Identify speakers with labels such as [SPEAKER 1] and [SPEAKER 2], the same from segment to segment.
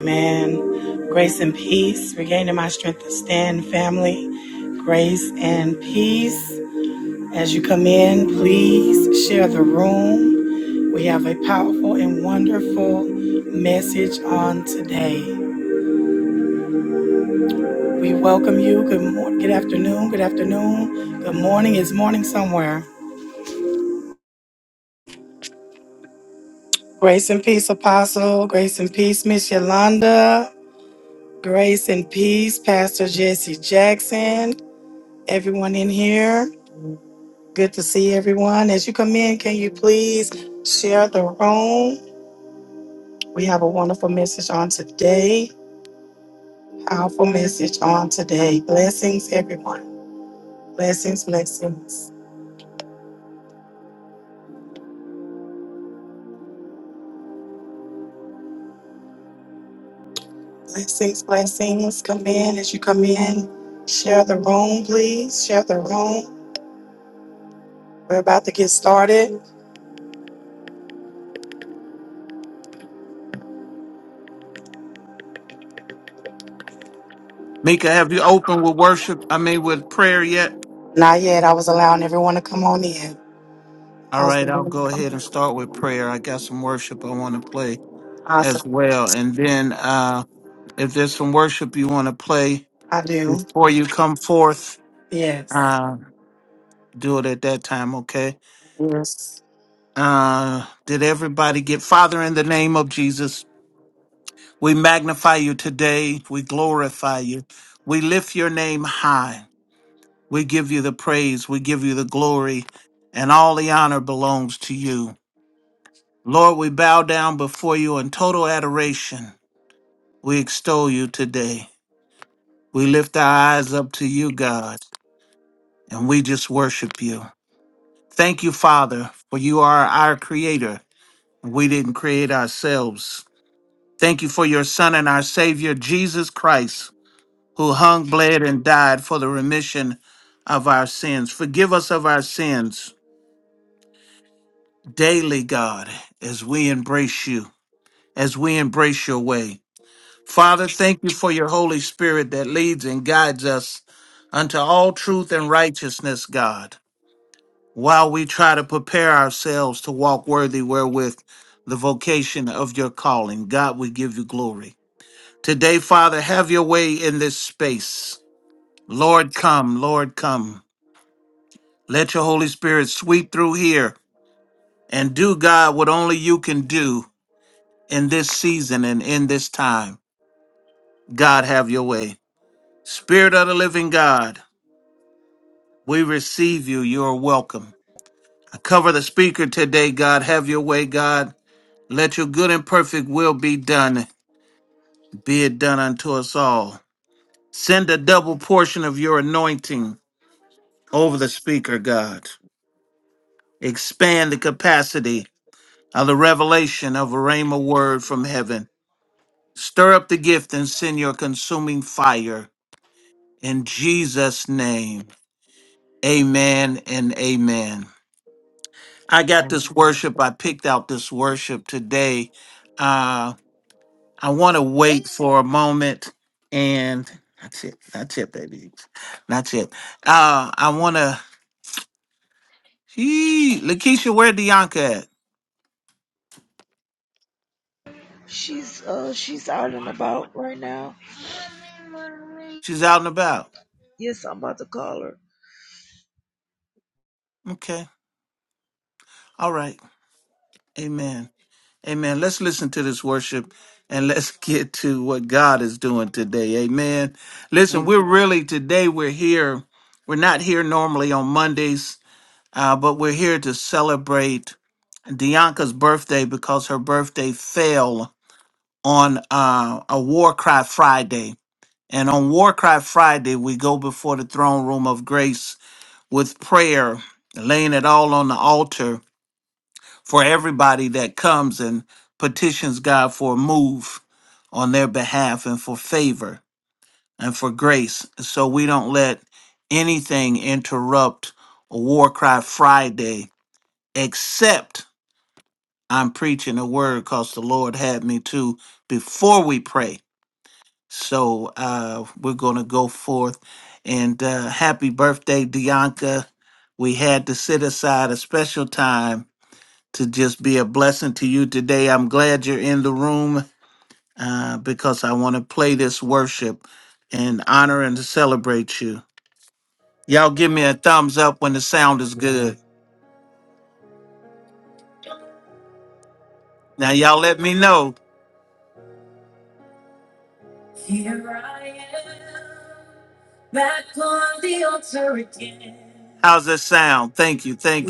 [SPEAKER 1] Man, grace and peace, regaining my strength to stand, family. Grace and peace. As you come in, please share the room. We have a powerful and wonderful message on today. We welcome you. Good morning, good afternoon, good afternoon. Good morning is morning somewhere. Grace and peace, Apostle. Grace and peace, Miss Yolanda. Grace and peace, Pastor Jesse Jackson. Everyone in here. Good to see everyone. As you come in, can you please share the room? We have a wonderful message on today. Powerful message on today. Blessings, everyone. Blessings, blessings. Blessings, blessings. Come in as you come in. Share the room, please. Share the room. We're about to get started.
[SPEAKER 2] Mika, have you opened with worship? I mean, with prayer yet?
[SPEAKER 1] Not yet. I was allowing everyone to come on in. I
[SPEAKER 2] All
[SPEAKER 1] was
[SPEAKER 2] right, I'll go ahead and start with prayer. I got some worship I want to play as
[SPEAKER 1] awesome.
[SPEAKER 2] well. And then uh, if there's some worship you want to play
[SPEAKER 1] I do.
[SPEAKER 2] before you come forth,
[SPEAKER 1] Yes.
[SPEAKER 2] uh, do it at that time, okay?
[SPEAKER 1] Yes.
[SPEAKER 2] Uh, did everybody get Father in the name of Jesus? We magnify you today. We glorify you. We lift your name high. We give you the praise. We give you the glory. And all the honor belongs to you. Lord, we bow down before you in total adoration. We extol you today. We lift our eyes up to you, God, and we just worship you. Thank you, Father, for you are our creator. We didn't create ourselves. Thank you for your Son and our Savior, Jesus Christ, who hung, bled, and died for the remission of our sins. Forgive us of our sins daily, God, as we embrace you, as we embrace your way. Father, thank you for your Holy Spirit that leads and guides us unto all truth and righteousness, God, while we try to prepare ourselves to walk worthy wherewith the vocation of your calling. God, we give you glory. Today, Father, have your way in this space. Lord, come, Lord, come. Let your Holy Spirit sweep through here and do, God, what only you can do in this season and in this time. God, have your way. Spirit of the living God. We receive you. You are welcome. I cover the speaker today, God. Have your way, God. Let your good and perfect will be done. Be it done unto us all. Send a double portion of your anointing over the speaker, God. Expand the capacity of the revelation of a rhema word from heaven. Stir up the gift and send your consuming fire. In Jesus' name, amen and amen. I got this worship. I picked out this worship today. Uh, I want to wait for a moment and that's it. That's it, baby. That's it. Uh, I want to. Lakeisha, where Dianca at?
[SPEAKER 3] She's uh she's out and about right now.
[SPEAKER 2] She's out and about.
[SPEAKER 3] Yes, I'm about to call her.
[SPEAKER 2] Okay. All right. Amen. Amen. Let's listen to this worship and let's get to what God is doing today. Amen. Listen, we're really today, we're here. We're not here normally on Mondays Uh, but we're here to celebrate Dianca's birthday because her birthday fell on uh, a War Cry Friday. And on War Cry Friday, we go before the throne room of grace with prayer, laying it all on the altar for everybody that comes and petitions God for a move on their behalf and for favor and for grace. So we don't let anything interrupt a War Cry Friday except I'm preaching the word because the Lord had me to before we pray. So uh, we're going to go forth. And uh, happy birthday, Dianca. We had to set aside a special time to just be a blessing to you today. I'm glad you're in the room uh, because I want to play this worship and honor and celebrate you. Y'all give me a thumbs up when the sound is good. Now, y'all let me know. How's that sound? Thank you. Thank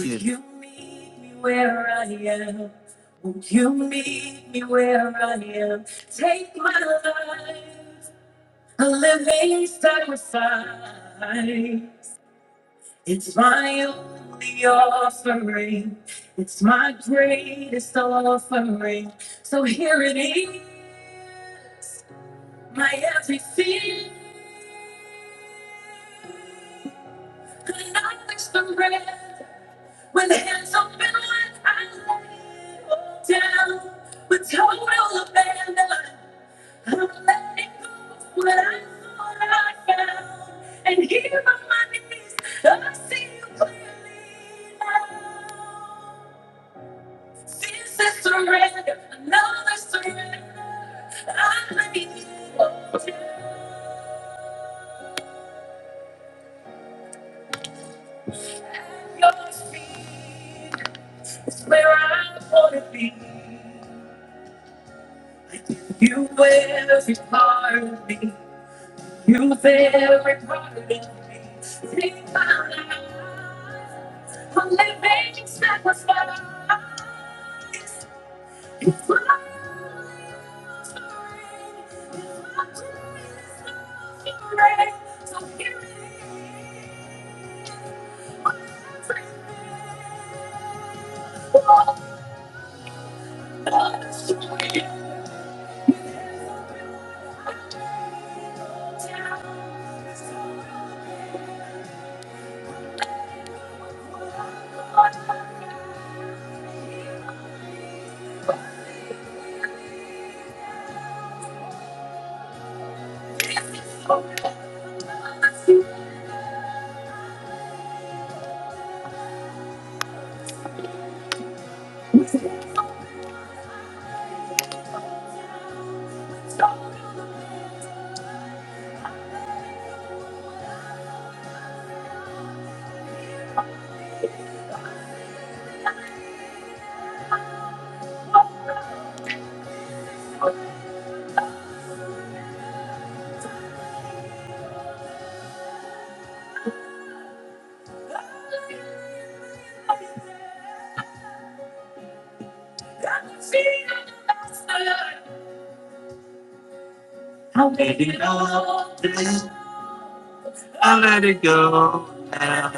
[SPEAKER 2] I let it go now.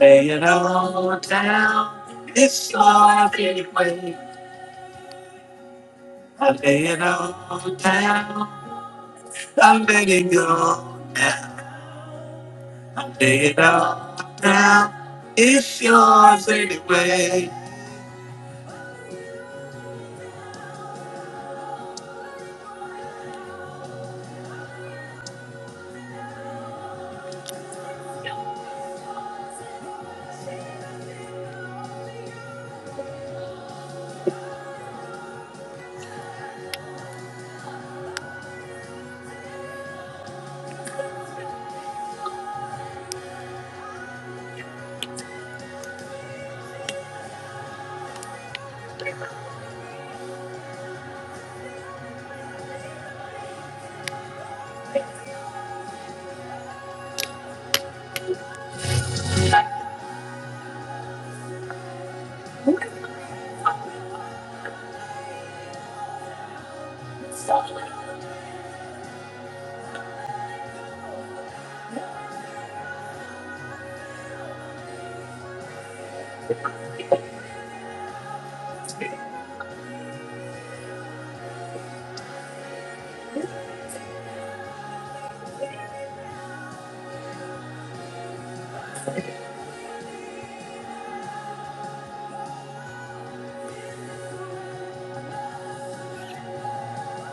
[SPEAKER 2] Lay it all down. It's all I can wait. I lay it all down. I let it go now. I lay it all down. It's yours anyway.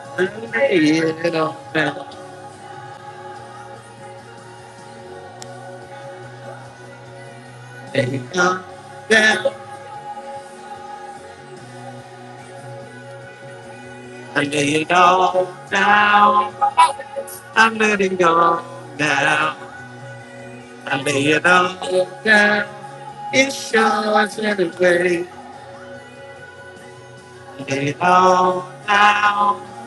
[SPEAKER 2] I lay it all down. Lay it all down. I lay it all down. I'm letting go now. I lay it all down. It's yours anyway. Lay it all down.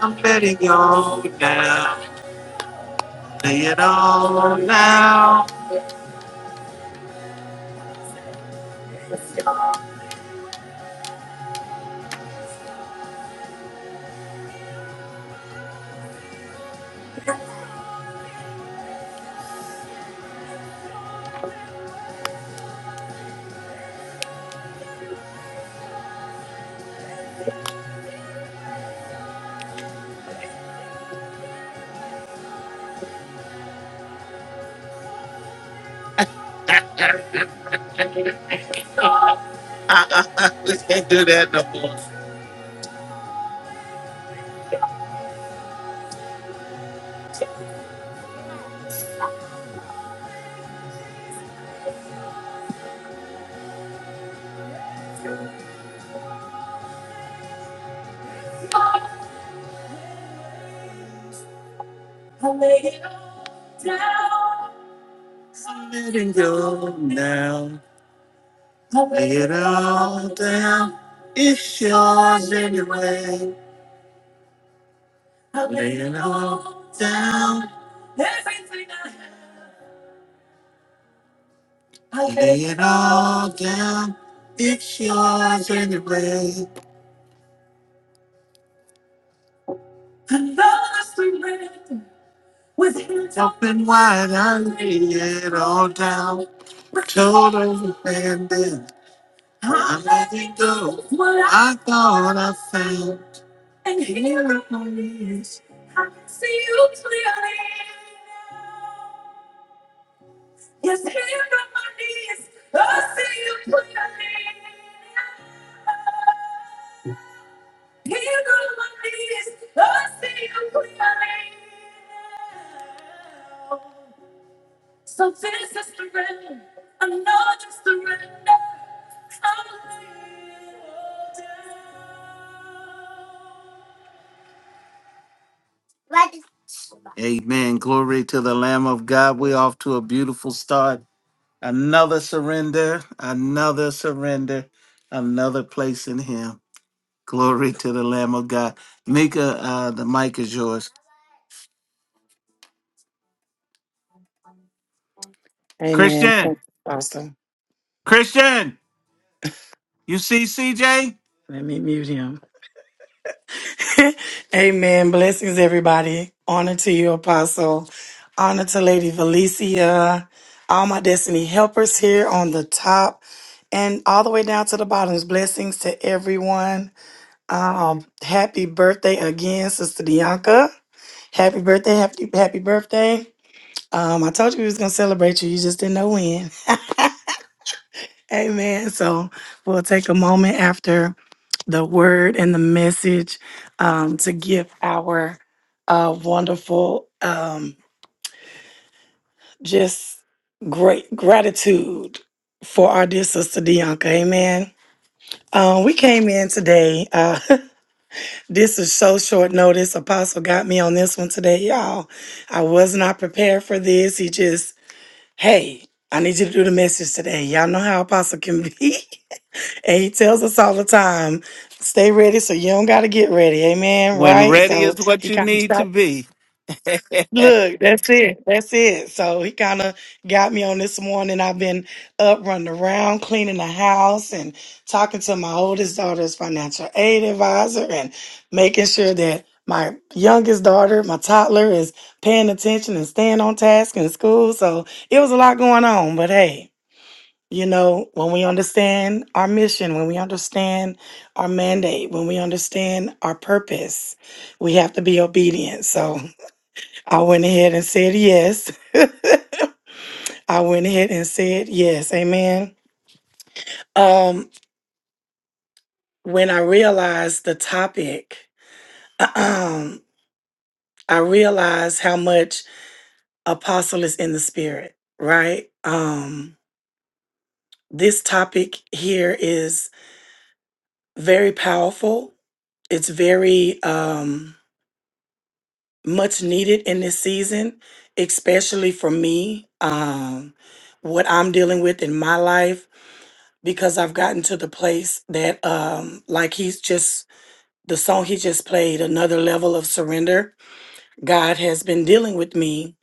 [SPEAKER 2] I'm letting you all down. Lay it all down. we can't do that no more. I'm letting go now. Lay it all down. It's yours anyway. Lay it all down. Lay it all down. It's yours anyway. With hands open wide, I lay it all down. Total abandon. it go. I thought I found. Amen. Glory to the Lamb of God. We're off to a beautiful start. Another surrender, another surrender, another place in Him. Glory to the Lamb of God. Mika, uh, the mic is yours.
[SPEAKER 1] Amen.
[SPEAKER 2] Christian,
[SPEAKER 1] Awesome.
[SPEAKER 2] Christian, you see CJ?
[SPEAKER 1] Let me mute him. Amen. Blessings, everybody. Honor to you, Apostle. Honor to Lady Valencia. All my destiny helpers here on the top and all the way down to the bottoms. Blessings to everyone. Um, happy birthday again, Sister Bianca. Happy birthday. Happy, happy birthday. Um, I told you we was going to celebrate you. You just didn't know when. Amen. So we'll take a moment after the word and the message um, to give our uh, wonderful, um, just great gratitude for our dear sister Dianca. Amen. Um, we came in today. Uh, this is so short notice. Apostle got me on this one today, y'all. I was not prepared for this. He just, hey, I need you to do the message today. Y'all know how Apostle can be. And he tells us all the time, stay ready so you don't gotta get ready. Amen.
[SPEAKER 2] When
[SPEAKER 1] Right?
[SPEAKER 2] ready
[SPEAKER 1] So
[SPEAKER 2] is what
[SPEAKER 1] he
[SPEAKER 2] you
[SPEAKER 1] kind of
[SPEAKER 2] need to
[SPEAKER 1] started.
[SPEAKER 2] be.
[SPEAKER 1] Look, that's it. That's it. So he kind of got me on this morning. I've been up running around, cleaning the house and talking to my oldest daughter's financial aid advisor and making sure that my youngest daughter, my toddler, is paying attention and staying on task in school. So it was a lot going on, but hey, you know, when we understand our mission, when we understand our mandate, when we understand our purpose, we have to be obedient. So I went ahead and said yes. I went ahead and said yes. Amen. Um, when I realized the topic, I realized how much apostle is in the spirit, right? Um, this topic here is very powerful. It's very um much needed in this season, especially for me, um, what I'm dealing with in my life, because I've gotten to the place that, um, like he's just, the song he just played, another level of surrender. God has been dealing with me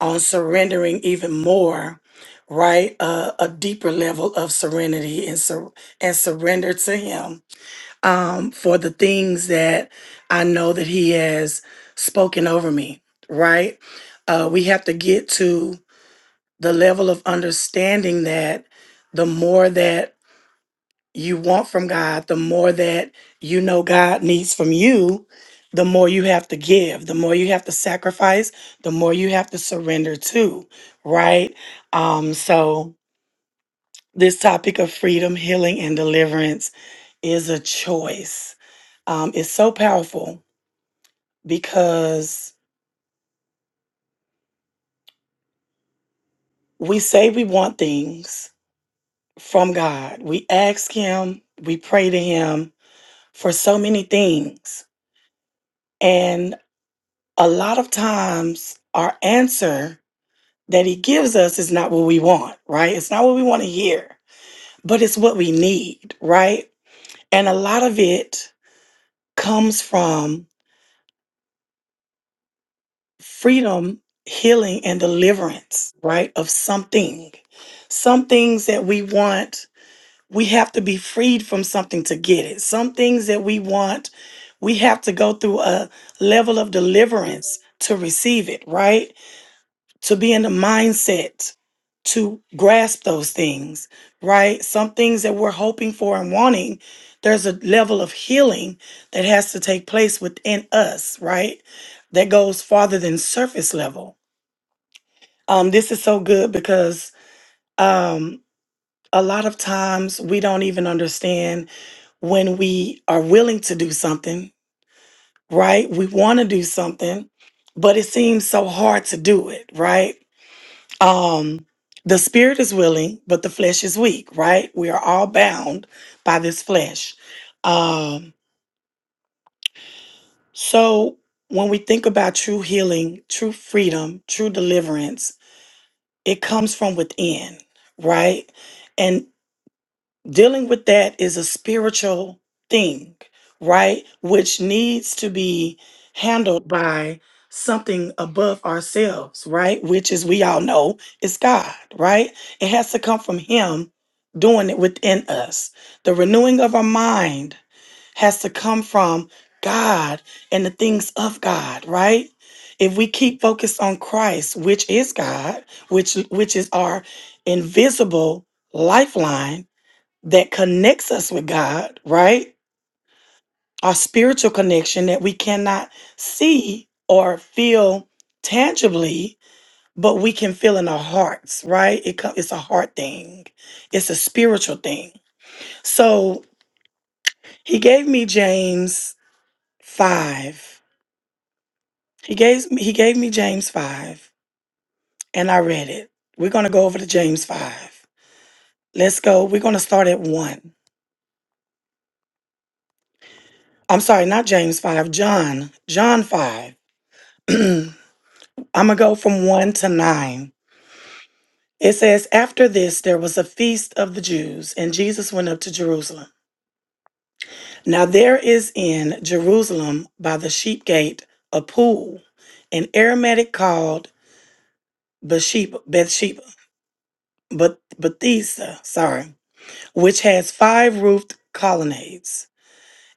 [SPEAKER 1] on surrendering even more, right? Uh, a deeper level of serenity and, sur- and surrender to Him um, for the things that I know that He has spoken over me, right? Uh, we have to get to the level of understanding that the more that you want from God, the more that you know God needs from you, the more you have to give, the more you have to sacrifice, the more you have to surrender to, right? Um, so, this topic of freedom, healing, and deliverance is a choice. Um, it's so powerful because we say we want things from God. We ask Him, we pray to Him for so many things. And a lot of times, our answer that He gives us is not what we want, right? It's not what we want to hear, but it's what we need, right? And a lot of it comes from freedom, healing, and deliverance, right? Of something. Some things that we want, we have to be freed from something to get it. Some things that we want, we have to go through a level of deliverance to receive it, right? to be in the mindset to grasp those things, right? Some things that we're hoping for and wanting, there's a level of healing that has to take place within us, right? That goes farther than surface level. Um, this is so good because um, a lot of times we don't even understand when we are willing to do something, right? We want to do something, but it seems so hard to do it, right? um the spirit is willing but the flesh is weak right we are all bound by this flesh um so when we think about true healing true freedom true deliverance it comes from within right dealing with that is a spiritual thing, right? Which needs to be handled by something above ourselves, right? Which as we all know is God, right? It has to come from Him doing it within us. The renewing of our mind has to come from God and the things of God, right? If we keep focused on Christ, which is God, which which is our invisible lifeline, that connects us with God, right? Our spiritual connection that we cannot see or feel tangibly, but we can feel in our hearts, right? It co- it's a heart thing. It's a spiritual thing. So he gave me James five. He gave me, he gave me James five, and I read it. We're gonna go over to James five. Let's go. We're gonna start at one. I'm sorry, not James five. John. John five. I'm going to go from 1 to 9. It says, After this, there was a feast of the Jews, and Jesus went up to Jerusalem. Now there is in Jerusalem by the sheep gate a pool, an Aramaic called Bathsheba, Bathsheba, Beth- Bethesda, sorry, which has five roofed colonnades.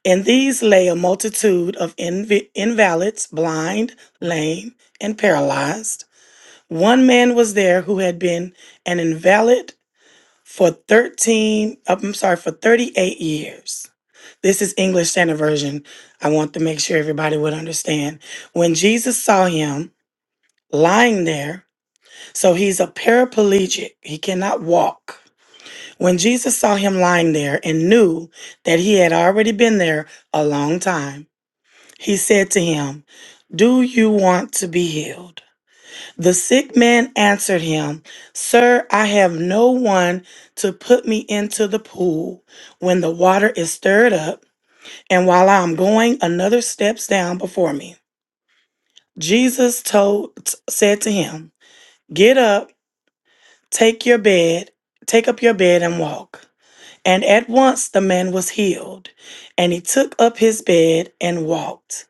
[SPEAKER 1] In these lay a multitude of inv- invalids, blind, lame, and paralyzed. One man was there who had been an invalid for 13, uh, I'm sorry, for 38 years. This is English Standard Version. I want to make sure everybody would understand. When Jesus saw him lying there, so he's a paraplegic, he cannot walk. When Jesus saw him lying there and knew that he had already been there a long time, he said to him, Do you want to be healed? The sick man answered him, Sir, I have no one to put me into the pool when the water is stirred up, and while I am going, another steps down before me. Jesus told said to him, Get up, take your bed, take up your bed and walk. And at once the man was healed, and he took up his bed and walked.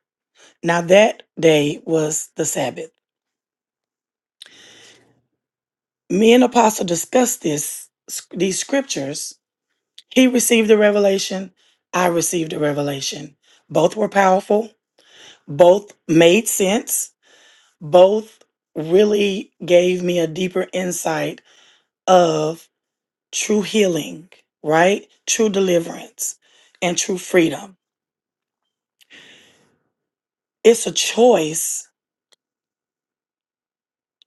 [SPEAKER 1] Now that day was the Sabbath. Me and Apostle discussed this these scriptures He received a revelation. I received a revelation. Both were powerful. Both made sense. Both really gave me a deeper insight of true healing, right? True deliverance and true freedom. It's a choice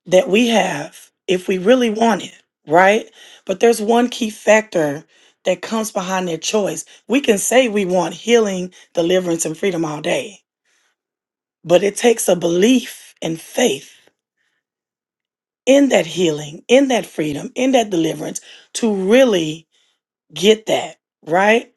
[SPEAKER 1] that we have if we really want it, right? But there's one key factor that comes behind that choice. We can say we want healing, deliverance, and freedom all day But it takes a belief and faith in that healing, in that freedom, in that deliverance to really get that, right?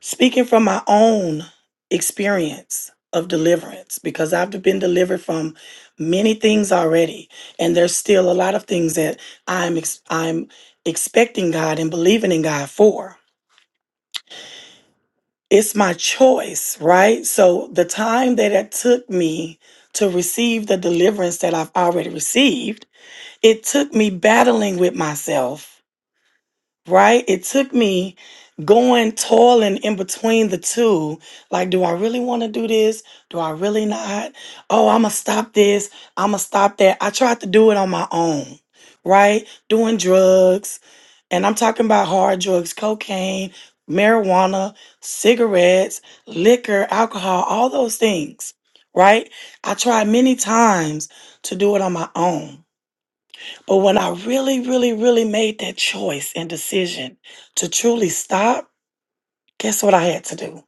[SPEAKER 1] Speaking from my own experience of deliverance, because I've been delivered from many things already, and there's still a lot of things that I'm ex- I'm expecting God and believing in God for. It's my choice, right? So the time that it took me to receive the deliverance that I've already received it took me battling with myself, right? It took me going toiling in between the two. Like, do I really want to do this? Do I really not? Oh, I'm going to stop this. I'm going to stop that. I tried to do it on my own, right? Doing drugs. And I'm talking about hard drugs, cocaine, marijuana, cigarettes, liquor, alcohol, all those things, right? I tried many times to do it on my own. But when I really, really, really made that choice and decision to truly stop, guess what I had to do?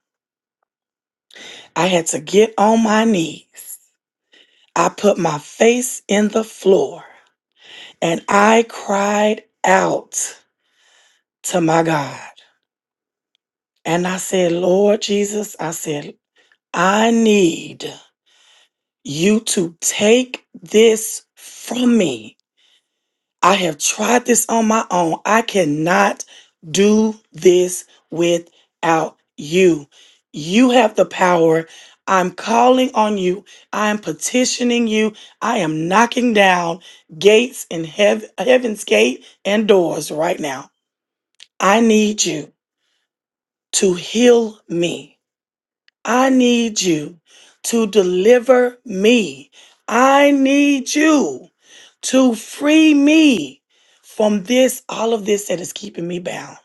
[SPEAKER 1] I had to get on my knees. I put my face in the floor and I cried out to my God. And I said, Lord Jesus, I said, I need you to take this from me. I have tried this on my own. I cannot do this without you. You have the power. I'm calling on you. I am petitioning you. I am knocking down gates in heav- heaven's gate and doors right now. I need you to heal me. I need you to deliver me. I need you to free me from this, all of this that is keeping me bound.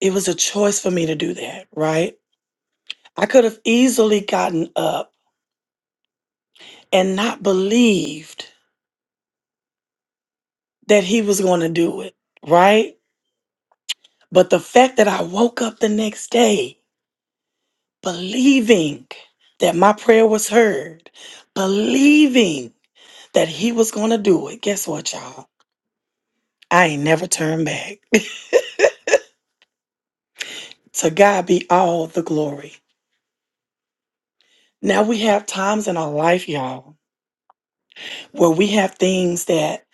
[SPEAKER 1] It was a choice for me to do that, right? I could have easily gotten up and not believed that he was going to do it, right? But the fact that I woke up the next day believing that my prayer was heard, believing that he was going to do it, guess what, y'all? I ain't never turned back. To God be all the glory. Now we have times in our life, y'all, where we have things that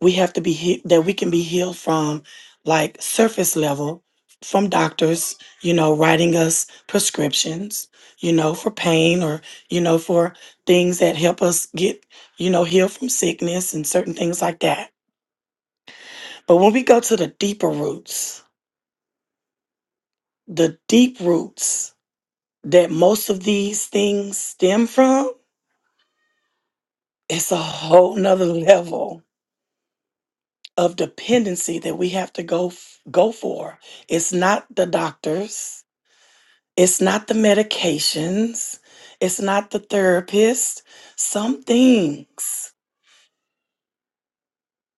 [SPEAKER 1] we have to be he- that we can be healed from, like surface level, from doctors, you know, writing us prescriptions, you know, for pain or you know for things that help us get you know healed from sickness and certain things like that. But when we go to the deeper roots, the deep roots that most of these things stem from it's a whole nother level of dependency that we have to go f- go for it's not the doctors it's not the medications it's not the therapist some things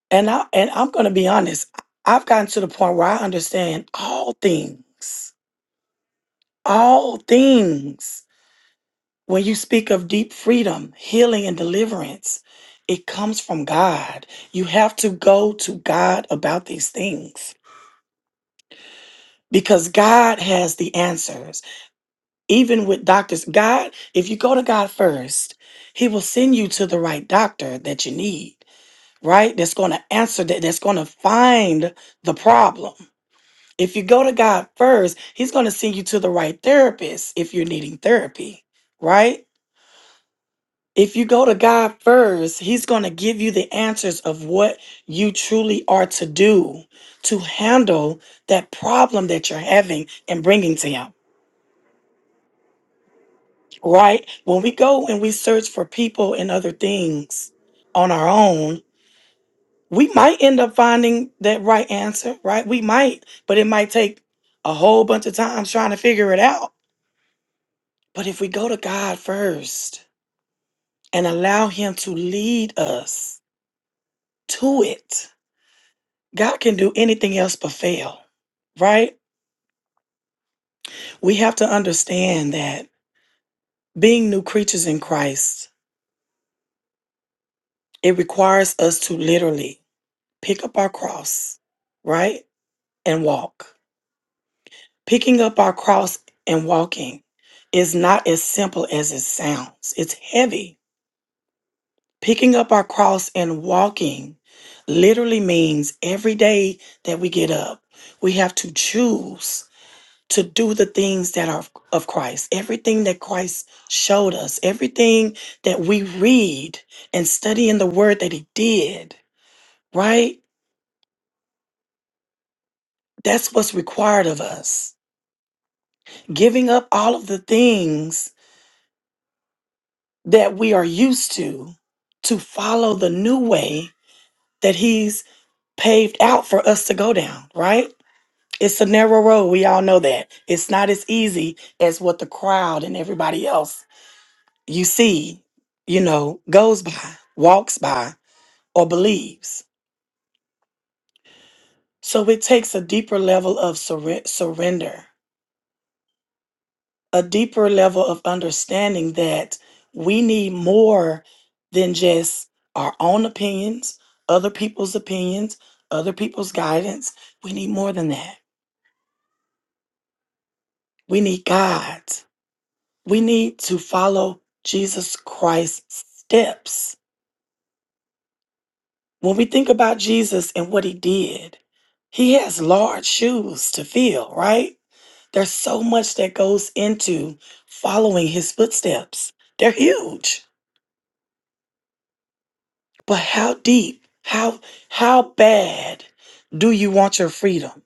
[SPEAKER 1] and i and i'm going to be honest i've gotten to the point where i understand all things all things when you speak of deep freedom healing and deliverance it comes from god you have to go to god about these things because God has the answers. Even with doctors, God, if you go to God first, He will send you to the right doctor that you need, right? That's going to answer that, that's going to find the problem. If you go to God first, He's going to send you to the right therapist if you're needing therapy, right? If you go to God first, He's going to give you the answers of what you truly are to do to handle that problem that you're having and bringing to Him right? When we go and we search for people and other things on our own, we might end up finding that right answer, right? We might, but it might take a whole bunch of times trying to figure it out. But if we go to God first and allow Him to lead us to it, God can do anything else but fail, right? We have to understand that being new creatures in Christ, it requires us to literally pick up our cross, right? and walk. Picking up our cross and walking is not as simple as it sounds, it's heavy. Picking up our cross and walking literally means every day that we get up, we have to choose to do the things that are of Christ, everything that Christ showed us, everything that we read and study in the word that He did, right? That's what's required of us. Giving up all of the things that we are used to to follow the new way that he's paved out for us to go down, right? It's a narrow road. We all know that. It's not as easy as what the crowd and everybody else you see, you know, goes by, walks by, or believes. So it takes a deeper level of surre- surrender a deeper level of understanding that we need more than just our own opinions, other people's opinions, other people's guidance. We need more than that. We need God. We need to follow Jesus Christ's steps. When we think about Jesus and what he did, he has large shoes to fill, right? There's so much that goes into following his footsteps. They're huge. But how deep, how how bad do you want your freedom?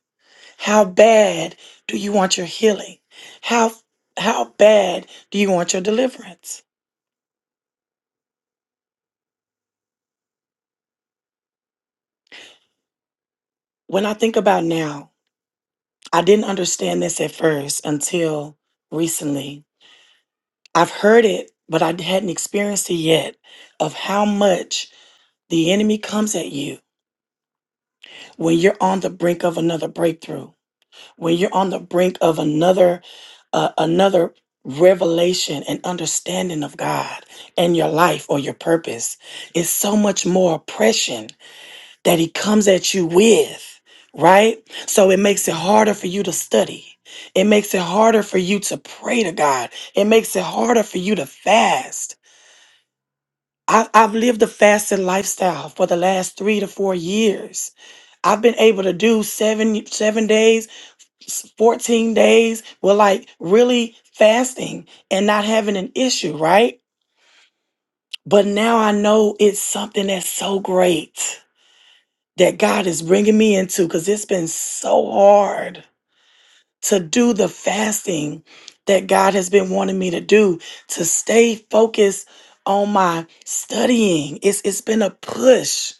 [SPEAKER 1] How bad do you want your healing? How how bad do you want your deliverance? When I think about now, I didn't understand this at first until recently. I've heard it, but I hadn't experienced it yet of how much the enemy comes at you when you're on the brink of another breakthrough. when you're on the brink of another uh, another revelation and understanding of God and your life or your purpose is so much more oppression that he comes at you with, right? So it makes it harder for you to study. It makes it harder for you to pray to God. It makes it harder for you to fast. I've, I've lived a fasted lifestyle for the last three to four years. I've been able to do seven seven days s- 14 days were like really fasting and not having an issue, right? But now I know it's something that's so great that God is bringing me into because it's been so hard to do the fasting that God has been wanting me to do to stay focused on my studying. It's it's been a push.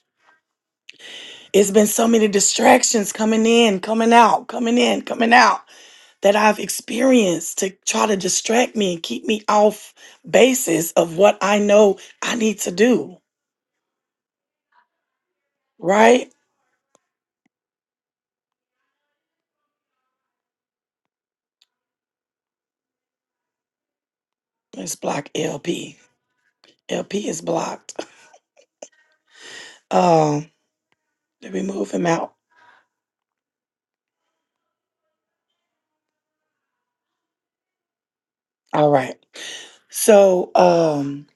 [SPEAKER 1] It's been so many distractions coming in, coming out, coming in, coming out that I've experienced to try to distract me and keep me off basis of what I know I need to do, right? Let's block LP. LP is blocked. Um, did we move him out? All right. So um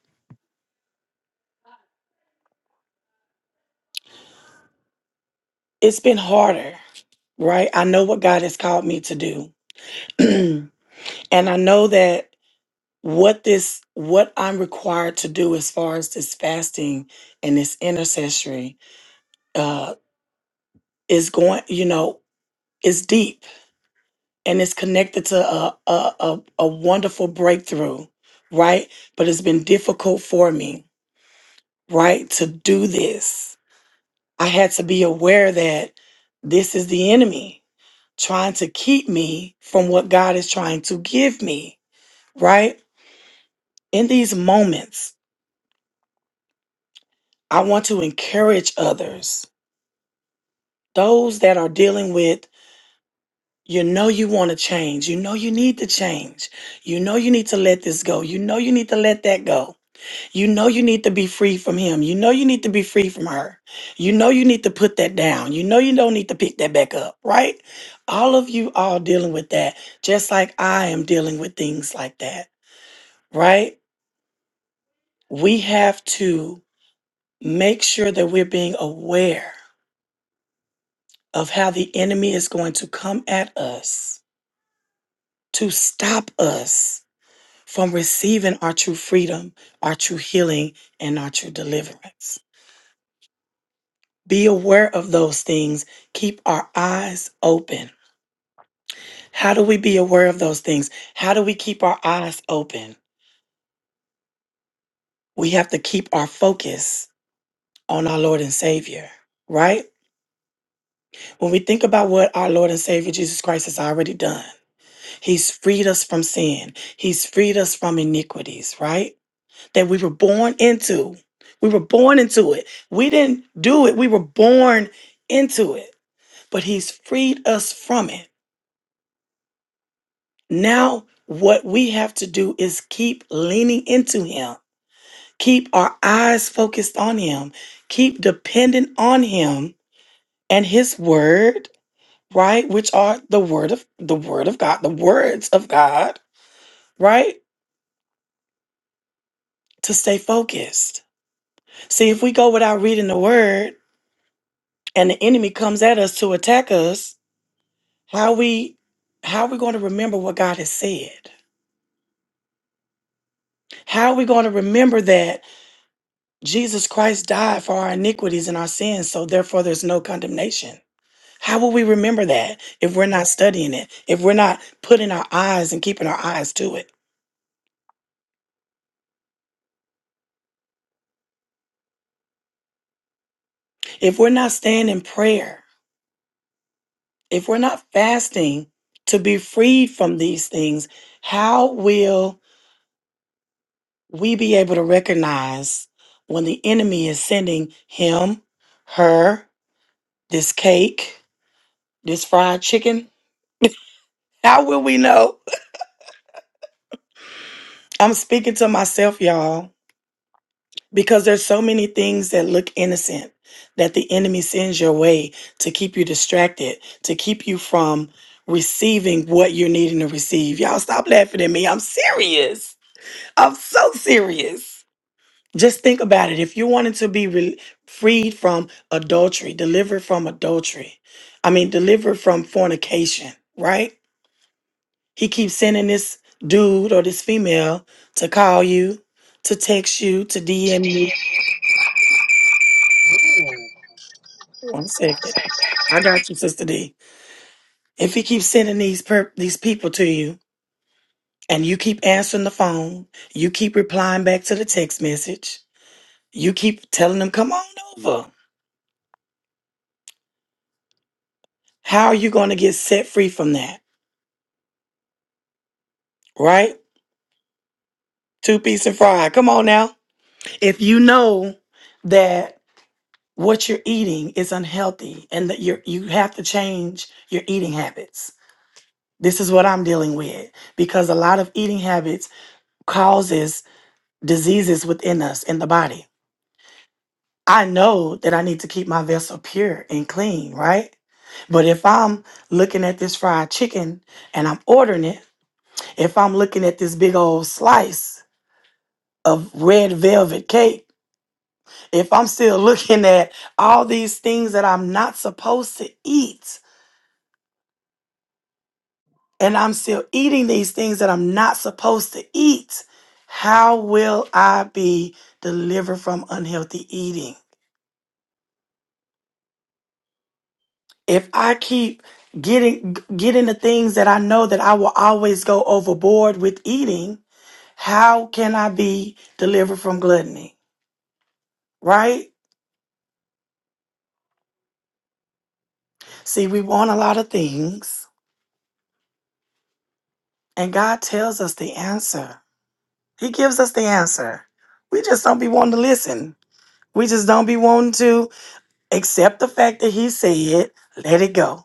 [SPEAKER 1] it's been harder, right? I know what God has called me to do. and I know that what this what I'm required to do as far as this fasting and this intercessory uh is going, you know, is deep and it's connected to a, a, a, a wonderful breakthrough, right? But it's been difficult for me, right, to do this. I had to be aware that this is the enemy trying to keep me from what God is trying to give me, right? In these moments, I want to encourage others, those that are dealing with, you know, you want to change, you know, you need to change, you know, you need to let this go, you know, you need to let that go You know you need to be free from him. You know you need to be free from her. You know you need to put that down. You know you don't need to pick that back up, right? All of you all dealing with that, just like I am dealing with things like that, right? We have to make sure that we're being aware of how the enemy is going to come at us to stop us from receiving our true freedom, our true healing, and our true deliverance. Be aware of those things. Keep our eyes open. How do we be aware of those things? How do we keep our eyes open? We have to keep our focus on our Lord and Savior, right? When we think about what our Lord and Savior Jesus Christ has already done, He's freed us from sin, He's freed us from iniquities, right? That we were born into. We were born into it. We didn't do it, we were born into it, but He's freed us from it. Now, what we have to do is keep leaning into Him, keep our eyes focused on Him, keep dependent on Him and His Word, right? Which are the Word of the Word of God, the words of God, right? To stay focused. See, if we go without reading the Word and the enemy comes at us to attack us, how we how are we going to remember what God has said? How are we going to remember that? Jesus Christ died for our iniquities and our sins, so therefore there's no condemnation. How will we remember that if we're not studying it, if we're not putting our eyes and keeping our eyes to it, if we're not staying in prayer, if we're not fasting to be freed from these things, how will we be able to recognize when the enemy is sending him, her, this cake, this fried chicken? How will we know? I'm speaking to myself, y'all because there's so many things that look innocent that the enemy sends your way to keep you distracted, to keep you from receiving what you're needing to receive. Y'all stop laughing at me. I'm serious. I'm so serious. Just think about it. If you wanted to be re- freed from adultery, delivered from adultery, I mean, delivered from fornication, right? He keeps sending this dude or this female to call you, to text you, to
[SPEAKER 4] today.
[SPEAKER 1] DM you.
[SPEAKER 4] Ooh.
[SPEAKER 1] One second. I got you, Sister D. If he keeps sending these per- these people to you, and you keep answering the phone, you keep replying back to the text message, you keep telling them, "Come on over." How are you going to get set free from that? Right? Two piece and fried. Come on now. If you know that what you're eating is unhealthy, and that you are you have to change your eating habits. This is what I'm dealing with because a lot of eating habits causes diseases within us in the body I know that I need to keep my vessel pure and clean, right? But if I'm looking at this fried chicken and I'm ordering it, if I'm looking at this big old slice of red velvet cake, if I'm still looking at all these things that I'm not supposed to eat, and I'm still eating these things that I'm not supposed to eat, how will I be delivered from unhealthy eating? if I keep getting getting the things that I know that I will always go overboard with eating, how can I be delivered from gluttony? Right? See, we want a lot of things, and God tells us the answer. He gives us the answer. We just don't be wanting to listen. We just don't be wanting to accept the fact that He said, let it go.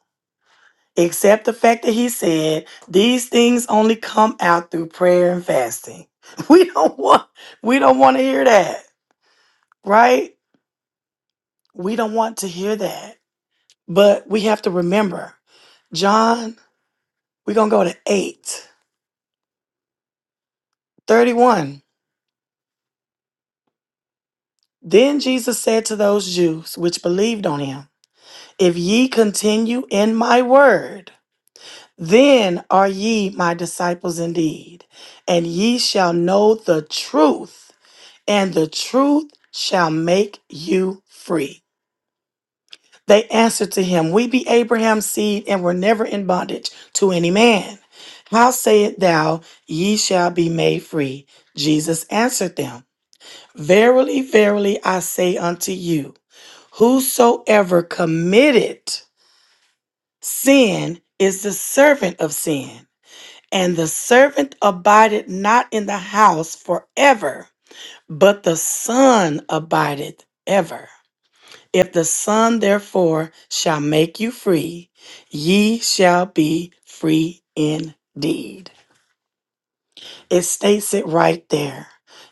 [SPEAKER 1] except the fact that he said these things only come out through prayer and fasting. We don't want we don't want to hear that, right? We don't want to hear that. But we have to remember, John, we're going to go to eight thirty-one. Then Jesus said to those Jews which believed on him, If ye continue in my word, then are ye my disciples indeed, and ye shall know the truth, and the truth shall make you free. They answered to him, We be Abraham's seed and were never in bondage to any man. How sayest thou, Ye shall be made free? Jesus answered them, Verily, verily, I say unto you, whosoever committed sin is the servant of sin. And the servant abideth not in the house forever, but the son abideth ever. If the Son therefore shall make you free, ye shall be free indeed. It states it right there.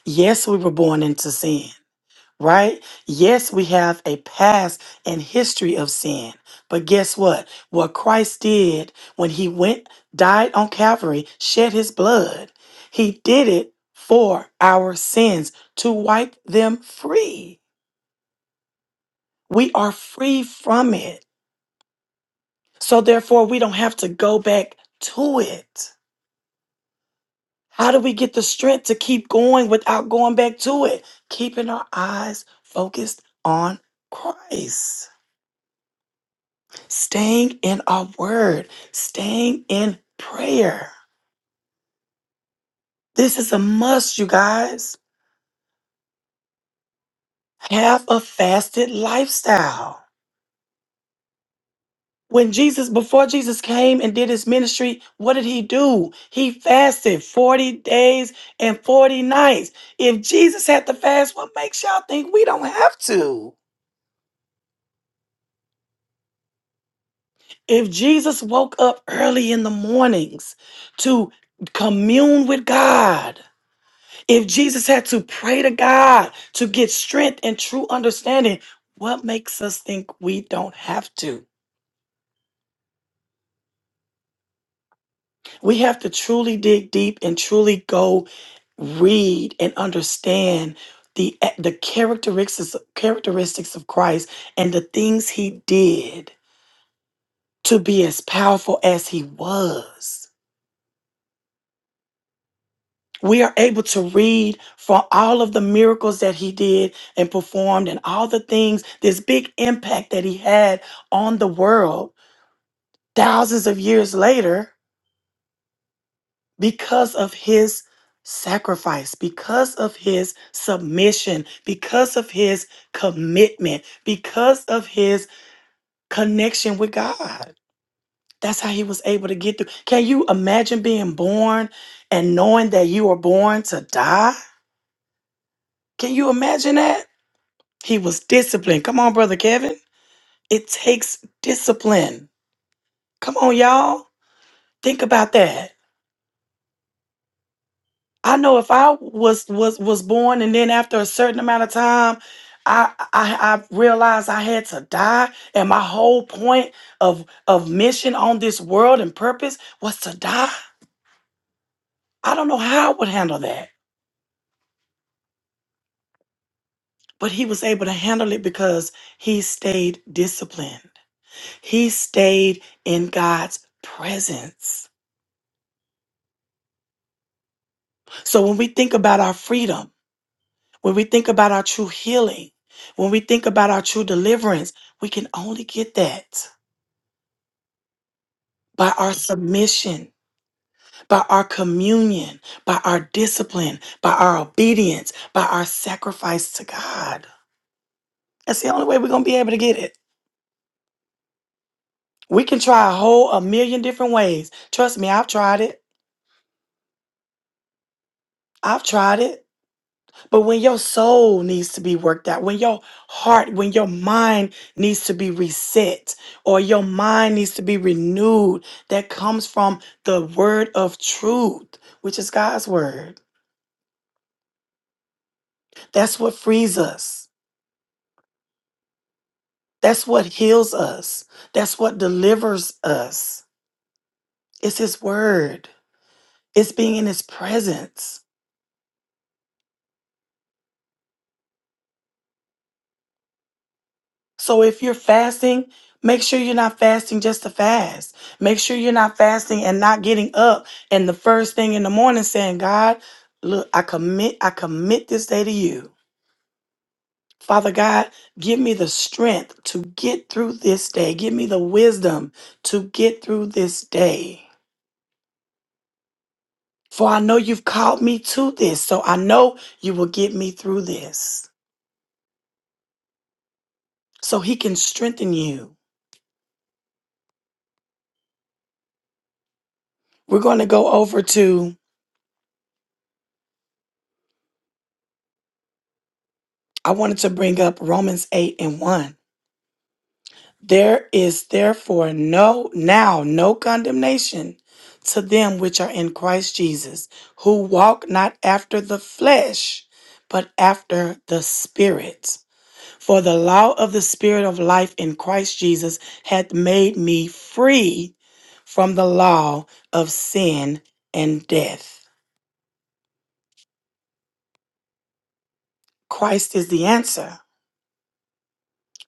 [SPEAKER 1] Yes, we were born into sin, right? Yes, we have a past and history of sin. But guess what? What Christ did when he went, died on Calvary, shed his blood, he did it for our sins to wipe them free. We are free from it. So therefore, we don't have to go back to it. How do we get the strength to keep going without going back to it? Keeping our eyes focused on Christ, staying in our word, staying in prayer. This is a must, you guys. Have a fasted lifestyle. when Jesus, before Jesus came and did his ministry, what did he do? He fasted 40 days and 40 nights. If Jesus had to fast, what makes y'all think we don't have to? If Jesus woke up early in the mornings to commune with God, if Jesus had to pray to God to get strength and true understanding, what makes us think we don't have to? We have to truly dig deep and truly go read and understand the eh, the characteristics characteristics of Christ and the things he did to be as powerful as he was. We are able to read for all of the miracles that he did and performed and all the things this big impact that he had on the world thousands of years later because of his sacrifice, because of his submission, because of his commitment, because of his connection with God. That's how he was able to get through. Can you imagine being born and knowing that you were born to die? Can you imagine that? He was disciplined. Come on, Brother Kevin. It takes discipline. Come on, y'all. Think about that I know if I was was was born and then after a certain amount of time, I I, I realized I had to die, and my whole point of of mission on this world and purpose was to die. I don't know how I would handle that, but he was able to handle it because he stayed disciplined. He stayed in God's presence. So when we think about our freedom, when we think about our true healing, when we think about our true deliverance, we can only get that by our submission, by our communion, by our discipline, by our obedience, by our sacrifice to God. That's the only way we're going to be able to get it. We can try a whole a million different ways. Trust me, I've tried it. I've tried it. But when your soul needs to be worked out, when your heart, when your mind needs to be reset, or your mind needs to be renewed, that comes from the word of truth, which is God's word. That's what frees us. That's what heals us. That's what delivers us. It's His Word, it's being in His presence. So if you're fasting, make sure you're not fasting just to fast. Make sure you're not fasting and not getting up and the first thing in the morning saying, God, look, I commit, I commit this day to you. Father God, give me the strength to get through this day. Give me the wisdom to get through this day. For I know you've called me to this, so I know you will get me through this, so he can strengthen you. We're going to go over to, I wanted to bring up Romans 8 and 1. There is therefore no, now, no condemnation to them which are in Christ Jesus, who walk not after the flesh, but after the Spirit. For the law of the Spirit of life in Christ Jesus hath made me free from the law of sin and death. Christ is the answer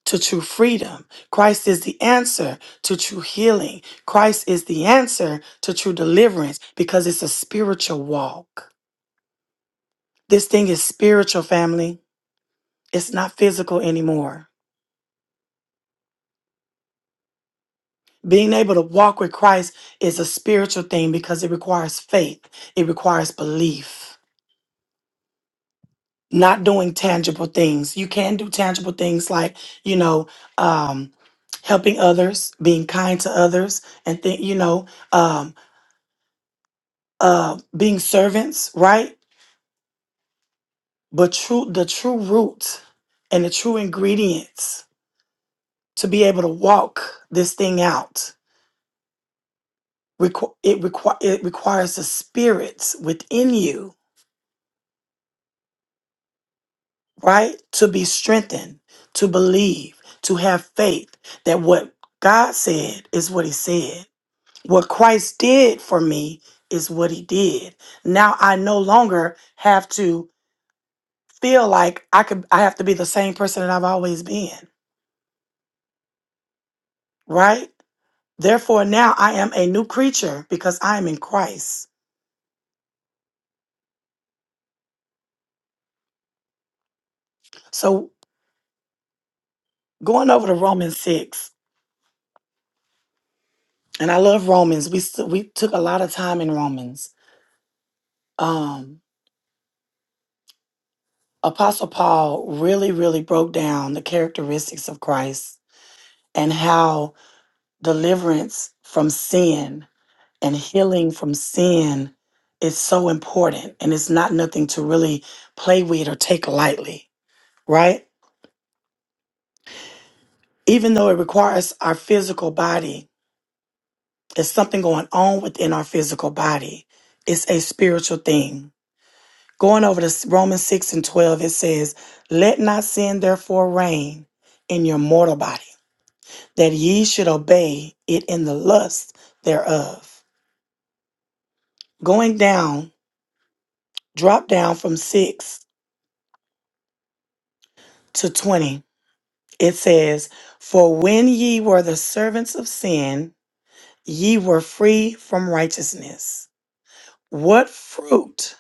[SPEAKER 1] to true freedom. Christ is the answer to true healing. Christ is the answer to true deliverance because it's a spiritual walk. This thing is spiritual, family. It's not physical anymore. Being able to walk with Christ is a spiritual thing because it requires faith, it requires belief. not doing tangible things. You can do tangible things like, you know, um, helping others, being kind to others, and think, you know, um, uh, being servants, right? But true, the true root and the true ingredients to be able to walk this thing out, requ- it, requ- it requires the spirits within you, right? To be strengthened, to believe, to have faith that what God said is what He said What Christ did for me is what he did. Now I no longer have to feel like I could I have to be the same person that I've always been, right? Therefore now I am a new creature because I am in Christ. So going over to Romans 6, and I love Romans. We st- we took a lot of time in Romans. Um Apostle Paul really really broke down the characteristics of Christ and how deliverance from sin and healing from sin is so important and it's not nothing to really play with or take lightly, right? Even though it requires our physical body, there's something going on within our physical body. It's a spiritual thing. Going over to Romans 6 and 12, it says, Let not sin therefore reign in your mortal body, that ye should obey it in the lust thereof. Going down, drop down from 6 to 20. It says, For when ye were the servants of sin, ye were free from righteousness. What fruit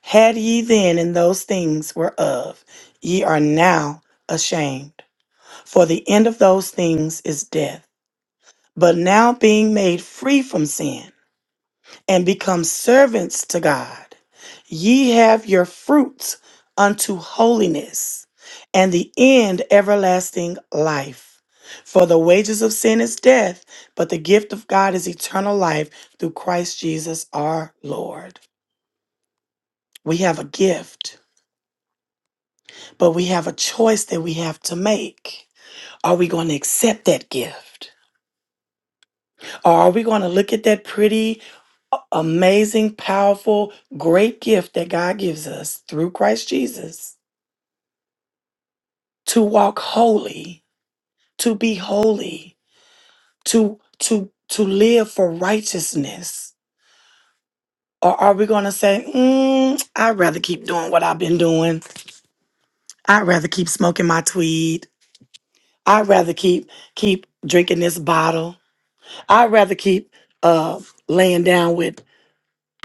[SPEAKER 1] had ye then in those things whereof ye are now ashamed? For the end of those things is death. But now being made free from sin, and become servants to God. Ye have your fruits unto holiness, and the end everlasting life. For the wages of sin is death, but the gift of God is eternal life through Christ Jesus our Lord. We have a gift, but we have a choice that we have to make. Are we going to accept that gift? Or are we going to look at that pretty amazing, powerful, great gift that God gives us through Christ Jesus to walk holy, to be holy, to to to live for righteousness. Or are we going to say, mm, I'd rather keep doing what I've been doing. I'd rather keep smoking my tweed. I'd rather keep keep drinking this bottle. I'd rather keep uh, laying down with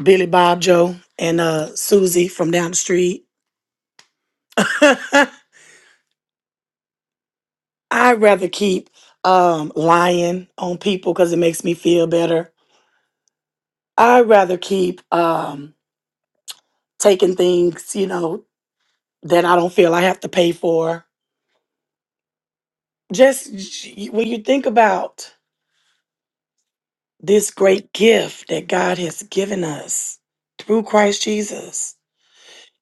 [SPEAKER 1] Billy Bob Joe and uh, Susie from down the street. I'd rather keep um, lying on people because it makes me feel better. I'd rather keep um, taking things, you know, that I don't feel I have to pay for. Just j- when you think about this great gift that God has given us through Christ Jesus,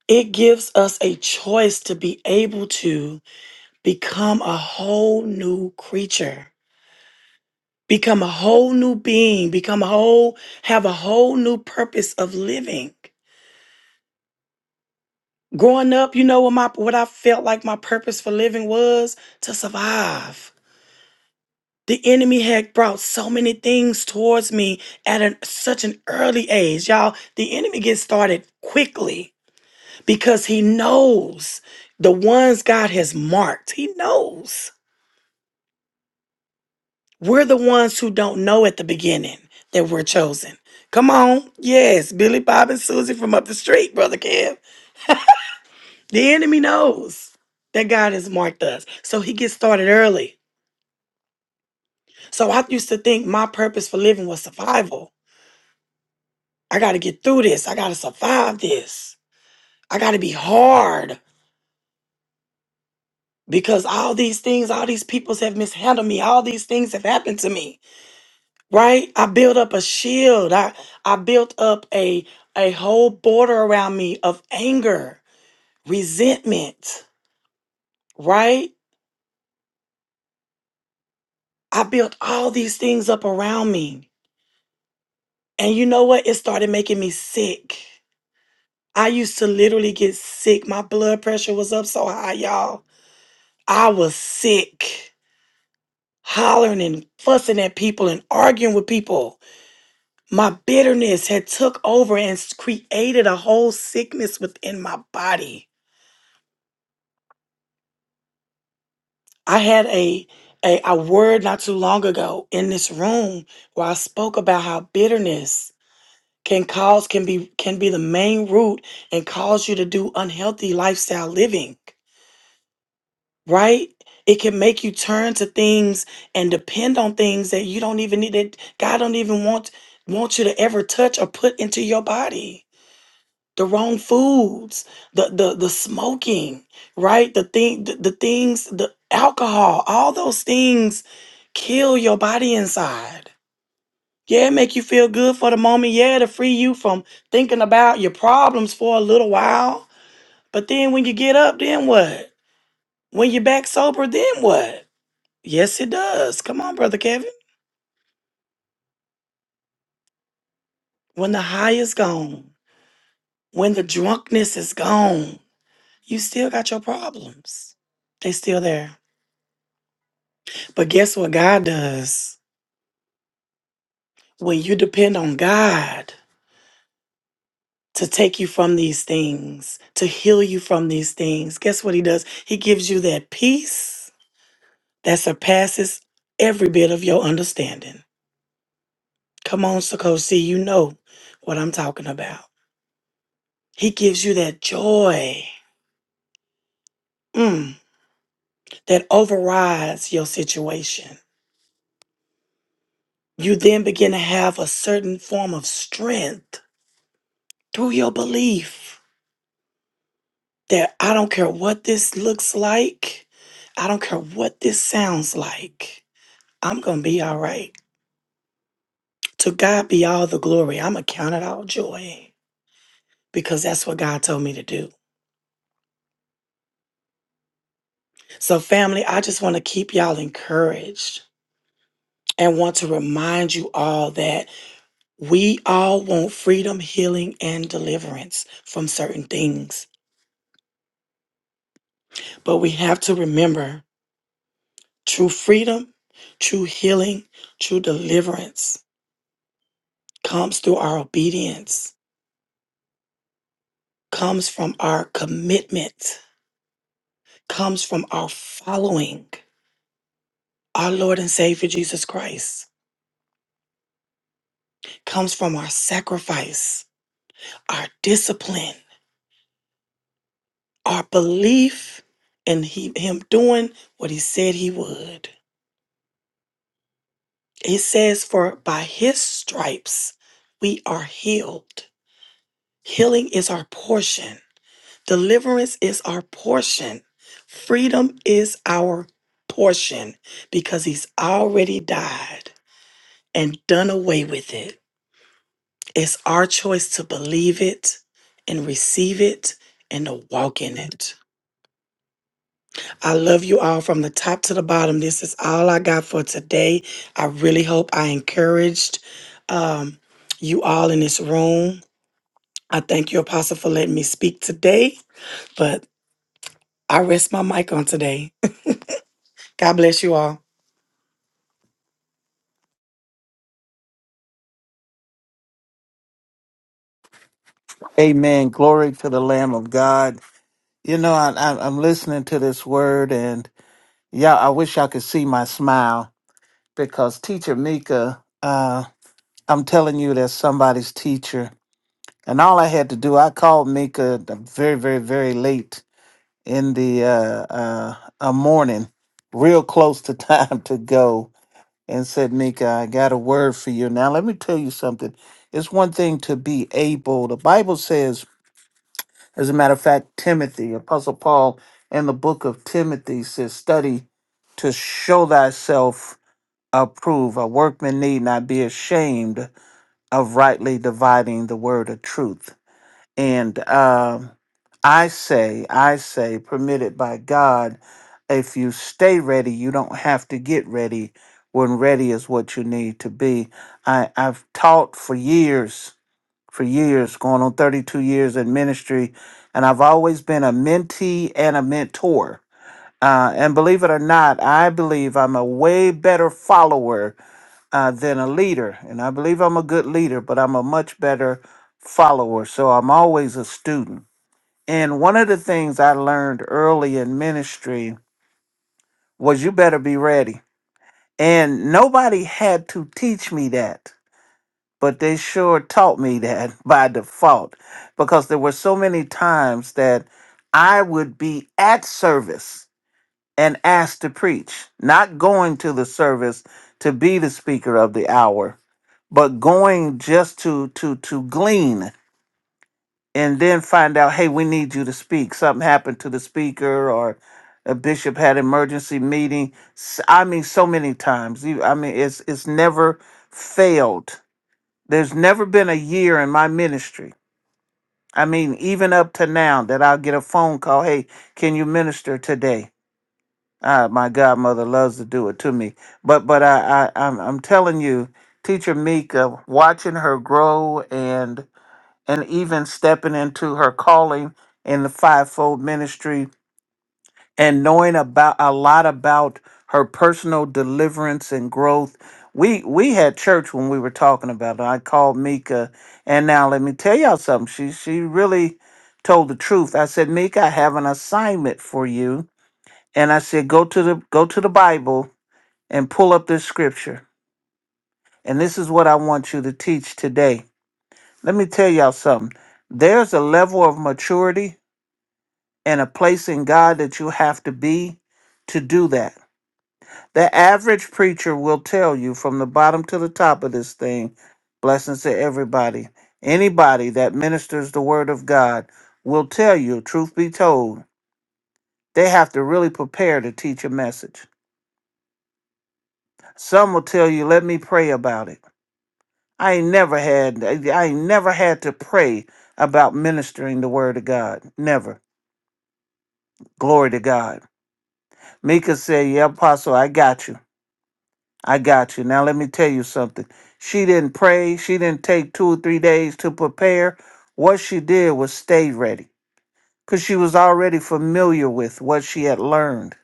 [SPEAKER 1] it gives us a choice to be able to become a whole new creature. Become a whole new being, become a whole, have a whole new purpose of living. Growing up, you know what my what I felt like my purpose for living was? To survive. The enemy had brought so many things towards me at an, such an early age. Y'all, the enemy gets started quickly because he knows the ones God has marked. He knows. We're the ones who don't know at the beginning that we're chosen. Come on. Yes, Billy Bob and Susie from up the street, Brother Kev. The enemy knows that God has marked us. So he gets started early. So I used to think my purpose for living was survival. I got to get through this. I got to survive this. I got to be hard because all these things, all these peoples have mishandled me. All these things have happened to me. right? I built up a shield. I, I built up a a whole border around me of anger, resentment, right? I built all these things up around me. And you know what? It started making me sick. I used to literally get sick. My blood pressure was up so high, y'all. I was sick, hollering and fussing at people and arguing with people. My bitterness had took over and s- created a whole sickness within my body I had a, a a word not too long ago in this room where I spoke about how bitterness can cause can be can be the main root and cause you to do unhealthy lifestyle living, right? It can make you turn to things and depend on things that you don't even need that God don't even want want you to ever touch or put into your body the wrong foods, the the the smoking, right? The thing the, the things the alcohol, all those things kill your body inside. Yeah, it make you feel good for the moment. Yeah, to free you from thinking about your problems for a little while. But then when you get up, then what? When you're back sober, then what? Yes, it does. Come on, brother Kevin. When the high is gone, when the drunkenness is gone, you still got your problems. They still there But guess what God does? When you depend on God to take you from these things, to heal you from these things, guess what He does? He gives you that peace that surpasses every bit of your understanding. Come on, Sakosi, you know what I'm talking about. He gives you that joy mm, that overrides your situation. You then begin to have a certain form of strength through your belief that I don't care what this looks like, I don't care what this sounds like, I'm going to be all right. To God be all the glory. I'm going to count it all joy because that's what God told me to do. So, family, I just want to keep y'all encouraged and want to remind you all that we all want freedom, healing, and deliverance from certain things. But we have to remember true freedom, true healing, true deliverance comes through our obedience, comes from our commitment, comes from our following our Lord and Savior Jesus Christ, comes from our sacrifice, our discipline, our belief in he, Him doing what He said He would. It says, For by His stripes we are healed. Healing is our portion. Deliverance is our portion. Freedom is our portion because he's already died and done away with it. It's our choice to believe it and receive it and to walk in it. I love you all from the top to the bottom. This is all I got for today. I really hope I encouraged um, you all in this room. I thank you, Apostle, for letting me speak today, but I rest my mic on today. God bless you all.
[SPEAKER 2] Amen. Glory to the Lamb of God. You know, I, I, I'm listening to this word, and yeah, I wish y'all could see my smile because Teacher Mika, uh, I'm telling you, that's somebody's teacher. And all I had to do, I called Mika the very, very, very late in the uh, uh, uh, morning, real close to time to go, and said, Mika, I got a word for you. Now, let me tell you something. It's one thing to be able, the Bible says, As a matter of fact, Timothy, Apostle Paul, in the book of Timothy says, study to show thyself approved. A workman need not be ashamed of rightly dividing the word of truth. And um, I say, I say, permitted by God, if you stay ready, you don't have to get ready when ready is what you need to be. I, I've taught for years for years, going on 32 years in ministry, and I've always been a mentee and a mentor. Uh, and believe it or not, I believe I'm a way better follower uh, than a leader. And I believe I'm a good leader, but I'm a much better follower. So I'm always a student. And one of the things I learned early in ministry was you better be ready. And nobody had to teach me that. but they sure taught me that by default because there were so many times that I would be at service and asked to preach, not going to the service to be the speaker of the hour, but going just to to to glean and then find out, hey, we need you to speak. Something happened to the speaker or a bishop had emergency meeting. S- I mean, so many times. You- I mean, it's it's never failed there's never been a year in my ministry, I mean, even up to now, that I'll get a phone call, hey, can you minister today? Ah, my godmother loves to do it to me. But but I, I I'm I'm telling you, teacher Mika, watching her grow and and even stepping into her calling in the fivefold ministry and knowing about a lot about her personal deliverance and growth. We we had church when we were talking about it. I called Mika, and now let me tell y'all something. She she really told the truth. I said, Mika, I have an assignment for you, and I said, go to the go to the Bible and pull up this scripture, and this is what I want you to teach today. Let me tell y'all something. There's a level of maturity and a place in God that you have to be to do that The average preacher will tell you from the bottom to the top of this thing, blessings to everybody. Anybody that ministers the word of God will tell you, truth be told, they have to really prepare to teach a message. Some will tell you, let me pray about it. I ain't never had I ain't never had to pray about ministering the word of God. Never. Glory to God. Mika said, Yeah, Apostle, I got you. I got you. Now let me tell you something. She didn't pray. She didn't take two or three days to prepare. What she did was stay ready because she was already familiar with what she had learned.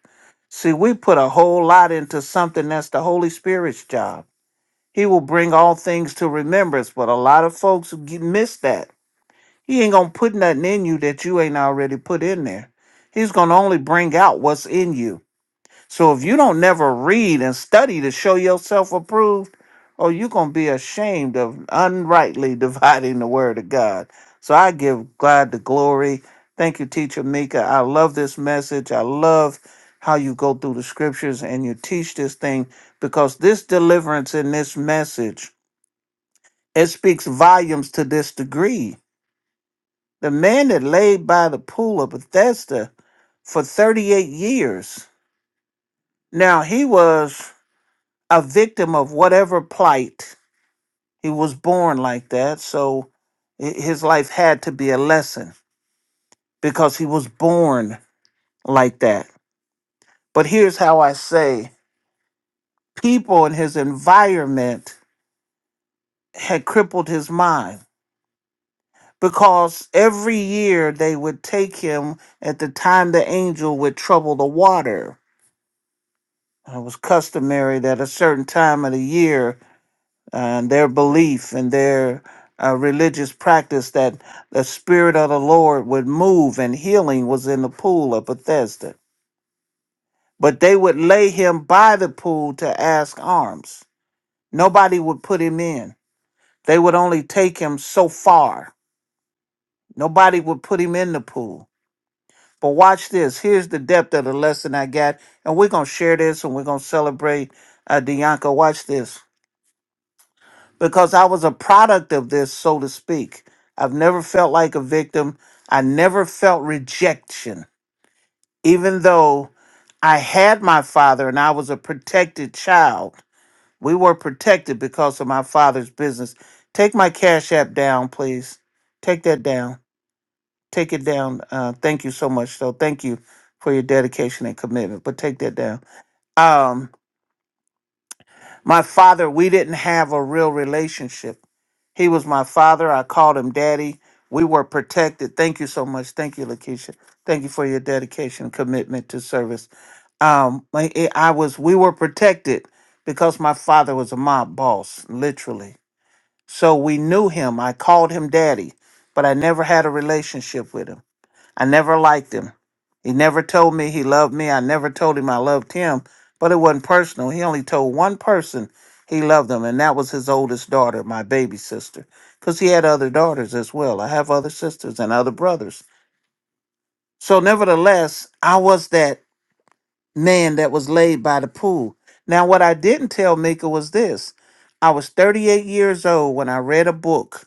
[SPEAKER 2] See, we put a whole lot into something that's the Holy Spirit's job. He will bring all things to remembrance, but a lot of folks get- miss that. He ain't going to put nothing in you that you ain't already put in there. He's going to only bring out what's in you. So if you don't never read and study to show yourself approved, oh, you're going to be ashamed of unrightly dividing the word of God. So I give God the glory. Thank you, Teacher Mika. I love this message. I love how you go through the scriptures and you teach this thing because this deliverance in this message, it speaks volumes to this degree. The man that laid by the pool of Bethesda for 38 years. Now he was a victim of whatever plight. He was born like that, so hi- his life had to be a lesson because he was born like that. But here's how I say people in his environment had crippled his mind because every year they would take him at the time the angel would trouble the water. It was customary that a certain time of the year and their belief and their uh, religious practice that the Spirit of the Lord would move and healing was in the pool of Bethesda. But they would lay him by the pool to ask alms. Nobody would put him in. They would only take him so far. Nobody would put him in the pool. But watch this. Here's the depth of the lesson I got. And we're going to share this and we're going to celebrate uh, Dianca. Watch this. because I was a product of this, so to speak. I've never felt like a victim. I never felt rejection, even though I had my father and I was a protected child. We were protected because of my father's business. Take my Cash App down, please. Take that down. Take it down. Uh, thank you so much. So thank you for your dedication and commitment. But take that down. Um, my father, we didn't have a real relationship He was my father. I called him daddy. We were protected. Thank you so much. Thank you, Lakeisha. Thank you for your dedication and commitment to service. Um, I I was we were protected because my father was a mob boss, literally. So we knew him. I called him daddy, but I never had a relationship with him. I never liked him. He never told me he loved me. I never told him I loved him, but it wasn't personal. He only told one person he loved them, and that was his oldest daughter, my baby sister, because he had other daughters as well. I have other sisters and other brothers. So, nevertheless, I was that man that was laid by the pool. Now, what I didn't tell Mika was this I was 38 years old when I read a book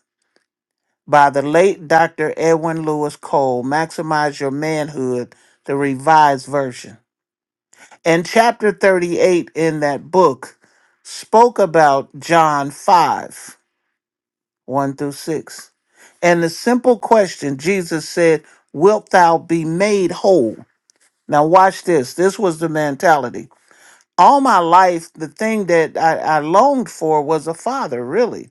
[SPEAKER 2] by the late Dr. Edwin Lewis Cole, Maximize Your Manhood, the Revised Version. And chapter 38 in that book spoke about John 5 1 through 6. And the simple question Jesus said, Wilt thou be made whole? Now, watch this. This was the mentality. All my life, the thing that I, I longed for was a father, really.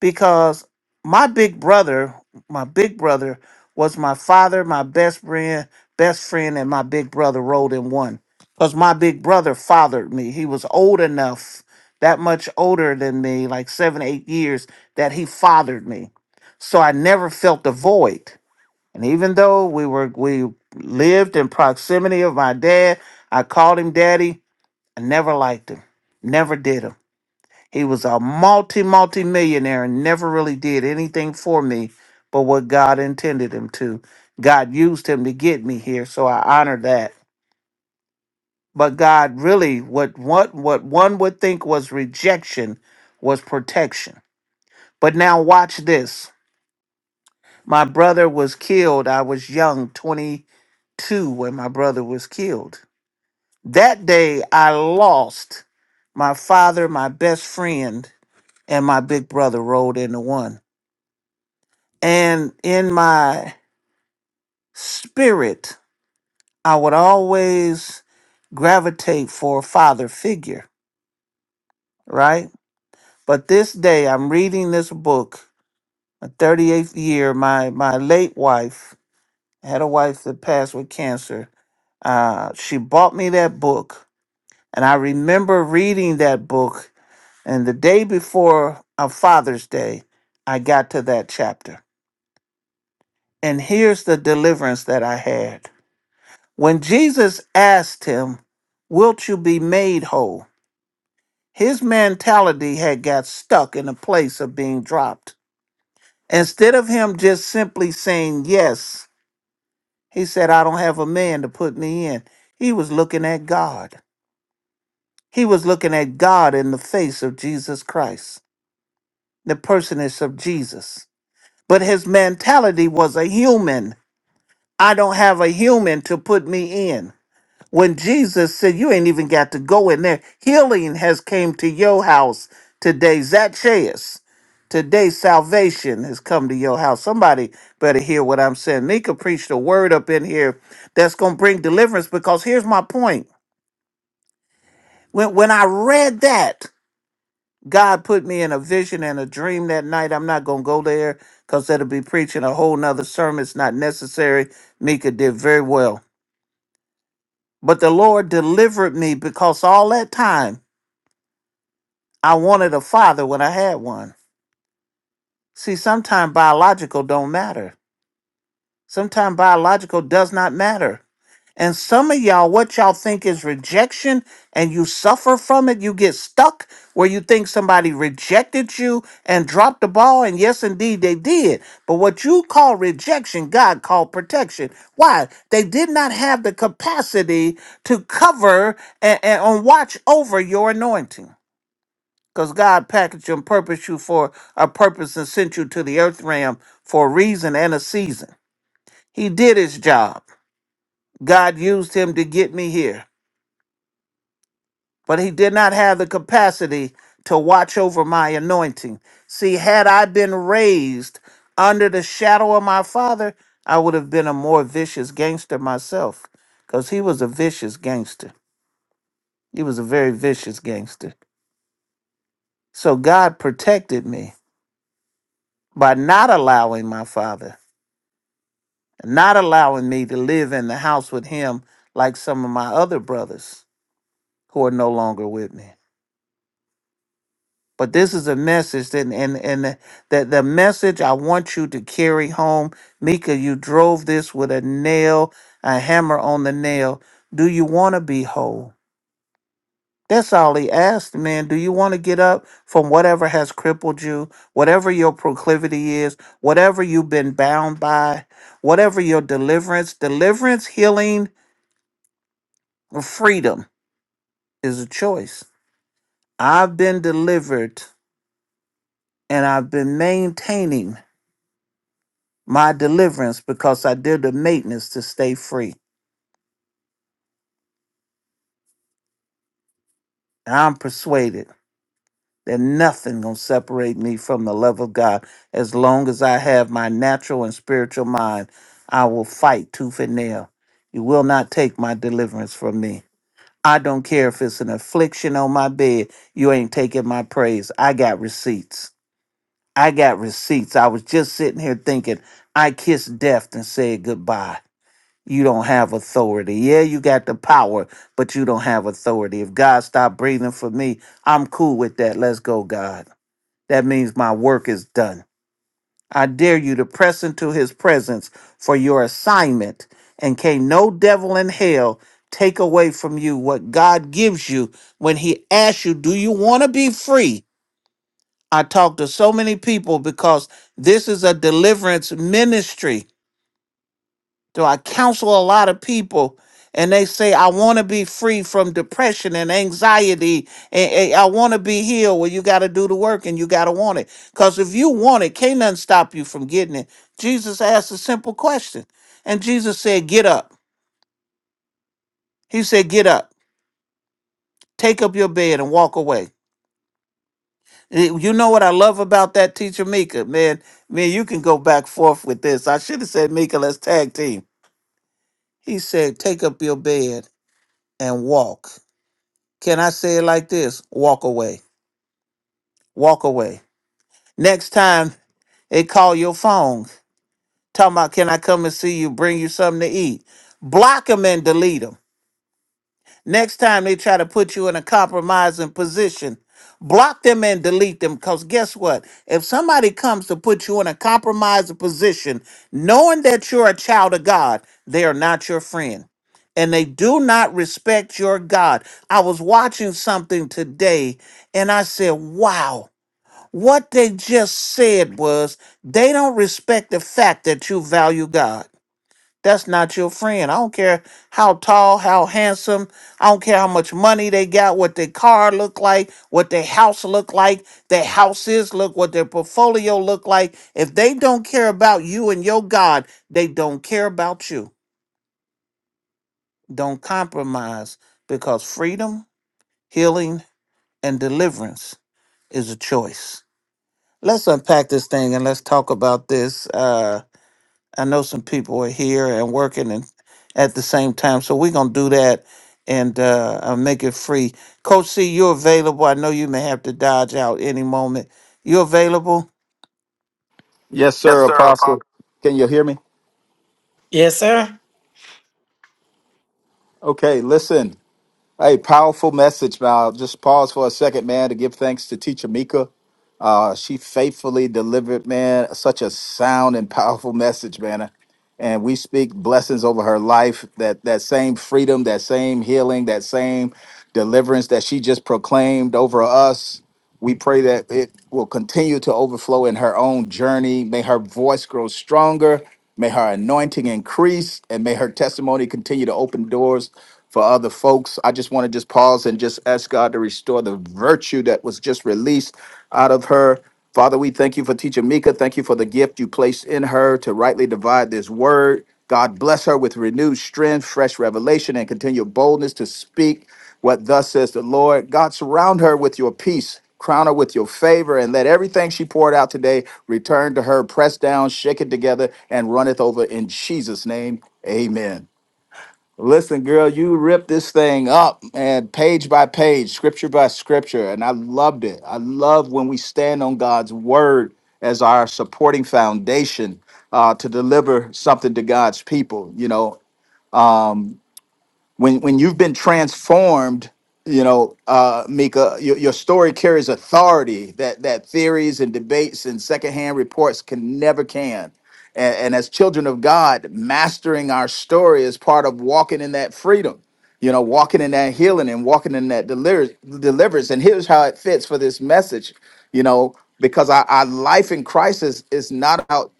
[SPEAKER 2] because my big brother, my big brother was my father, my best friend, best friend, and my big brother rolled in one. Because my big brother fathered me. He was old enough, that much older than me, like seven, eight years, that he fathered me. So I never felt the void. And even though we were we lived in proximity of my dad, I called him daddy. I never liked him. Never did him he was a multi, multi millionaire and never really did anything for me but what God intended him to. God used him to get me here, so I honor that. But God really, what what what one would think was rejection was protection. But now watch this. My brother was killed. I was young, 22, when my brother was killed. That day I lost my father, my best friend, and my big brother rolled into one. And in my spirit, I would always gravitate for a father figure, right? But this day, I'm reading this book, my 38th year. My, my late wife I had a wife that passed with cancer. Uh, she bought me that book, and I remember reading that book. And the day before a Father's Day, I got to that chapter. And here's the deliverance that I had. When Jesus asked him, Wilt you be made whole? His mentality had got stuck in a place of being dropped. Instead of him just simply saying yes, he said, I don't have a man to put me in. He was looking at God. He was looking at God in the face of Jesus Christ, the personage of Jesus. But his mentality was a human. I don't have a human to put me in. when Jesus said, "You ain't even got to go in there. Healing has came to your house today, Zacchaeus. Today, salvation has come to your house." Somebody better hear what I'm saying. Nika preached a word up in here that's gonna bring deliverance. Because here's my point: when when I read that, God put me in a vision and a dream that night. I'm not gonna go there because that'll be preaching a whole nother sermon. It's not necessary. Nika did very well. But the Lord delivered me because all that time I wanted a father when I had one. See, sometimes biological don't matter. Sometimes biological does not matter. And some of y'all, what y'all think is rejection and you suffer from it, you get stuck where you think somebody rejected you and dropped the ball. And yes, indeed, they did. But what you call rejection, God called protection. Why? They did not have the capacity to cover and, and watch over your anointing. Because God packaged you and purposed you for a purpose and sent you to the earth realm for a reason and a season. He did his job. God used him to get me here, but he did not have the capacity to watch over my anointing. See, had I been raised under the shadow of my father, I would have been a more vicious gangster myself because he was a vicious gangster. He was a very vicious gangster. So God protected me by not allowing my father not allowing me to live in the house with him like some of my other brothers who are no longer with me. But this is a message that and and the- that the message I want you to carry home, Mika, you drove this with a nail, a hammer on the nail. Do you want to be whole? That's all he asked, man. Do you want to get up from whatever has crippled you, whatever your proclivity is, whatever you've been bound by, whatever your deliverance, deliverance, healing, freedom is a choice. I've been delivered and I've been maintaining my deliverance because I did the maintenance to stay free. And I'm persuaded that nothing gonna separate me from the love of God. As long as I have my natural and spiritual mind, I will fight tooth and nail. You will not take my deliverance from me. I don't care if it's an affliction on my bed, you ain't taking my praise. I got receipts. I got receipts. I was just sitting here thinking, I kissed death and said goodbye. You don't have authority. Yeah, you got the power, but you don't have authority. If God stopped breathing for me, I'm cool with that. Let's go, God. That means my work is done. I dare you to press into his presence for your assignment, and can no devil in hell take away from you what God gives you when he asks you, Do you want to be free? I talk to so many people because this is a deliverance ministry. So I counsel a lot of people and they say, I want to be free from depression and anxiety. And, and I want to be healed. Well, you got to do the work and you got to want it. Because if you want it, can't nothing stop you from getting it. Jesus asked a simple question. And Jesus said, Get up. He said, Get up, take up your bed and walk away. Eh, You know what I love about that teacher Mika, man. Man, you can go back forth with this. I should have said Mika, let's tag team. He said, "Take up your bed and walk." Can I say it like this? Walk away. Walk away. Next time they call your phone, talking about, "Can I come and see you? Bring you something to eat?" Block them and delete them. Next time they try to put you in a compromising position, block them and delete them. Because guess what? If somebody comes to put you in a compromising position, knowing that you're a child of God, they are not your friend. And they do not respect your God. I was watching something today and I said, wow, what they just said was they don't respect the fact that you value God. That's not your friend. I don't care how tall, how handsome. I don't care how much money they got, what their car look like, what their house look like, their houses look, what their portfolio look like. If they don't care about you and your God, they don't care about you. Don't compromise because freedom, healing, and deliverance is a choice. Let's unpack this thing and let's talk about this. Uh, I know some people are here and working and at the same time, so we're gonna do that and uh, uh, make it free. Coach C, you're available. I know you may have to dodge out any moment. You available?
[SPEAKER 5] Yes, sir, Apostle. Can you hear me?
[SPEAKER 1] Yes, sir.
[SPEAKER 5] Okay, listen. Hey, powerful message. Now, just pause for a second, man, to give thanks to Teacher Mika. Uh, she faithfully delivered, man, such a sound and powerful message, man. And we speak blessings over her life. That that same freedom, that same healing, that same deliverance that she just proclaimed over us. We pray that it will continue to overflow in her own journey. May her voice grow stronger. May her anointing increase and may her testimony continue to open doors for other folks. I just want to just pause and just ask God to restore the virtue that was just released out of her. Father, we thank you for teacher Mika. Thank you for the gift you placed in her to rightly divide this word. God bless her with renewed strength, fresh revelation, and continued boldness to speak. What thus says the Lord God, surround her with your peace, crown her with your favor, and let everything she poured out today return to her, pressed down, shaken together, and runneth over in Jesus' name. Amen. Listen, girl, you ripped this thing up, man, page by page, scripture by scripture. And I loved it. I love when we stand on God's word as our supporting foundation uh, to deliver something to God's people. You know, when when you've been transformed you know uh mika your, your story carries authority that that theories and debates and secondhand reports can never can and, and as children of god mastering our story is part of walking in that freedom you know walking in that healing and walking in that deliverance deliverance and here's how it fits for this message you know because our, our life in christ is, is not about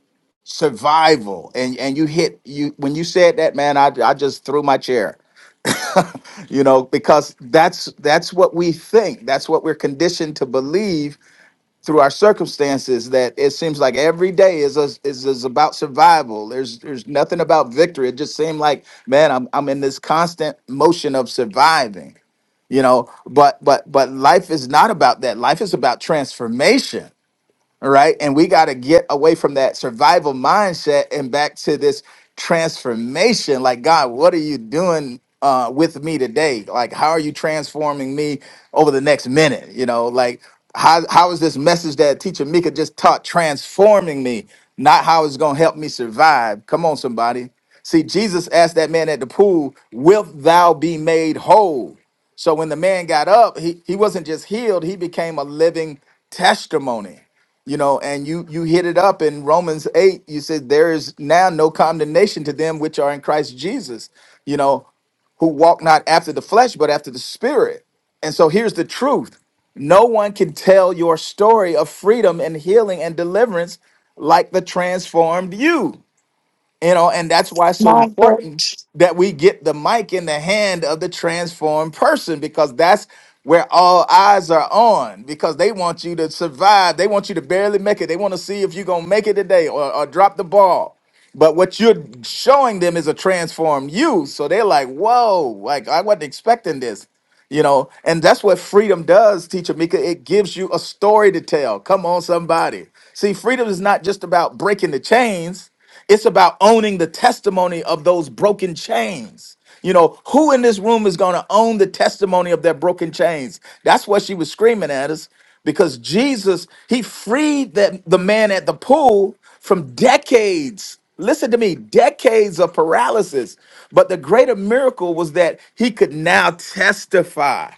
[SPEAKER 5] survival and and you hit you when you said that man i, I just threw my chair you know because that's that's what we think that's what we're conditioned to believe through our circumstances that it seems like every day is us is, is about survival there's there's nothing about victory it just seemed like man I'm, I'm in this constant motion of surviving you know but but but life is not about that life is about transformation all right. And we got to get away from that survival mindset and back to this transformation. Like, God, what are you doing uh, with me today? Like, how are you transforming me over the next minute? You know, like, how, how is this message that teacher Mika just taught transforming me, not how it's going to help me survive? Come on, somebody. See, Jesus asked that man at the pool, Wilt thou be made whole? So when the man got up, he, he wasn't just healed, he became a living testimony you know and you you hit it up in romans 8 you said there is now no condemnation to them which are in christ jesus you know who walk not after the flesh but after the spirit and so here's the truth no one can tell your story of freedom and healing and deliverance like the transformed you you know and that's why it's so important that we get the mic in the hand of the transformed person because that's where all eyes are on because they want you to survive they want you to barely make it they want to see if you're going to make it today or, or drop the ball but what you're showing them is a transformed you so they're like whoa like i wasn't expecting this you know and that's what freedom does teacher mika it gives you a story to tell come on somebody see freedom is not just about breaking the chains it's about owning the testimony of those broken chains you know who in this room is going to own the testimony of their broken chains that's what she was screaming at us because jesus he freed that the man at the pool from decades. Listen to me, decades of paralysis. But the greater miracle was that he could now testify.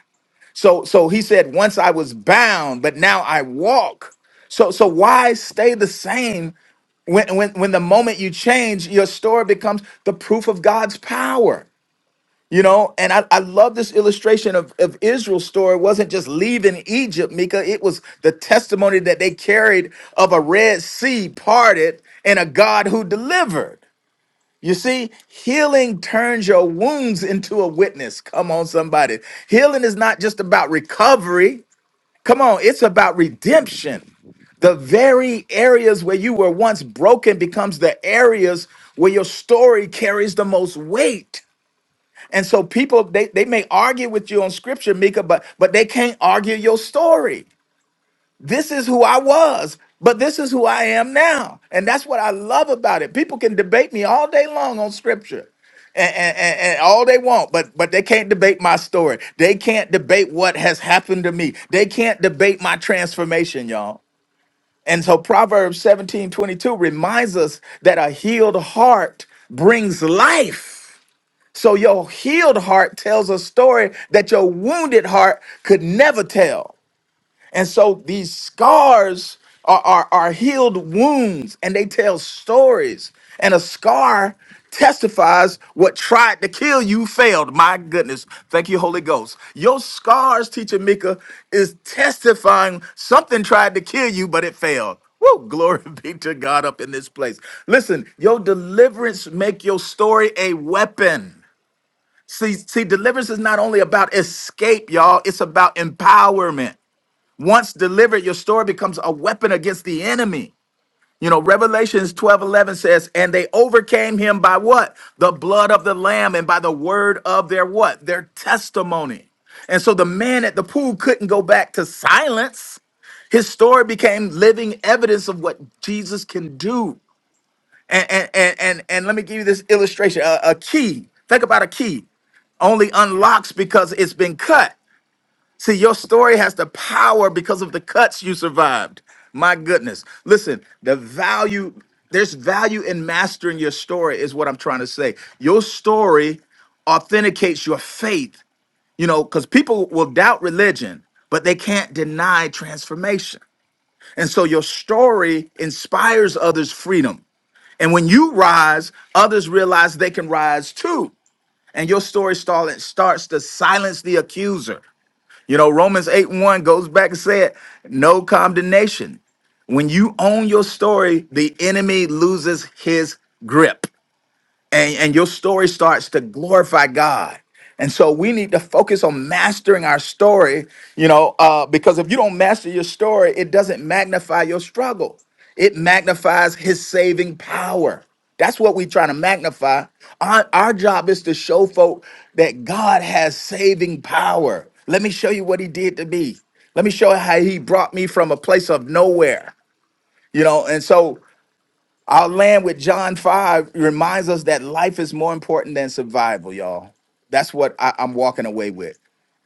[SPEAKER 5] So so he said, "Once I was bound, but now I walk." So so why stay the same when when when the moment you change, your story becomes the proof of God's power. You know, and I, I love this illustration of, of Israel's story. It wasn't just leaving Egypt, Mika. It was the testimony that they carried of a Red Sea parted and a God who delivered. You see, healing turns your wounds into a witness. Come on, somebody. Healing is not just about recovery. Come on, it's about redemption. The very areas where you were once broken becomes the areas where your story carries the most weight. And so people they, they may argue with you on scripture, Mika, but but they can't argue your story. This is who I was, but this is who I am now. And that's what I love about it. People can debate me all day long on scripture. And, and, and and all they want, but but they can't debate my story. They can't debate what has happened to me. They can't debate my transformation, y'all. And so Proverbs 17 22 reminds us that a healed heart brings life so your healed heart tells a story that your wounded heart could never tell. And so these scars are, are, are healed wounds and they tell stories. And a scar testifies what tried to kill you failed. My goodness. Thank you, Holy Ghost. Your scars, teacher Mika, is testifying something tried to kill you, but it failed. Woo, glory be to God up in this place. Listen, your deliverance make your story a weapon. See, see, deliverance is not only about escape, y'all. It's about empowerment. Once delivered, your story becomes a weapon against the enemy. You know, Revelations 12 11 says, and they overcame him by what? The blood of the lamb and by the word of their what? Their testimony. And so the man at the pool couldn't go back to silence. His story became living evidence of what Jesus can do. And and and and, and let me give you this illustration. a a key. Think about a key. Only unlocks because it's been cut. See, your story has the power because of the cuts you survived. My goodness. Listen, the value, there's value in mastering your story, is what I'm trying to say. Your story authenticates your faith, you know, because people will doubt religion, but they can't deny transformation. And so your story inspires others' freedom. And when you rise, others realize they can rise too. And your story starlet- starts to silence the accuser. You know, Romans 8 and 1 goes back and said, no condemnation. When you own your story, the enemy loses his grip and, and your story starts to glorify God. And so we need to focus on mastering our story, you know, uh, because if you don't master your story, it doesn't magnify your struggle. It magnifies his saving power. That's what we're trying to magnify. Our, our job is to show folk that God has saving power. Let me show you what he did to me. Let me show you how he brought me from a place of nowhere, you know. And so our land with John 5 reminds us that life is more important than survival, y'all. That's what I, I'm walking away with.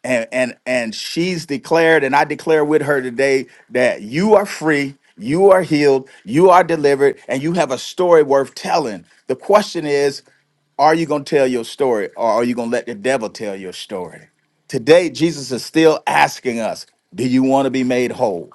[SPEAKER 5] And and and she's declared, and I declare with her today that you are free, you are healed, you are delivered, and you have a story worth telling. The question is, are you going to tell your story or are you going to let the devil tell your story? Today, Jesus is still asking us, do you want to be made whole?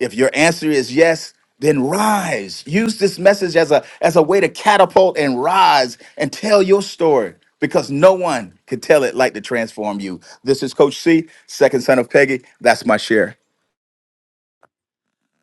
[SPEAKER 5] If your answer is yes, then rise. Use this message as a as a way to catapult and rise and tell your story because no one could tell it like to transform you. This is Coach C, second son of Peggy. That's my share.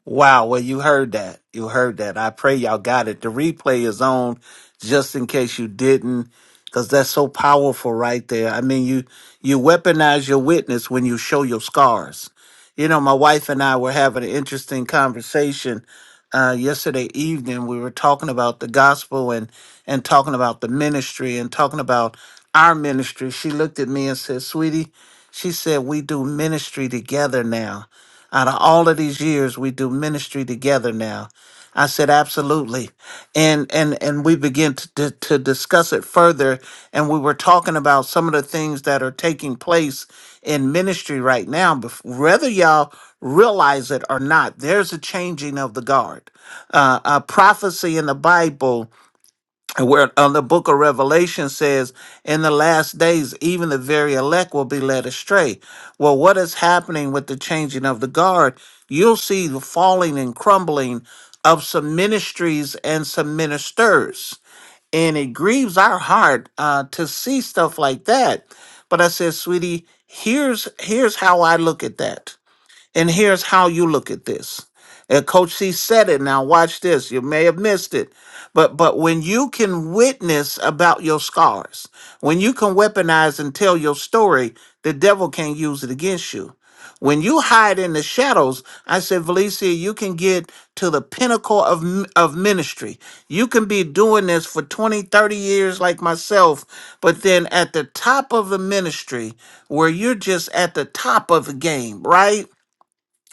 [SPEAKER 2] Wow. Well, you heard that. You heard that. I pray y'all got it. The replay is on just in case you didn't, because that's so powerful right there. I mean, you, you weaponize your witness when you show your scars. You know, my wife and I were having an interesting conversation uh, yesterday evening. We were talking about the gospel and, and talking about the ministry and talking about our ministry. She looked at me and said, Sweetie, she said, we do ministry together now. Out of all of these years, we do ministry together now. I said, absolutely. And and and we begin to, to, to discuss it further. And we were talking about some of the things that are taking place in ministry right now. Bef- Whether y'all realize it or not, there's a changing of the guard. Uh, uh, prophecy in the Bible and where on the book of Revelation says, in the last days, even the very elect will be led astray. Well, what is happening with the changing of the guard? You'll see the falling and crumbling of some ministries and some ministers. And it grieves our heart uh, to see stuff like that. But I said, sweetie, here's here's how I look at that. And here's how you look at this. And Coach C said it. Now watch this. You may have missed it. But but when you can witness about your scars, when you can weaponize and tell your story, the devil can't use it against you. When you hide in the shadows, I said, Valencia, you can get to the pinnacle of, m- of ministry. You can be doing this for 20, 30 years like myself, but then at the top of the ministry, where you're just at the top of the game, right?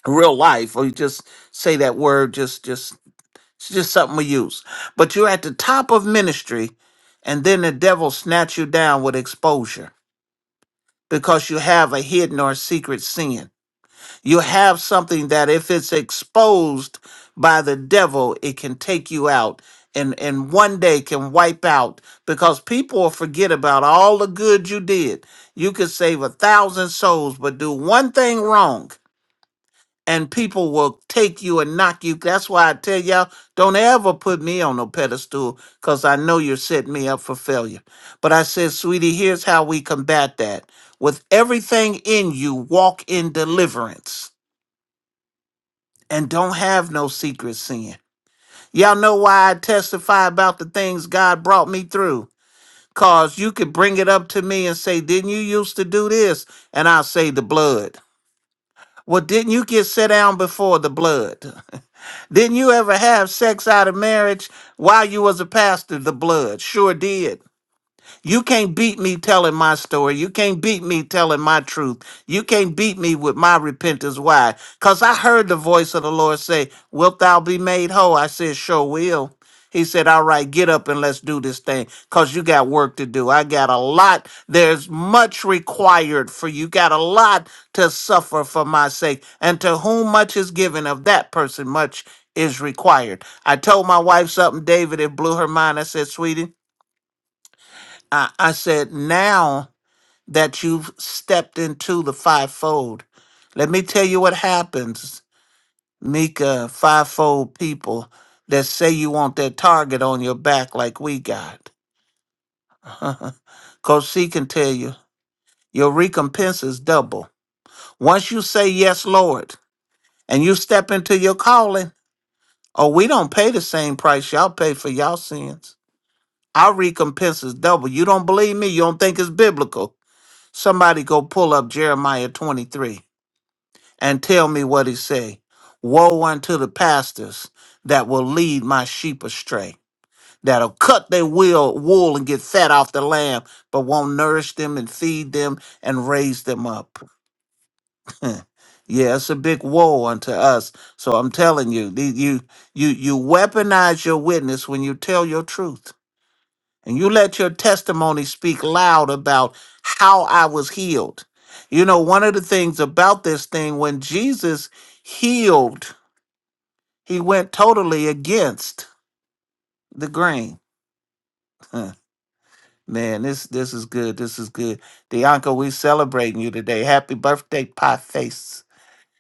[SPEAKER 2] real life or you just say that word just just it's just something we use but you're at the top of ministry and then the devil snatch you down with exposure because you have a hidden or secret sin you have something that if it's exposed by the devil it can take you out and and one day can wipe out because people will forget about all the good you did you could save a thousand souls but do one thing wrong and people will take you and knock you. That's why I tell y'all, don't ever put me on no pedestal because I know you're setting me up for failure. But I said, sweetie, here's how we combat that. With everything in you, walk in deliverance and don't have no secret sin. Y'all know why I testify about the things God brought me through. Cause you could bring it up to me and say, Didn't you used to do this? And I'll say the blood. Well, didn't you get set down before the blood? Didn't you ever have sex out of marriage while you was a pastor? The blood sure did. You can't beat me telling my story. You can't beat me telling my truth. You can't beat me with my repentance. Why? Because I heard the voice of the Lord say, Wilt thou be made whole? I said, Sure will. He said, All right, get up and let's do this thing because you got work to do. I got a lot. There's much required for you. Got a lot to suffer for my sake. And to whom much is given, of that person much is required. I told my wife something, David, it blew her mind. I said, Sweetie, I, I said, now that you've stepped into the fivefold, let me tell you what happens, Mika, fivefold people that say you want that target on your back like we got. Coach C can tell you, your recompense is double. Once you say, yes, Lord, and you step into your calling, oh, we don't pay the same price y'all pay for y'all sins. Our recompense is double. You don't believe me? You don't think it's biblical? Somebody go pull up Jeremiah 23 and tell me what he say. Woe unto the pastors that will lead my sheep astray, that'll cut their will, wool and get fat off the lamb, but won't nourish them and feed them and raise them up. yeah, it's a big woe unto us. So I'm telling you, the- you you you weaponize your witness when you tell your truth. And you let your testimony speak loud about how I was healed. You know, one of the things about this thing, when Jesus healed, he went totally against the grain. Huh. Man, this this is good. This is good. Dianca, we celebrating you today. Happy birthday, pie face.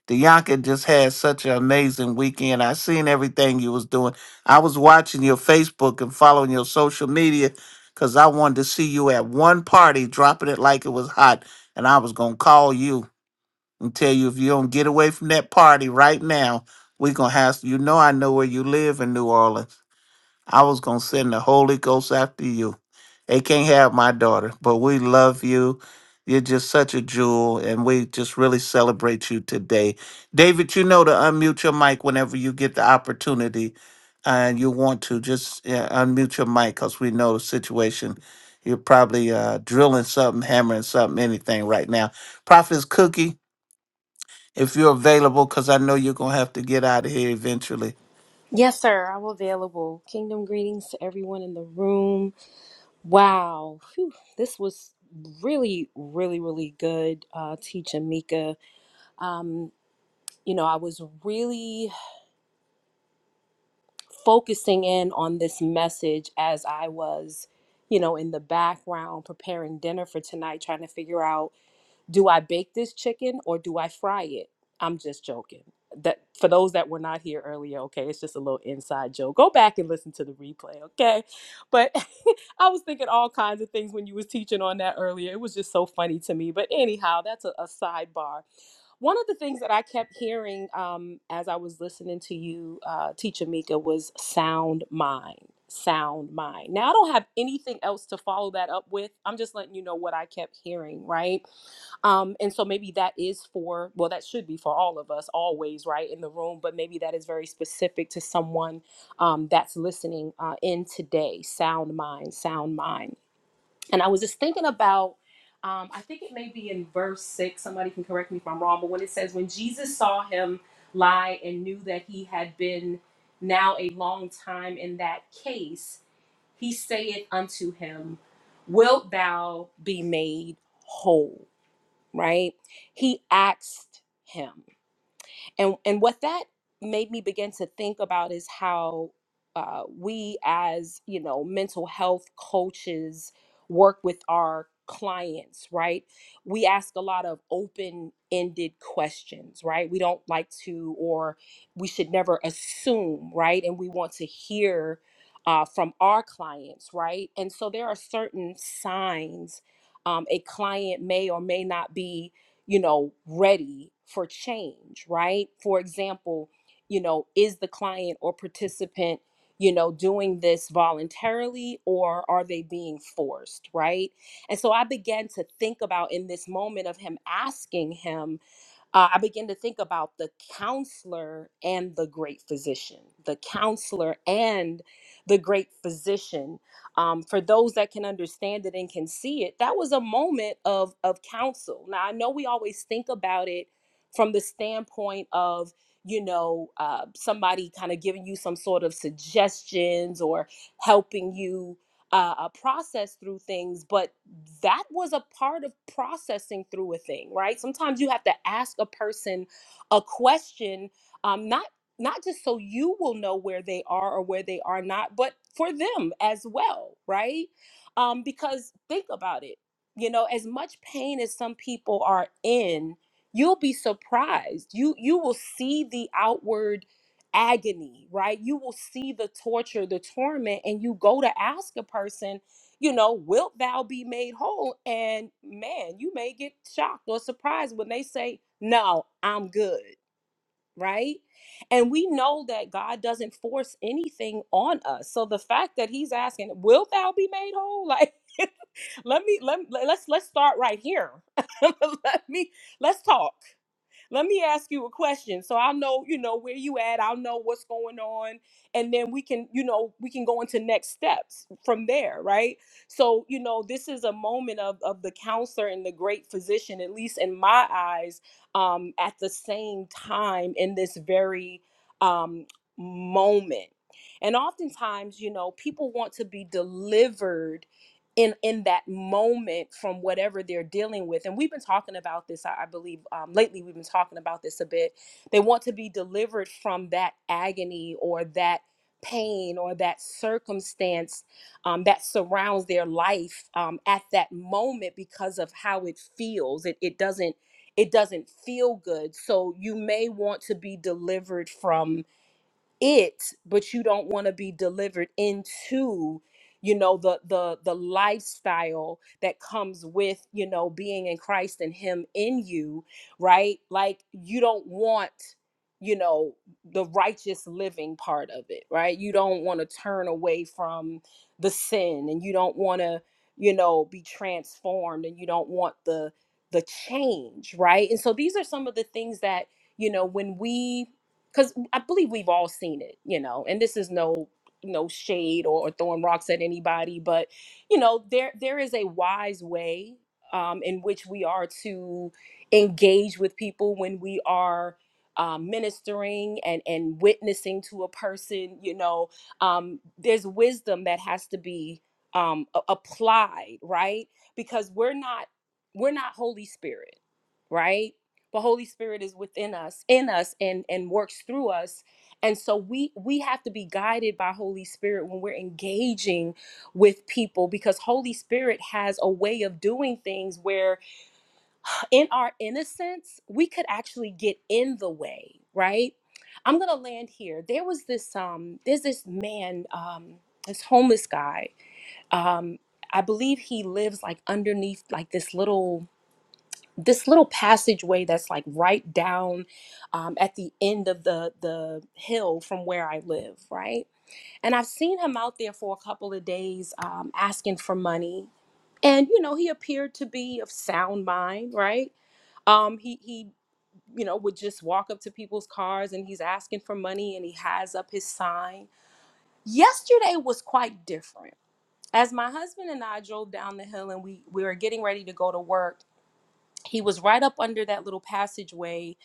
[SPEAKER 2] Dianca just had such an amazing weekend. I seen everything you was doing. I was watching your Facebook and following your social media because I wanted to see you at one party dropping it like it was hot. And I was gonna call you and tell you if you don't get away from that party right now, we gonna have you know I know where you live in New Orleans. I was going to send the Holy Ghost after you. They can't have my daughter, but we love you. You're just such a jewel, and we just really celebrate you today. David, you know to unmute your mic whenever you get the opportunity and you want to. Just yeah, unmute your mic because we know the situation. You're probably uh, drilling something, hammering something, anything right now. Prophet's Cookie, if you're available, because I know you're going to have to get out of here eventually.
[SPEAKER 6] Yes, sir. I'm available. Kingdom greetings to everyone in the room. Wow. Phew. This was really, really, really good, uh, teaching Mika. Um, you know, I was really focusing in on this message as I was, you know, in the background preparing dinner for tonight, trying to figure out Do I bake this chicken or do I fry it? I'm just joking. That for those that were not here earlier, okay, it's just a little inside joke. Go back and listen to the replay, okay? But I was thinking all kinds of things when you was teaching on that earlier. It was just so funny to me. But anyhow, that's a, a sidebar. One of the things that I kept hearing um, as I was listening to you, uh, Teacher Mika, was sound mind, sound mind. Now I don't have anything else to follow that up with. I'm just letting you know what I kept hearing, right? Um, and so maybe that is for, well, that should be for all of us always, right, in the room, but maybe that is very specific to someone um, that's listening uh, in today. Sound mind, sound mind. And I was just thinking about, um, I think it may be in verse six, somebody can correct me if I'm wrong, but when it says, when Jesus saw him lie and knew that he had been now a long time in that case, he saith unto him, Wilt thou be made whole? right? He asked him. And and what that made me begin to think about is how uh, we as you know mental health coaches work with our clients right we ask a lot of open-ended questions right we don't like to or we should never assume right and we want to hear uh, from our clients right and so there are certain signs um, a client may or may not be you know, ready for change, right? For example, you know, is the client or participant, you know, doing this voluntarily or are they being forced, right? And so I began to think about in this moment of him asking him, uh, I began to think about the counselor and the great physician, the counselor and the great physician. Um, for those that can understand it and can see it, that was a moment of of counsel. Now I know we always think about it from the standpoint of you know uh, somebody kind of giving you some sort of suggestions or helping you uh, uh, process through things, but that was a part of processing through a thing, right? Sometimes you have to ask a person a question, um, not not just so you will know where they are or where they are not, but for them as well, right? Um, because think about it, you know, as much pain as some people are in, you'll be surprised. You you will see the outward agony, right? You will see the torture, the torment, and you go to ask a person, you know, wilt thou be made whole? And man, you may get shocked or surprised when they say, no, I'm good, right? And we know that God doesn't force anything on us. So the fact that he's asking, wilt thou be made whole? Like, let me let me- let's let's start right here. let me let's talk let me ask you a question so i'll know you know where you at i'll know what's going on and then we can you know we can go into next steps from there right so you know this is a moment of of the counselor and the great physician at least in my eyes um at the same time in this very um moment and oftentimes you know people want to be delivered in in that moment from whatever they're dealing with and we've been talking about this i, I believe um, lately we've been talking about this a bit they want to be delivered from that agony or that pain or that circumstance um, that surrounds their life um, at that moment because of how it feels it, it doesn't it doesn't feel good so you may want to be delivered from it but you don't want to be delivered into you know the the the lifestyle that comes with you know being in Christ and him in you right like you don't want you know the righteous living part of it right you don't want to turn away from the sin and you don't want to you know be transformed and you don't want the the change right and so these are some of the things that you know when we because I believe we've all seen it, you know, and this is no no shade or, or throwing rocks at anybody, but you know, there there is a wise way um, in which we are to engage with people when we are um, ministering and and witnessing to a person. You know, um, there's wisdom that has to be um, a- applied, right? Because we're not we're not Holy Spirit right? the holy spirit is within us in us and and works through us and so we we have to be guided by holy spirit when we're engaging with people because holy spirit has a way of doing things where in our innocence we could actually get in the way right i'm gonna land here there was this um there's this man um this homeless guy um i believe he lives like underneath like this little this little passageway that's like right down um, at the end of the the hill from where I live, right? And I've seen him out there for a couple of days um, asking for money, and you know he appeared to be of sound mind, right? Um, he he you know would just walk up to people's cars and he's asking for money and he has up his sign. Yesterday was quite different. As my husband and I drove down the hill and we we were getting ready to go to work he was right up under that little passageway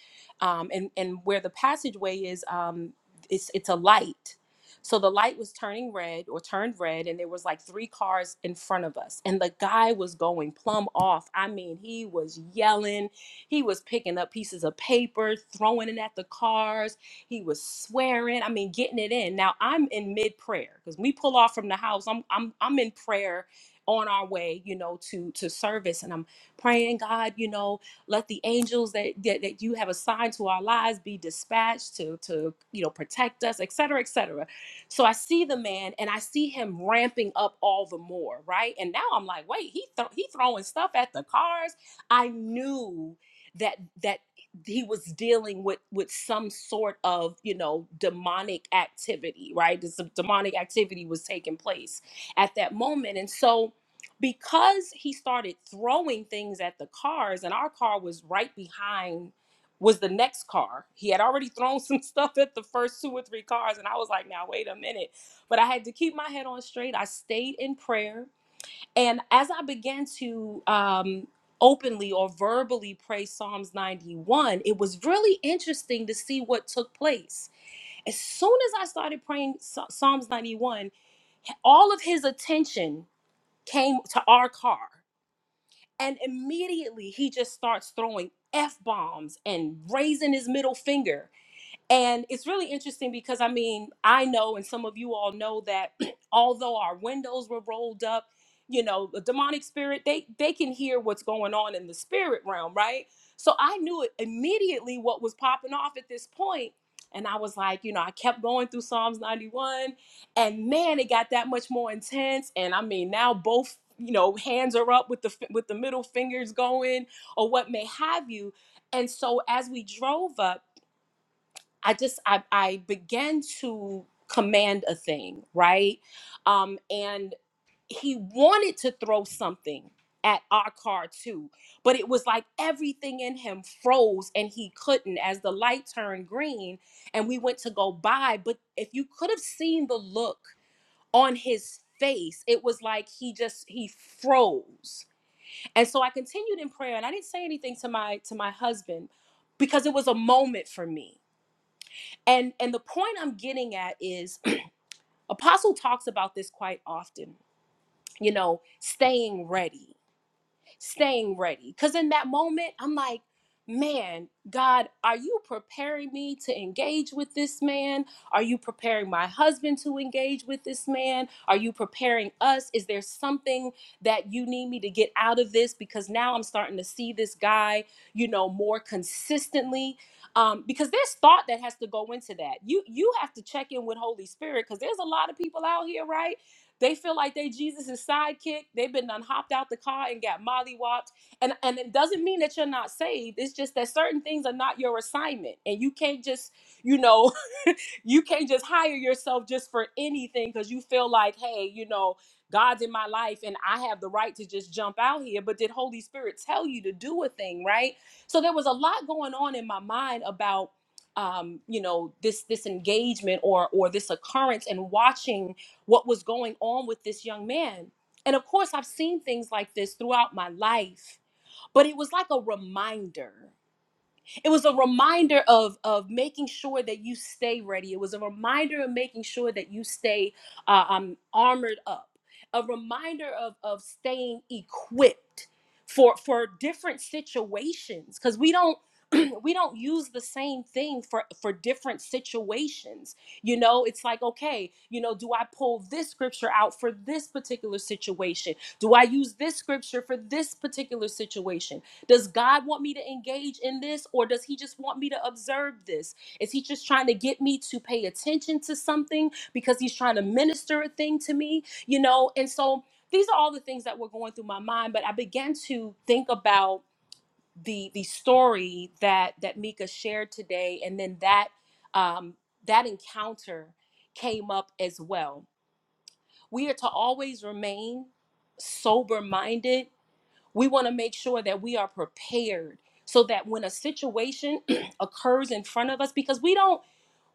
[SPEAKER 6] um, and and where the passageway is um, it's it's a light so the light was turning red or turned red and there was like three cars in front of us and the guy was going plumb off i mean he was yelling he was picking up pieces of paper throwing it at the cars he was swearing i mean getting it in now i'm in mid prayer because we pull off from the house i'm i'm i'm in prayer on our way you know to to service and i'm praying, God, you know, let the angels that, that, that you have assigned to our lives be dispatched to, to you know, protect us, et cetera, et cetera. So I see the man and I see him ramping up all the more, right? And now I'm like, wait, he, thro- he throwing stuff at the cars. I knew that that he was dealing with with some sort of you know demonic activity right this demonic activity was taking place at that moment and so because he started throwing things at the cars and our car was right behind was the next car he had already thrown some stuff at the first two or three cars and i was like now wait a minute but i had to keep my head on straight i stayed in prayer and as i began to um openly or verbally pray psalms 91 it was really interesting to see what took place as soon as i started praying psalms 91 all of his attention came to our car and immediately he just starts throwing F bombs and raising his middle finger. And it's really interesting because I mean, I know, and some of you all know that although our windows were rolled up, you know, the demonic spirit, they they can hear what's going on in the spirit realm, right? So I knew it immediately what was popping off at this point, And I was like, you know, I kept going through Psalms 91, and man, it got that much more intense. And I mean, now both, you know, hands are up with the with the middle fingers going or what may have you. And so as we drove up I just I I began to command a thing, right? Um, and he wanted to throw something at our car too, but it was like everything in him froze and he couldn't as the light turned green and we went to go by. But if you could have seen the look on his face, it was like he just he froze. And so I continued in prayer and I didn't say anything to my to my husband because it was a moment for me and and the point i'm getting at is apostle talks about this quite often you know staying ready staying ready. Because in that moment, I'm like, man, God, are you preparing me to engage with this man? Are you preparing my husband to engage with this man? Are you preparing us? Is there something that you need me to get out of this? Because now I'm starting to see this guy, you know, more consistently. Um, because there's thought that has to go into that. You you have to check in with Holy Spirit because there's a lot of people out here, right? They feel like they Jesus' sidekick. They've been done hopped out the car and got mollywopped. And and it doesn't mean that you're not saved. It's just that certain things are not your assignment. And you can't just, you know, you can't just hire yourself just for anything because you feel like, hey, you know, God's in my life and I have the right to just jump out here. But did Holy Spirit tell you to do a thing, right? So there was a lot going on in my mind about um, you know, this this engagement or or this occurrence and watching what was going on with this young man. And of course, I've seen things like this throughout my life, but it was like a reminder it was a reminder of of making sure that you stay ready it was a reminder of making sure that you stay uh, um, armored up a reminder of of staying equipped for for different situations because we don't we don't use the same thing for for different situations you know it's like okay you know do i pull this scripture out for this particular situation do i use this scripture for this particular situation does God want me to engage in this or does He just want me to observe this? Is He just trying to get me to pay attention to something because He's trying to minister a thing to me? You know, and so these are all the things that were going through my mind, but I began to think about the the story that that Mika shared today, and then that um, that encounter came up as well. We are to always remain sober minded we want to make sure that we are prepared so that when a situation occurs in front of us, because we don't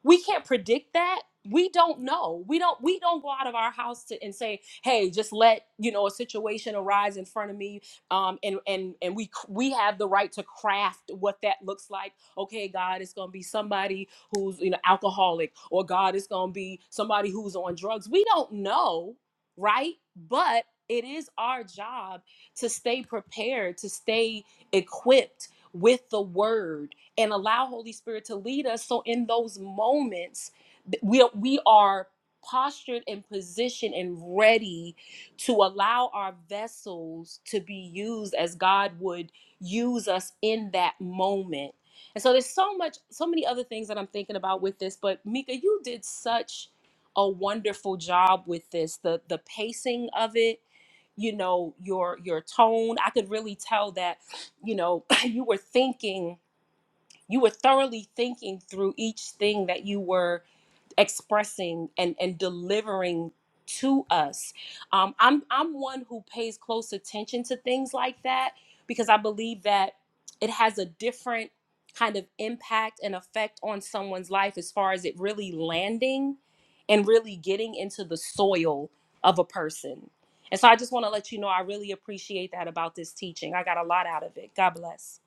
[SPEAKER 6] we can't predict that we don't know we don't we don't go out of our house to, and say hey just let you know a situation arise in front of me um and and and we we have the right to craft what that looks like okay god it's gonna be somebody who's you know alcoholic or god it's gonna be somebody who's on drugs we don't know right but it is our job to stay prepared to stay equipped with the word and allow Holy Spirit to lead us. So in those moments, th- we are, we are postured and positioned and ready to allow our vessels to be used as God would use us in that moment. And so there's so much, so many other things that I'm thinking about with this. But Mika, you did such a wonderful job with this. The the pacing of it, you know, your your tone. I could really tell that, you know, you were thinking you were thoroughly thinking through each thing that you were expressing and and delivering to us um i'm i'm one who pays close attention to things like that because i believe that it has a different kind of impact and effect on someone's life as far as it really landing and really getting into the soil of a person and so i just want to let you know i really appreciate that about this teaching i got a lot out of it god bless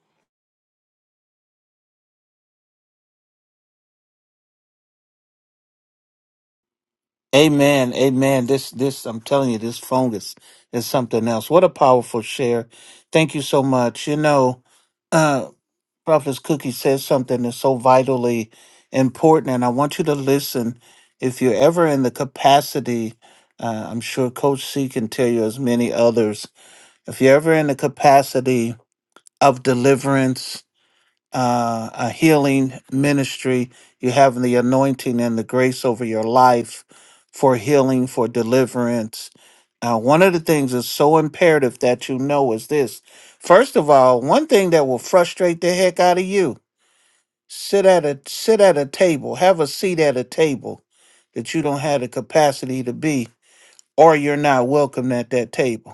[SPEAKER 2] Amen. Amen. This, this, I'm telling you, this fungus is something else. What a powerful share. Thank you so much. You know, uh, Prophet Cookie says something that's so vitally important, and I want you to listen. If you're ever in the capacity, uh, I'm sure Coach C can tell you as many others, if you're ever in the capacity of deliverance, uh, a healing ministry. You're having the anointing and the grace over your life for healing, for deliverance. Uh, one of the things that's so imperative that you know is this. First of all, one thing that will frustrate the heck out of you: sit at a sit at a table, have a seat at a table that you don't have the capacity to be, or you're not welcome at that table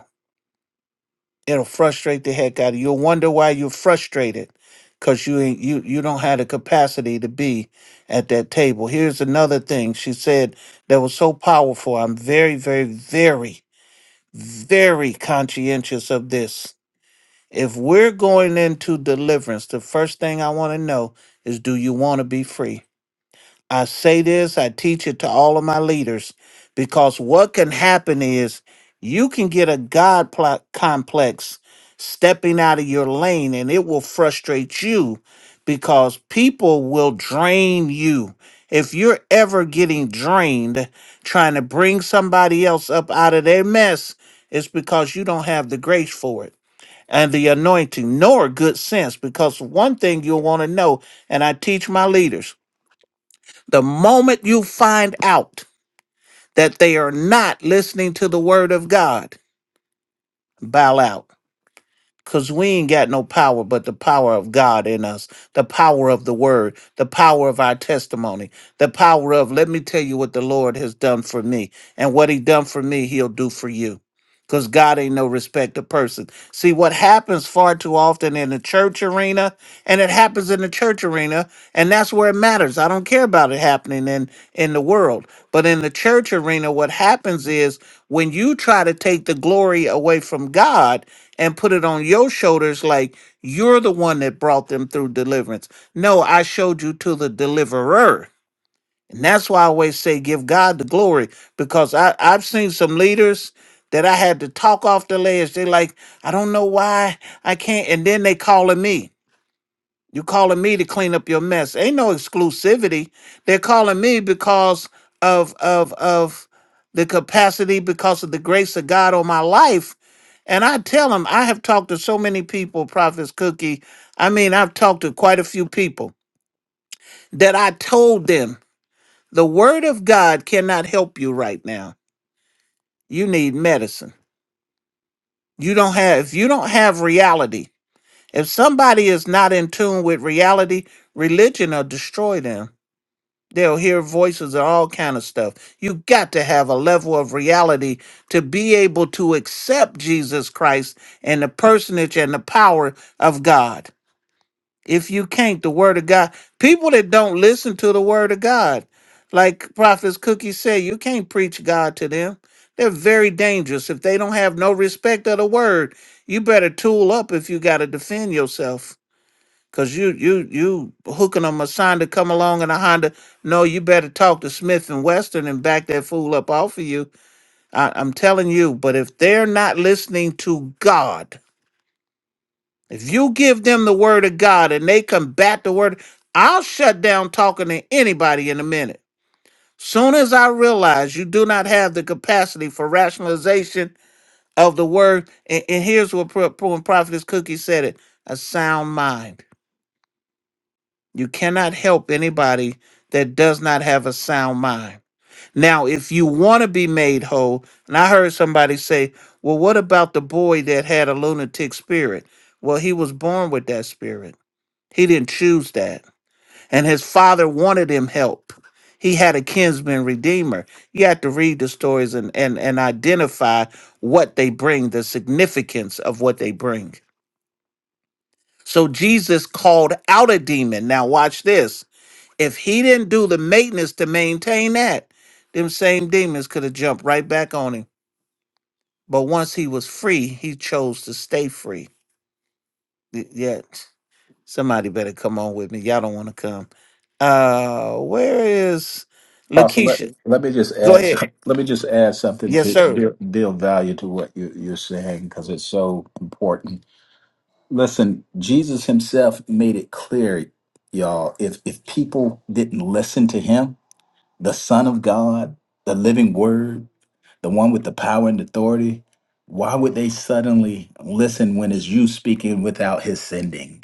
[SPEAKER 2] it'll frustrate the heck out of you. You'll wonder why you're frustrated because you ain't you you don't have the capacity to be at that table. Here's another thing she said that was so powerful. I'm very, very, very, very conscientious of this. If we're going into deliverance, the first thing I want to know is do you want to be free? I say this, I teach it to all of my leaders, because what can happen is you can get a God pl- complex stepping out of your lane and it will frustrate you because people will drain you. If you're ever getting drained trying to bring somebody else up out of their mess, it's because you don't have the grace for it and the anointing nor good sense. Because one thing you'll want to know, and I teach my leaders the moment you find out that they are not listening to the word of God, bow out. Because we ain't got no power but the power of God in us, the power of the word, the power of our testimony, the power of, let me tell you what the Lord has done for me. And what he done for me, he'll do for you. Because God ain't no respecter person. See, what happens far too often in the church arena and it happens in the church arena and that's where it matters i don't care about it happening in in the world but in the church arena what happens is when you try to take the glory away from god and put it on your shoulders like you're the one that brought them through deliverance no i showed you to the deliverer and that's why i always say give god the glory because i i've seen some leaders that i had to talk off the ledge they like i don't know why i can't and then they calling me you calling me to clean up your mess. Ain't no exclusivity. They're calling me because of of of the capacity because of the grace of God on my life. And I tell them, I have talked to so many people, Prophet's Cookie. I mean, I've talked to quite a few people that I told them the word of God cannot help you right now. You need medicine. You don't have if you don't have reality. If somebody is not in tune with reality, religion will destroy them They'll hear voices and all kind of stuff. You got to have a level of reality to be able to accept Jesus Christ and the personage and the power of God. If you can't, the word of God, people that don't listen to the word of God, like Prophet Cookie said, you can't preach God to them. They're very dangerous. If they don't have no respect of the word, you better tool up if you got to defend yourself. Cause you you you hooking them a sign to come along in a Honda. No, you better talk to Smith and Western and back that fool up off of you. I, I'm telling you. But if they're not listening to God, if you give them the word of God and they combat the word, I'll shut down talking to anybody in a minute. Soon as I realize you do not have the capacity for rationalization of the word, and, and here's what Pro- Pro- Prophetess Cookie said it: a sound mind. You cannot help anybody that does not have a sound mind. Now, if you want to be made whole, and I heard somebody say, well, what about the boy that had a lunatic spirit? Well, he was born with that spirit. He didn't choose that. And his father wanted him help. He had a kinsman redeemer. You have to read the stories and, and, and identify what they bring, the significance of what they bring. So Jesus called out a demon. Now, watch this. If he didn't do the maintenance to maintain that, them same demons could have jumped right back on him. But once he was free, he chose to stay free. Y- Yeah, somebody better come on with me. Y'all don't want to come. Uh, where is
[SPEAKER 5] Apostle, let,
[SPEAKER 2] Lakeisha?
[SPEAKER 5] let me just
[SPEAKER 2] Go
[SPEAKER 5] add
[SPEAKER 2] ahead.
[SPEAKER 5] let me just add something
[SPEAKER 2] Yes,
[SPEAKER 5] to
[SPEAKER 2] sir.
[SPEAKER 5] deal, deal value to what you, you're saying because it's so important. Listen, Jesus Himself made it clear, y'all. If if people didn't listen to Him, the Son of God, the living word, the one with the power and authority, why would they suddenly listen when it's you speaking without his sending?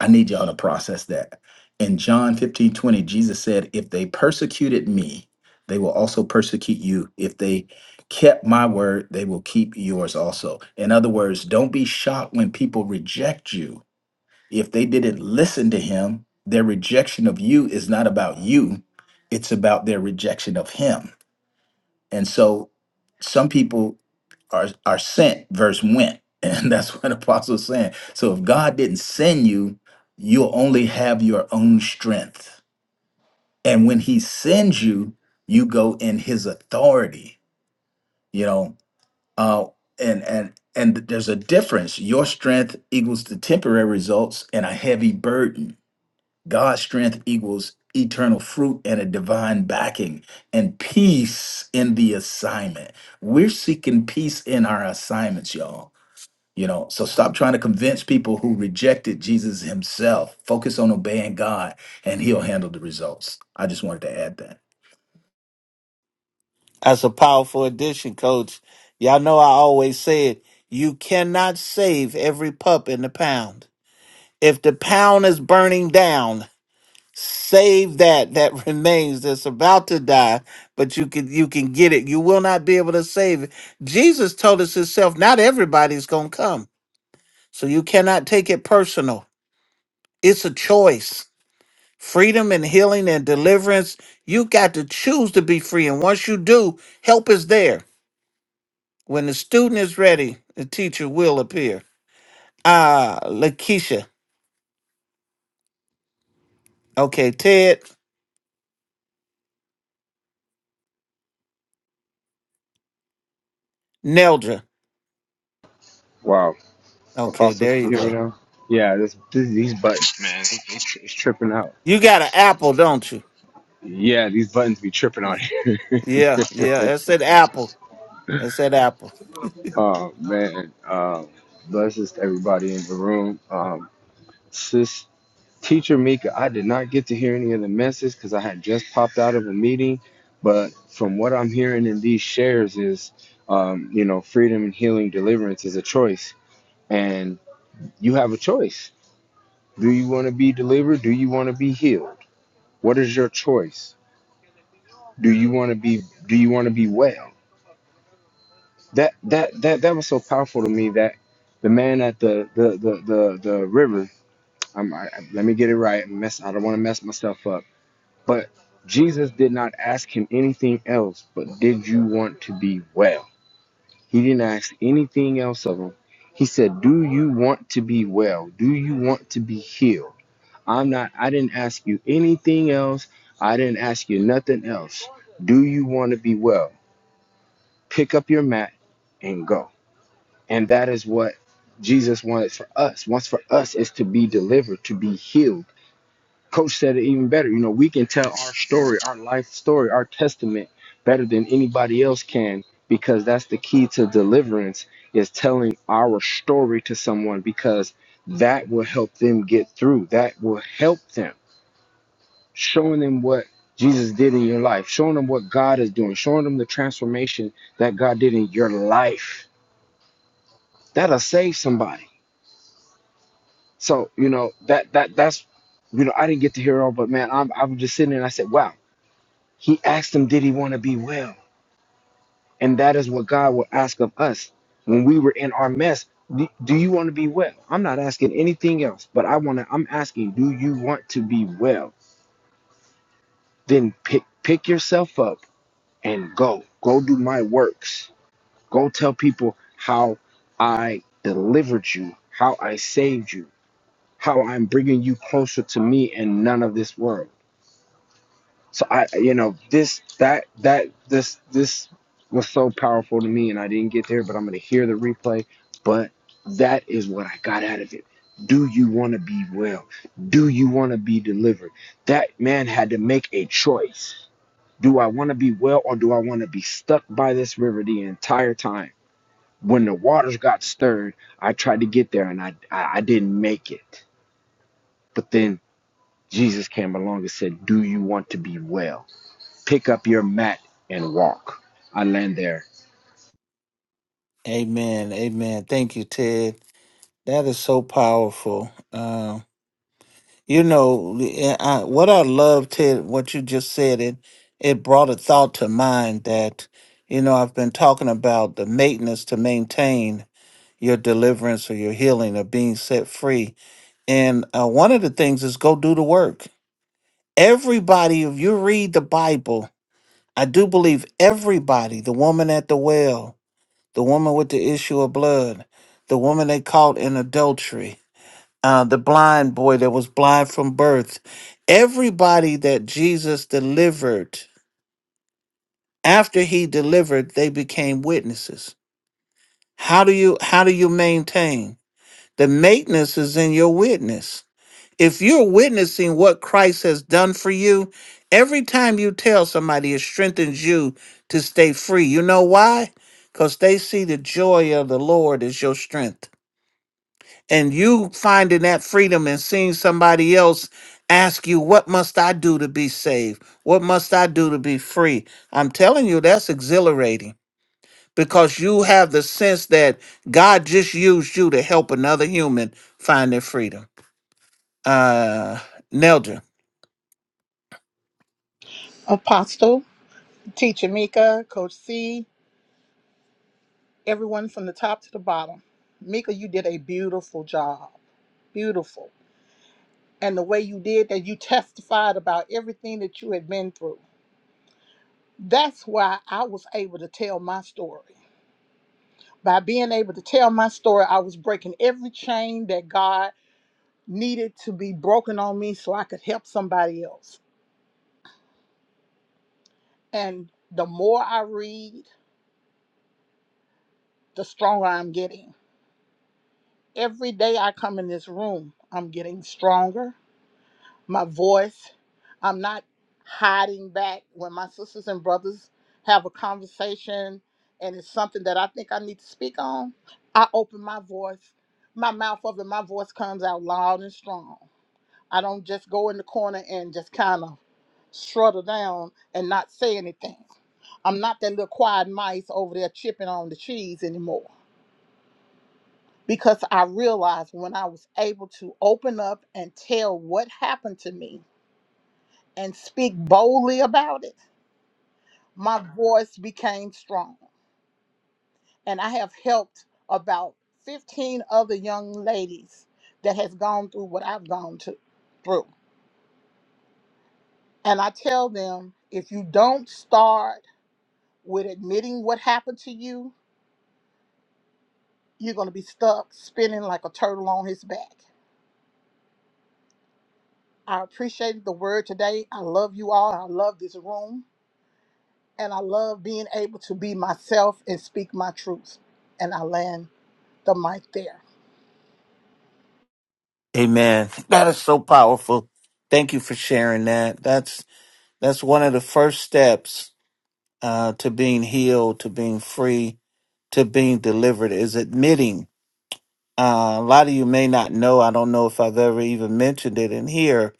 [SPEAKER 5] I need y'all to process that. In John 15 20, Jesus said, If they persecuted me, they will also persecute you. If they kept my word, they will keep yours also. In other words, don't be shocked when people reject you if they didn't listen to him, their rejection of you is not about you, it's about their rejection of him. And so some people are are sent versus went and that's what apostle's saying so if god didn't send you you'll only have your own strength and when he sends you you go in his authority you know uh and and and there's a difference your strength equals the temporary results and a heavy burden God's strength equals eternal fruit and a divine backing and peace in the assignment. We're seeking peace in our assignments, y'all. You know, so stop trying to convince people who rejected Jesus himself. Focus on obeying God and he'll handle the results. I just wanted to add that.
[SPEAKER 2] That's a powerful addition, coach. Y'all know I always said you cannot save every pup in the pound. If the pound is burning down, save that that remains that's about to die but you can you can get it you will not be able to save it jesus told us himself not everybody's gonna come so you cannot take it personal it's a choice freedom and healing and deliverance you got to choose to be free and once you do help is there when the student is ready the teacher will appear ah lakeisha okay ted neldra
[SPEAKER 7] Wow,
[SPEAKER 2] okay
[SPEAKER 7] Apostle,
[SPEAKER 2] there you
[SPEAKER 7] can you me
[SPEAKER 2] go
[SPEAKER 7] now? Yeah, this, this these buttons, man, they- they tri- it's tripping out.
[SPEAKER 2] you got an apple don't you
[SPEAKER 7] Yeah, these buttons be tripping out here.
[SPEAKER 2] Yeah, yeah. That said apple. That said apple.
[SPEAKER 7] oh man, um, blesses to everybody in the room. Um, sis, teacher Mika, I did not get to hear any of the message because I had just popped out of a meeting. But from what I'm hearing in these shares is, um, you know, freedom and healing, deliverance is a choice, and you have a choice. Do you want to be delivered? Do you want to be healed? What is your choice? Do you want to be do you want to be well? That that that that was so powerful to me that the man at the the the the, the river I'm, I, let me get it right. I'm mess I don't want to mess myself up. But Jesus did not ask him anything else but did you want to be well? He didn't ask anything else of him. He said, "Do you want to be well? Do you want to be healed?" I'm not, I didn't ask you anything else. I didn't ask you nothing else. Do you want to be well? Pick up your mat and go. And that is what Jesus wanted for us. Wants for us is to be delivered, to be healed. Coach said it even better. You know, we can tell our story, our life story, our testament better than anybody else can because that's the key to deliverance is telling our story to someone because that will help them get through. That will help them showing them what Jesus did in your life, showing them what God is doing, showing them the transformation that God did in your life. That'll save somebody. So, you know, that that that's you know, I didn't get to hear it all, but man, I'm I'm just sitting there and I said, Wow, he asked him, Did he want to be well? And that is what God will ask of us when we were in our mess. Do do you want to be well? I'm not asking anything else, but I want to. I'm asking, do you want to be well? Then pick pick yourself up and go. Go do my works Go tell people how I delivered you, how I saved you, how I'm bringing you closer to me and none of this world. So I, you know, this, that, that, this, this was so powerful to me, and I didn't get there, but I'm gonna hear the replay. But that is what I got out of it. Do you want to be well? Do you want to be delivered? That man had to make a choice. Do I want to be well or do I want to be stuck by this river the entire time? when the waters got stirred, I tried to get there and I, I I didn't make it. But then Jesus came along and said, "Do you want to be well? Pick up your mat and walk." I land there
[SPEAKER 2] Amen. Amen. Thank you, Ted. That is so powerful. Um, you know, I, I- what I love, Ted, what you just said, it it brought a thought to mind that, you know, I've been talking about the maintenance to maintain your deliverance or your healing or being set free. And uh, one of the things is go do the work. Everybody, if you read the Bible, I do believe everybody, the woman at the well, the woman with the issue of blood, the woman they caught in adultery, uh, the blind boy that was blind from birth. Everybody that Jesus delivered, after he delivered, they became witnesses. How do you how do you maintain? The maintenance is in your witness. If you're witnessing what Christ has done for you, every time you tell somebody, it strengthens you to stay free. You know why? Because they see the joy of the Lord is your strength. and you finding that freedom and seeing somebody else ask you, What must I do to be saved? What must I do to be free? I'm telling you, that's exhilarating because you have the sense that God just used you to help another human find their freedom. Uh, Nelda.
[SPEAKER 8] Apostle, Teacher Mika, Coach C, everyone from the top to the bottom. Mika, you did a beautiful job. Beautiful. And the way you did that, you testified about everything that you had been through. That's why I was able to tell my story. By being able to tell my story, I was breaking every chain that God needed to be broken on me so I could help somebody else. And the more I read, the stronger I'm getting Every day I come in this room, I'm getting stronger. My voice, I'm not hiding back when my sisters and brothers have a conversation and it's something that I think I need to speak on. I open my voice, my mouth up, and my voice comes out loud and strong. I don't just go in the corner and just kind of struggle down and not say anything. I'm not that little quiet mice over there chipping on the cheese anymore because I realized when I was able to open up and tell what happened to me and speak boldly about it, my voice became strong. And I have helped about 15 other young ladies that has gone through what I've gone to, through. And I tell them if you don't start with admitting what happened to you, you're going to be stuck spinning like a turtle on his back. I appreciated the word today. I love you all. I love this room. and I love being able to be myself and speak my truth. And I land the mic there.
[SPEAKER 2] Amen. That is so powerful. Thank you for sharing that. That's that's one of the first steps uh, to being healed, to being free, to being delivered is admitting Uh, a lot of you may not know, I don't know if I've ever even mentioned it in here,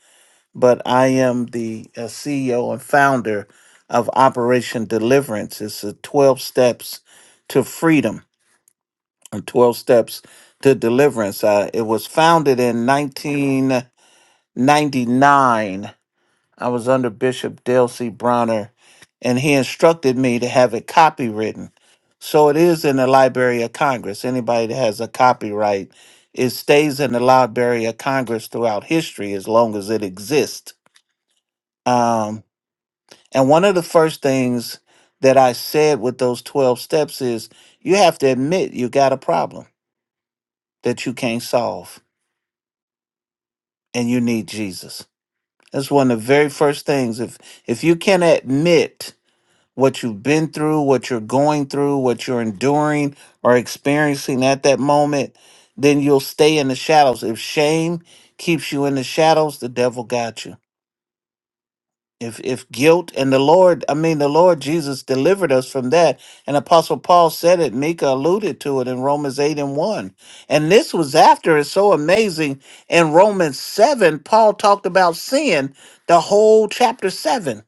[SPEAKER 2] but I am the uh, CEO and founder of Operation Deliverance. It's a 12 steps to freedom and 12 steps to deliverance. Uh, it was founded in 1999 I was under Bishop Dale C. Bronner, and he instructed me to have it copywritten. So it is in the Library of Congress. Anybody that has a copyright, it stays in the Library of Congress throughout history as long as it exists. Um, and one of the first things that I said with those 12 steps is you have to admit you got a problem that you can't solve and you need Jesus. That's one of the very first things. If if you can admit what you've been through, what you're going through, what you're enduring or experiencing at that moment, then you'll stay in the shadows. If shame keeps you in the shadows, the devil got you. If if guilt and the Lord, I mean the Lord Jesus delivered us from that. And Apostle Paul said it, Mika alluded to it in Romans 8 and 1. And this was after it's so amazing. In Romans 7, Paul talked about sin the whole chapter 7.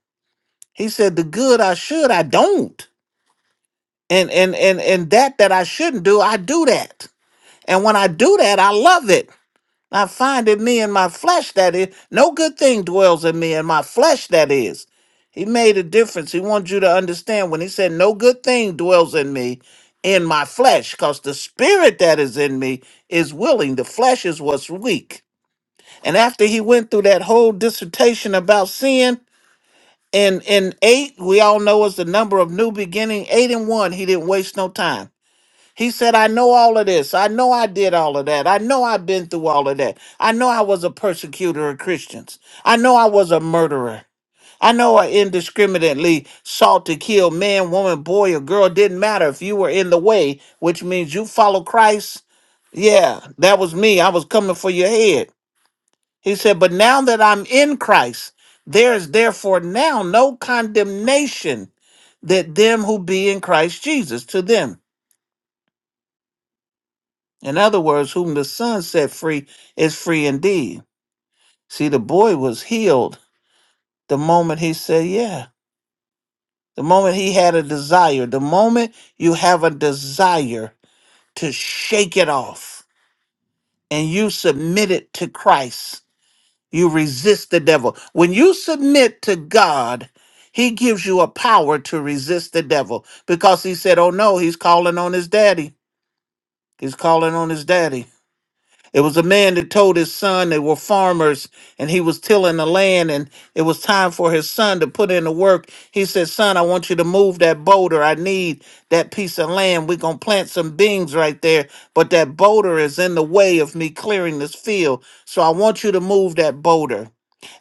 [SPEAKER 2] He said, The good I should, I don't and and and and that that I shouldn't do, I do that. And when I do that, I love it. I find in me and my flesh that is no good thing dwells in me and my flesh that is. He made a difference. He wants you to understand when he said no good thing dwells in me in my flesh because the spirit that is in me is willing. The flesh is what's weak. And after he went through that whole dissertation about sin, in in eight, we all know is the number of new beginning, eight and one, he didn't waste no time he said, I know all of this. I know I did all of that. I know I've been through all of that. I know I was a persecutor of Christians. I know I was a murderer. I know I indiscriminately sought to kill man, woman, boy, or girl. Didn't matter if you were in the way, which means you follow Christ. Yeah, that was me. I was coming for your head. He said, But now that I'm in Christ, there is therefore now no condemnation that them who be in Christ Jesus to them In other words, whom the Son set free is free indeed. See, the boy was healed the moment he said, Yeah. The moment he had a desire. The moment you have a desire to shake it off and you submit it to Christ, you resist the devil. When you submit to God, he gives you a power to resist the devil because he said, Oh no, he's calling on his daddy. He's calling on his daddy. It was a man that told his son they were farmers and he was tilling the land and it was time for his son to put in the work. He said, Son, I want you to move that boulder. I need that piece of land. We're going to plant some beans right there, but that boulder is in the way of me clearing this field. So I want you to move that boulder.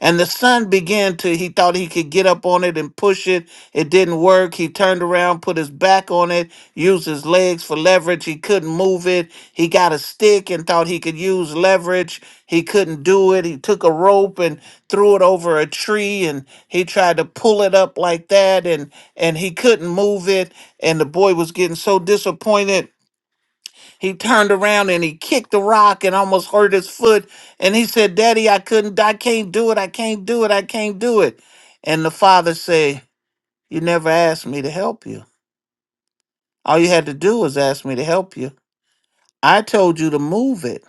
[SPEAKER 2] And the son began to, he thought he could get up on it and push it. It didn't work. He turned around, put his back on it, used his legs for leverage. He couldn't move it. He got a stick and thought he could use leverage. He couldn't do it. He took a rope and threw it over a tree and he tried to pull it up like that and and he couldn't move it and the boy was getting so disappointed he turned around and he kicked the rock and almost hurt his foot. And he said, Daddy, I couldn't, I can't do it. I can't do it. I can't do it. And the father said, You never asked me to help you. All you had to do was ask me to help you. I told you to move it.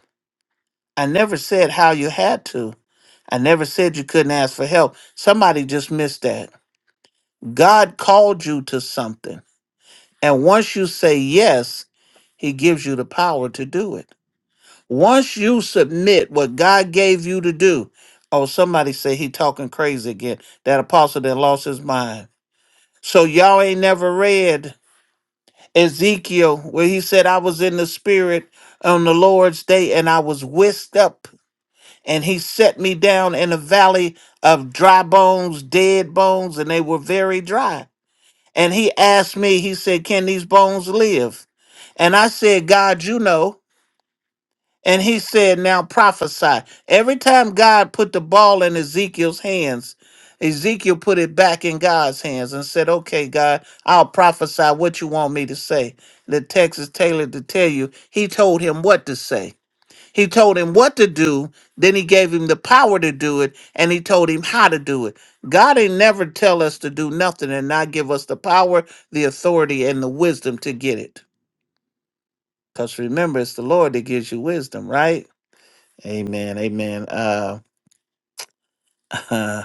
[SPEAKER 2] I never said how you had to. I never said you couldn't ask for help. Somebody just missed that. God called you to something. And once you say yes, he gives you the power to do it. Once you submit what God gave you to do, oh, somebody say he talking crazy again. That apostle that lost his mind. So y'all ain't never read Ezekiel where he said, I was in the spirit on the Lord's day and I was whisked up and he set me down in a valley of dry bones, dead bones, and they were very dry. And he asked me, he said, can these bones live? And I said, God, you know. And he said, Now prophesy. Every time God put the ball in Ezekiel's hands, Ezekiel put it back in God's hands and said, Okay, God, I'll prophesy what you want me to say. The text is tailored to tell you, he told him what to say. He told him what to do, then he gave him the power to do it, and he told him how to do it. God ain't never tell us to do nothing and not give us the power, the authority, and the wisdom to get it. Because remember, it's the Lord that gives you wisdom, right? Amen. Amen. Uh,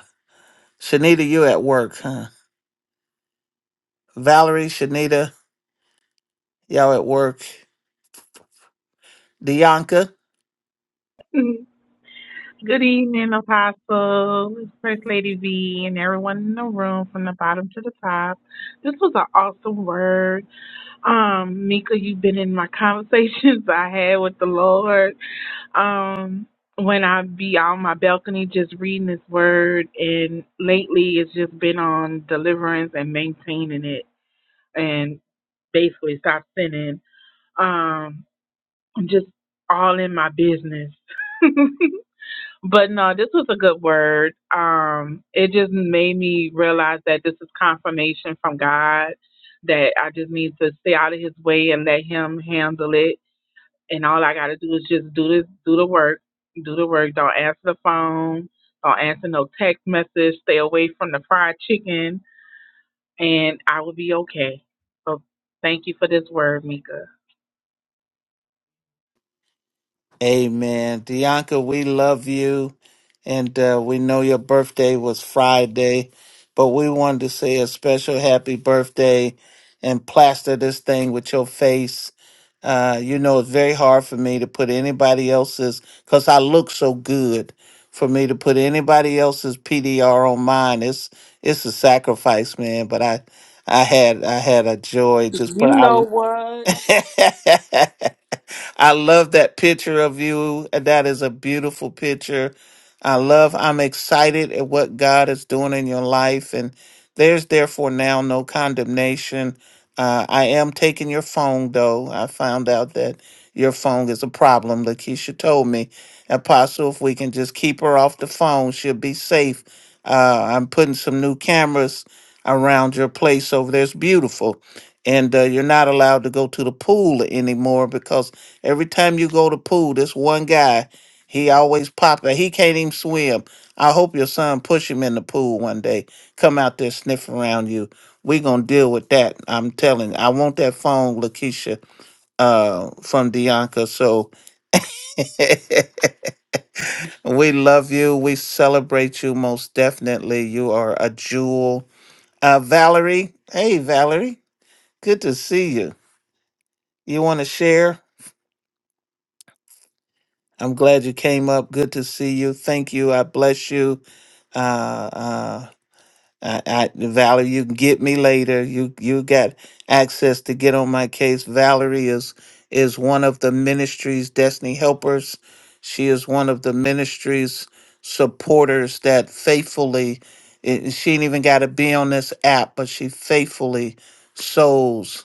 [SPEAKER 2] Shanita, you at work, huh? Valerie, Shanita, y'all at work. Dianca.
[SPEAKER 9] Mhm. Good evening, Apostle, First Lady V, and everyone in the room from the bottom to the top. This was an awesome word. Um, Mika, you've been in my conversations I had with the Lord. Um, when I be on my balcony just reading His word, and lately it's just been on deliverance and maintaining it, and basically stop sinning. Um, I'm just all in my business. But no, this was a good word. Um, it just made me realize that this is confirmation from God that I just need to stay out of His way and let Him handle it. And all I got to do is just do this, do the work, do the work. Don't answer the phone, don't answer no text message. Stay away from the fried chicken, and I will be okay. So thank you for this word, Mika.
[SPEAKER 2] Amen. Dianca, we love you. And uh, we know your birthday was Friday, but we wanted to say a special happy birthday and plaster this thing with your face. Uh, you know, it's very hard for me to put anybody else's, because I look so good, for me to put anybody else's PDR on mine. It's it's a sacrifice, man. But I I had I had a joy just put
[SPEAKER 6] You know
[SPEAKER 2] I
[SPEAKER 6] what?
[SPEAKER 2] I love that picture of you. That is a beautiful picture. I love, I'm excited at what God is doing in your life. And there's therefore now no condemnation. Uh, I am taking your phone, though. I found out that your phone is a problem. Lakeisha told me, Apostle, if we can just keep her off the phone, she'll be safe. Uh, I'm putting some new cameras around your place over there. It's beautiful and uh, you're not allowed to go to the pool anymore because every time you go to pool, this one guy, he always pop out. He can't even swim. I hope your son push him in the pool one day. Come out there sniff around you. We gonna deal with that. I'm telling. I want that phone, Lakeisha, uh, from Dianca. So we love you. We celebrate you most definitely. You are a jewel. Uh, Valerie. Hey, Valerie. Good to see you. You want to share? I'm glad you came up. Good to see you. Thank you. I bless you. Uh, uh, I, I, Valerie, you can get me later. You you got access to get on my case. Valerie is is one of the ministry's destiny helpers. She is one of the ministry's supporters that faithfully. It, she ain't even got to be on this app, but she faithfully sows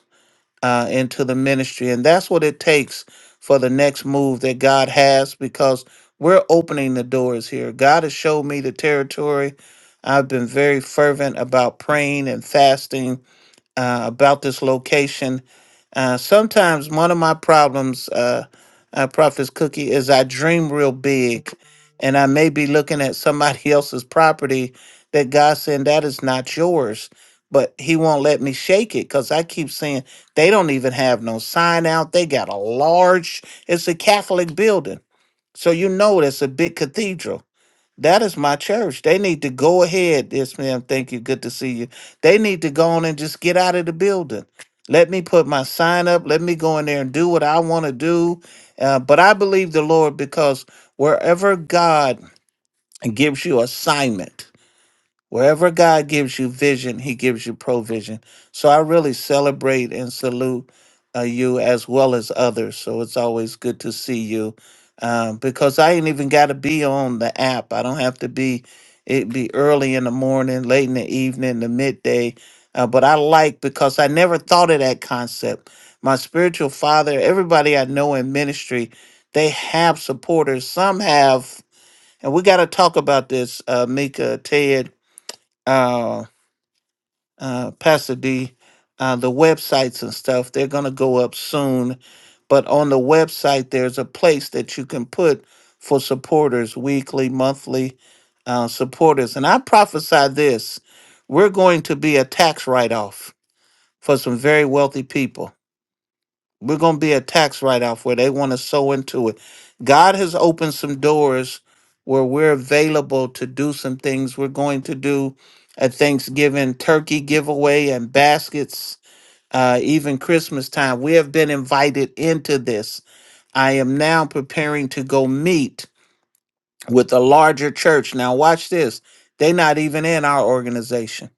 [SPEAKER 2] uh, into the ministry. And that's what it takes for the next move that God has because we're opening the doors here. God has showed me the territory. I've been very fervent about praying and fasting uh, about this location uh, sometimes one of my problems, uh, uh, Prophet's Cookie, is I dream real big, and I may be looking at somebody else's property that God said that is not yours, but He won't let me shake it because I keep saying they don't even have no sign out. They got a large, it's a Catholic building, so you know it's a big cathedral that is my church. They need to go ahead. Yes, ma'am. Thank you. Good to see you. They need to go on and just get out of the building. Let me put my sign up. Let me go in there and do what I want to do. Uh, but I believe the Lord because wherever God gives you assignment, Wherever God gives you vision, He gives you provision. So I really celebrate and salute uh, you as well as others. So it's always good to see you um, because I ain't even got to be on the app. I don't have to be. It be early in the morning, late in the evening, the midday. Uh, but I like because I never thought of that concept. My spiritual father, everybody I know in ministry, they have supporters. Some have, and we got to talk about this, uh, Mika, Ted uh, uh, Pastor D, uh, the websites and stuff, they're going to go up soon. But on the website, there's a place that you can put for supporters, weekly, monthly uh, supporters. And I prophesy this we're going to be a tax write off for some very wealthy people we're going to be a tax write off where they want to sow into it. God has opened some doors where we're available to do some things. We're going to do a Thanksgiving turkey giveaway and baskets, uh, even Christmas time. We have been invited into this. I am now preparing to go meet with a larger church. Now, watch this. They're not even in our organization.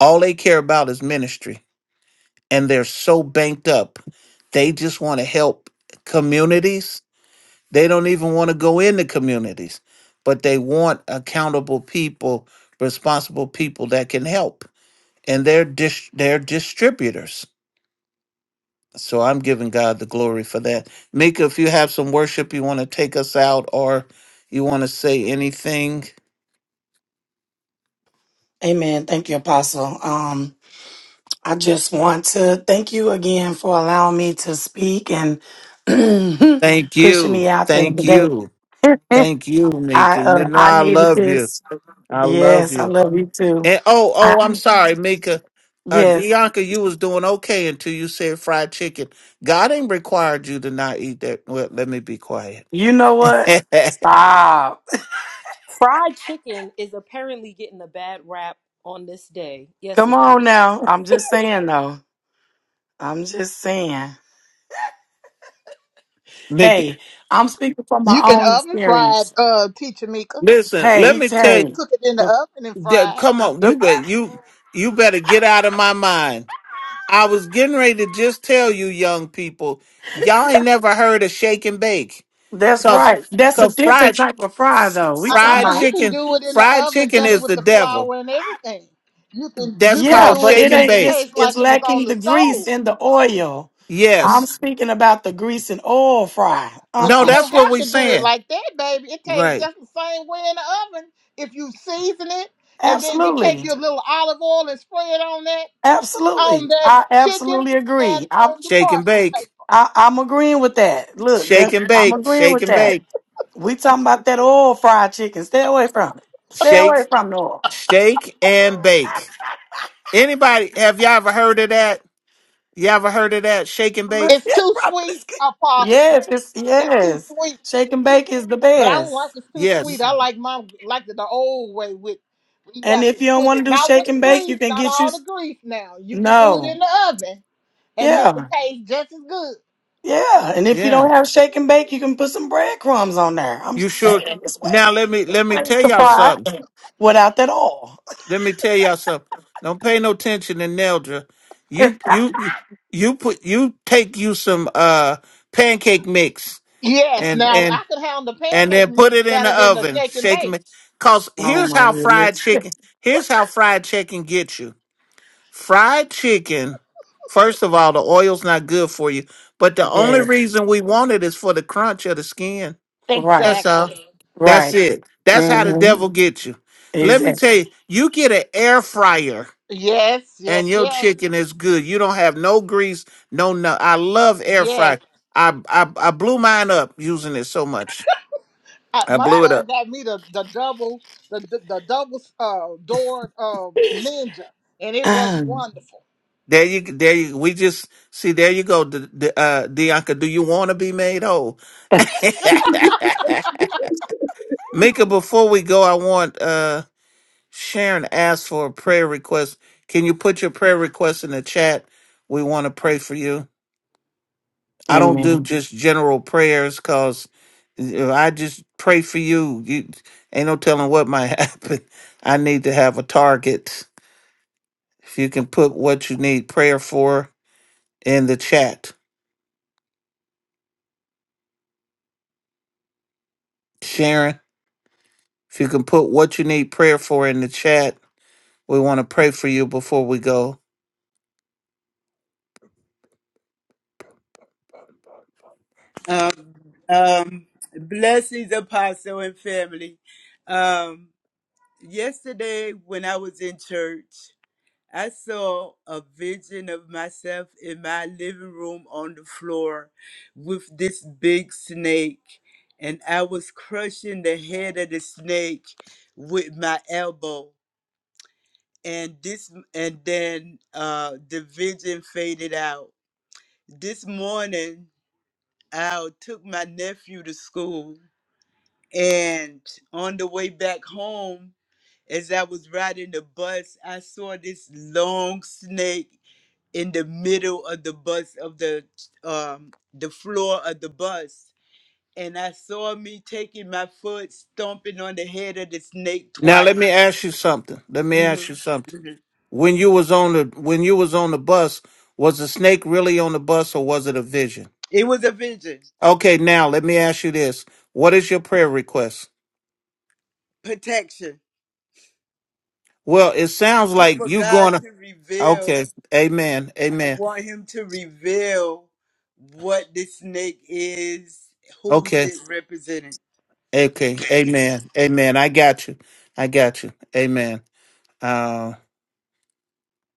[SPEAKER 2] All they care about is ministry and they're so banked up. They just want to help communities. They don't even want to go into communities, but they want accountable people, responsible people that can help. And they're dis- they're distributors. So I'm giving God the glory for that. Mika, if you have some worship you want to take us out or you want to say anything,
[SPEAKER 1] Amen. Thank you, Apostle. Um, I just want to thank you again for allowing me to speak and
[SPEAKER 2] thank
[SPEAKER 1] pushing
[SPEAKER 2] you.
[SPEAKER 1] me out there
[SPEAKER 2] Thank
[SPEAKER 1] today.
[SPEAKER 2] you. Thank you,
[SPEAKER 1] I
[SPEAKER 2] Mika. You
[SPEAKER 1] uh,
[SPEAKER 2] know
[SPEAKER 1] I
[SPEAKER 2] I
[SPEAKER 1] needed
[SPEAKER 2] love you.
[SPEAKER 1] this.
[SPEAKER 2] I love
[SPEAKER 1] Yes,
[SPEAKER 2] you.
[SPEAKER 1] I love you too.
[SPEAKER 2] And oh,
[SPEAKER 1] I,
[SPEAKER 2] oh, I'm sorry, Mika. Uh,
[SPEAKER 1] yes,
[SPEAKER 2] Bianca, you was doing okay until you said fried chicken. God ain't required you to not eat that. Well, let me be quiet.
[SPEAKER 1] you know what? Stop.
[SPEAKER 6] Fried chicken is apparently getting a bad rap on this day. Yes,
[SPEAKER 1] Come
[SPEAKER 6] it is.
[SPEAKER 1] on now. I'm just saying though. I'm just saying.
[SPEAKER 2] Mika,
[SPEAKER 1] Hey, I'm speaking from my
[SPEAKER 8] You can
[SPEAKER 1] own
[SPEAKER 8] oven fry it,
[SPEAKER 1] experience.
[SPEAKER 8] uh, teacher Mika.
[SPEAKER 2] listen,
[SPEAKER 1] Hey,
[SPEAKER 2] let
[SPEAKER 1] he's
[SPEAKER 2] me
[SPEAKER 8] You
[SPEAKER 2] tell
[SPEAKER 8] can
[SPEAKER 2] you.
[SPEAKER 1] hey.
[SPEAKER 8] cook it in the oven and
[SPEAKER 2] that-
[SPEAKER 8] fry it.
[SPEAKER 2] Come on, you bet you you better get out of my mind. I was getting ready to just tell you, young people, y'all ain't never heard of shake and bake,
[SPEAKER 1] That's
[SPEAKER 2] cause
[SPEAKER 1] right. That's a
[SPEAKER 2] cause
[SPEAKER 1] different
[SPEAKER 2] fried
[SPEAKER 1] type of fry, though. We talking
[SPEAKER 2] fried
[SPEAKER 8] Uh-uh,
[SPEAKER 1] about
[SPEAKER 8] you can
[SPEAKER 2] chicken
[SPEAKER 8] do it in the
[SPEAKER 2] fried
[SPEAKER 8] oven
[SPEAKER 2] chicken
[SPEAKER 8] just
[SPEAKER 2] is
[SPEAKER 8] with
[SPEAKER 2] the
[SPEAKER 8] the
[SPEAKER 2] devil.
[SPEAKER 8] flour and everything. You can
[SPEAKER 2] That's
[SPEAKER 8] you can
[SPEAKER 1] yeah,
[SPEAKER 2] called
[SPEAKER 8] do it
[SPEAKER 1] but
[SPEAKER 2] shake
[SPEAKER 8] and
[SPEAKER 1] it
[SPEAKER 2] and
[SPEAKER 8] make
[SPEAKER 1] ain't.
[SPEAKER 8] it
[SPEAKER 2] bake.
[SPEAKER 1] It's
[SPEAKER 8] taste
[SPEAKER 1] it's
[SPEAKER 8] like it was on
[SPEAKER 1] lacking
[SPEAKER 8] the
[SPEAKER 1] the grease
[SPEAKER 8] stove.
[SPEAKER 1] and the oil.
[SPEAKER 2] Yes.
[SPEAKER 1] I'm speaking about the grease and oil fry. Uh
[SPEAKER 8] But
[SPEAKER 2] No,
[SPEAKER 8] you
[SPEAKER 1] uh
[SPEAKER 8] don't
[SPEAKER 2] that's what
[SPEAKER 8] have
[SPEAKER 2] we
[SPEAKER 8] to do it
[SPEAKER 2] saying.
[SPEAKER 8] like that, baby. It tastes
[SPEAKER 2] Right.
[SPEAKER 8] just the same way in the oven if you season it and then you take
[SPEAKER 1] Absolutely,
[SPEAKER 8] your little olive oil and spray it on that on
[SPEAKER 1] absolutely.
[SPEAKER 8] that
[SPEAKER 1] I
[SPEAKER 8] chicken
[SPEAKER 1] absolutely
[SPEAKER 8] and
[SPEAKER 1] agree. I'm
[SPEAKER 8] on the
[SPEAKER 2] Shake and
[SPEAKER 8] parchment paper.
[SPEAKER 2] bake.
[SPEAKER 1] I, I'm agreeing with that. Look,
[SPEAKER 2] Shake
[SPEAKER 1] that's
[SPEAKER 2] and
[SPEAKER 1] I'm
[SPEAKER 2] bake.
[SPEAKER 1] agreeing
[SPEAKER 2] Shake
[SPEAKER 1] with
[SPEAKER 2] and
[SPEAKER 1] that.
[SPEAKER 2] bake.
[SPEAKER 1] We talking about that oil fried chicken. Stay away from it. Stay
[SPEAKER 2] Shake
[SPEAKER 1] away from the oil.
[SPEAKER 2] shake and bake. Anybody have y'all ever heard of that? You ever heard of that? Shake and
[SPEAKER 1] Look,
[SPEAKER 2] bake?
[SPEAKER 8] It's
[SPEAKER 1] that
[SPEAKER 8] too
[SPEAKER 1] property.
[SPEAKER 8] sweet, Apostle.
[SPEAKER 1] Yes, it's
[SPEAKER 8] It's too
[SPEAKER 1] yes.
[SPEAKER 8] sweet.
[SPEAKER 1] Shake and bake is the
[SPEAKER 8] But I don't like
[SPEAKER 1] best.
[SPEAKER 8] it's too sweet.
[SPEAKER 2] Yes.
[SPEAKER 8] I like my like it the old way with you
[SPEAKER 1] And
[SPEAKER 8] have to
[SPEAKER 1] if you don't
[SPEAKER 8] put
[SPEAKER 1] want to
[SPEAKER 8] it
[SPEAKER 1] do
[SPEAKER 8] not with
[SPEAKER 1] shake
[SPEAKER 8] the
[SPEAKER 1] and bake,
[SPEAKER 8] grease,
[SPEAKER 1] you can
[SPEAKER 8] not
[SPEAKER 1] get you
[SPEAKER 8] all
[SPEAKER 1] s-
[SPEAKER 8] the grease now. You can do it in
[SPEAKER 1] no.
[SPEAKER 8] the oven and make it
[SPEAKER 1] Yeah.
[SPEAKER 8] taste just as good.
[SPEAKER 1] Yeah. And if you
[SPEAKER 2] Yeah.
[SPEAKER 1] don't have shake and bake, you can put some breadcrumbs on there. I'm
[SPEAKER 2] You
[SPEAKER 1] just
[SPEAKER 2] sure
[SPEAKER 1] saying it's way
[SPEAKER 2] now let me
[SPEAKER 1] it's
[SPEAKER 2] let me
[SPEAKER 1] ways
[SPEAKER 2] tell
[SPEAKER 1] to
[SPEAKER 2] y'all
[SPEAKER 1] fry
[SPEAKER 2] something.
[SPEAKER 1] it without that all.
[SPEAKER 2] Let me tell y'all something. Don't pay no attention to Neldra. You you you put you take you some uh pancake mix
[SPEAKER 8] Yes, now
[SPEAKER 2] and
[SPEAKER 8] I could have the
[SPEAKER 2] and
[SPEAKER 8] pancake
[SPEAKER 2] then put
[SPEAKER 8] mix
[SPEAKER 2] it in the
[SPEAKER 8] better than the
[SPEAKER 2] oven,
[SPEAKER 8] shake and
[SPEAKER 2] shaking
[SPEAKER 8] bake.
[SPEAKER 2] it. Cause
[SPEAKER 1] oh
[SPEAKER 2] here's
[SPEAKER 1] my
[SPEAKER 2] how fried
[SPEAKER 1] goodness.
[SPEAKER 2] chicken. Here's how fried chicken gets you. Fried chicken. First of all, the oil's not good for you, but the only
[SPEAKER 1] Yes.
[SPEAKER 2] reason we want it is for the crunch of the skin.
[SPEAKER 1] Right.
[SPEAKER 2] That's all.
[SPEAKER 8] Exactly.
[SPEAKER 2] That's
[SPEAKER 1] Right.
[SPEAKER 2] it. That's how the
[SPEAKER 1] hmm
[SPEAKER 2] devil gets you. Let me
[SPEAKER 1] Exactly.
[SPEAKER 2] tell you, you get an air fryer
[SPEAKER 8] Yes,
[SPEAKER 2] and
[SPEAKER 8] yes,
[SPEAKER 2] your
[SPEAKER 8] yes.
[SPEAKER 2] chicken is good. You don't have no grease, no no. I love air
[SPEAKER 8] Yes.
[SPEAKER 2] fry. I I, I blew mine up using it so much.
[SPEAKER 8] I,
[SPEAKER 2] I
[SPEAKER 8] my
[SPEAKER 2] blew it up.
[SPEAKER 8] son got me the, the double the, the, the double uh, door um, ninja, and it worked
[SPEAKER 1] Amen.
[SPEAKER 8] wonderful.
[SPEAKER 2] There you, there you, we just see. There you go, D- D- uh, Dianca. Do you want to be made whole, Mika? Before we go, I want uh, Sharon asked for a prayer request. Can you put your prayer request in the chat? We want to pray for you. I don't do
[SPEAKER 1] Amen.
[SPEAKER 2] just general prayers because if I just pray for you, you ain't no telling what might happen. I need to have a target. If you can put what you need prayer for in the chat, Sharon. If you can put what you need prayer for in the chat, we want to pray for you before we go.
[SPEAKER 10] Um, um, blessings, apostle and family. Um, yesterday, when I was in church, I saw a vision of myself in my living room on the floor with this big snake, and I was crushing the head of the snake with my elbow. And this, and then uh, the vision faded out. This morning, I took my nephew to school And on the way back home, as I was riding the bus, I saw this long snake in the middle of the bus of the um the floor of the bus. And I saw me taking my foot, stomping on the head of the snake
[SPEAKER 2] Now
[SPEAKER 10] twice.
[SPEAKER 2] let me ask you something. Let me
[SPEAKER 10] Mhm,
[SPEAKER 2] ask you something.
[SPEAKER 10] mhm.
[SPEAKER 2] When you was on the when you was on the bus, was the snake really on the bus or was it a vision?
[SPEAKER 10] It was a vision,
[SPEAKER 2] Okay, now let me ask you this. What is your prayer request?
[SPEAKER 10] protection.
[SPEAKER 2] Well, it sounds
[SPEAKER 10] To,
[SPEAKER 2] like
[SPEAKER 10] for
[SPEAKER 2] you
[SPEAKER 10] God
[SPEAKER 2] going to
[SPEAKER 10] to reveal,
[SPEAKER 2] Okay, amen.
[SPEAKER 10] I
[SPEAKER 2] Amen.
[SPEAKER 10] want Him to reveal what the snake is, who's
[SPEAKER 2] Okay.
[SPEAKER 10] it representing.
[SPEAKER 2] Okay. Amen. Amen. I got you. I got you. Amen. Uh,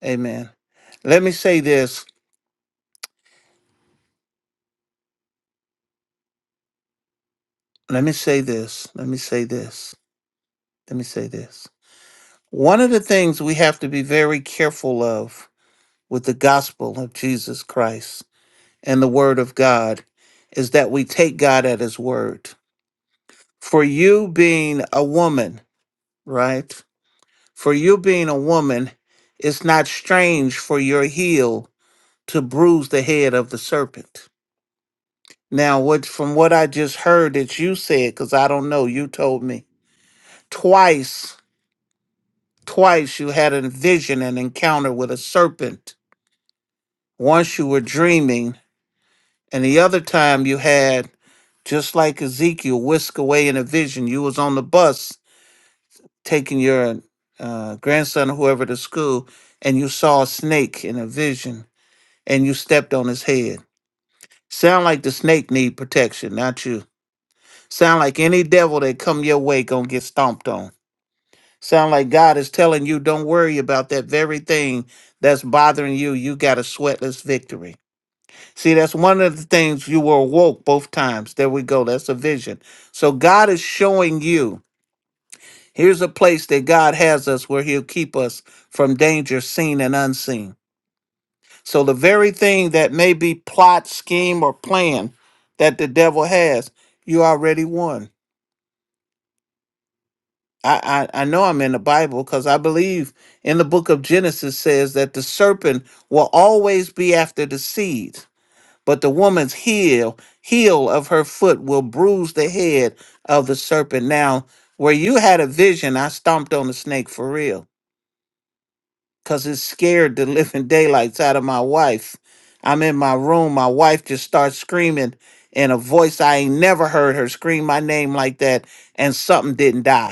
[SPEAKER 2] amen. Let me say this. let me say this. Let me say this. Let me say this. One of the things we have to be very careful of with the gospel of Jesus Christ and the word of God is that we take God at his word. For you being a woman, right? For you being a woman, it's not strange for your heel to bruise the head of the serpent. Now, what from what I just heard that you said, because I don't know, you told me twice Twice you had a vision and encounter with a serpent. Once you were dreaming, and the other time you had, just like Ezekiel, whisk away in a vision. You was on the bus taking your uh, grandson or whoever to school, and you saw a snake in a vision, and you stepped on his head. Sound like the snake need protection, not you. Sound like any devil that come your way gonna get stomped on. Sound like God is telling you, don't worry about that very thing that's bothering you. You got a sweatless victory. See, that's one of the things you were awoke both times. There we go. That's a vision. So God is showing you here's a place that God has us where He'll keep us from danger seen and unseen. So the very thing that may be plot, scheme, or plan that the devil has, you already won. I, I, I know I'm in the Bible because I believe in the book of Genesis says that the serpent will always be after the seed, but the woman's heel, heel of her foot will bruise the head of the serpent. Now, where you had a vision, I stomped on the snake for real because it scared the living daylights out of my wife. I'm in my room, my wife just starts screaming in a voice I ain't never heard her scream my name like that, and something didn't die.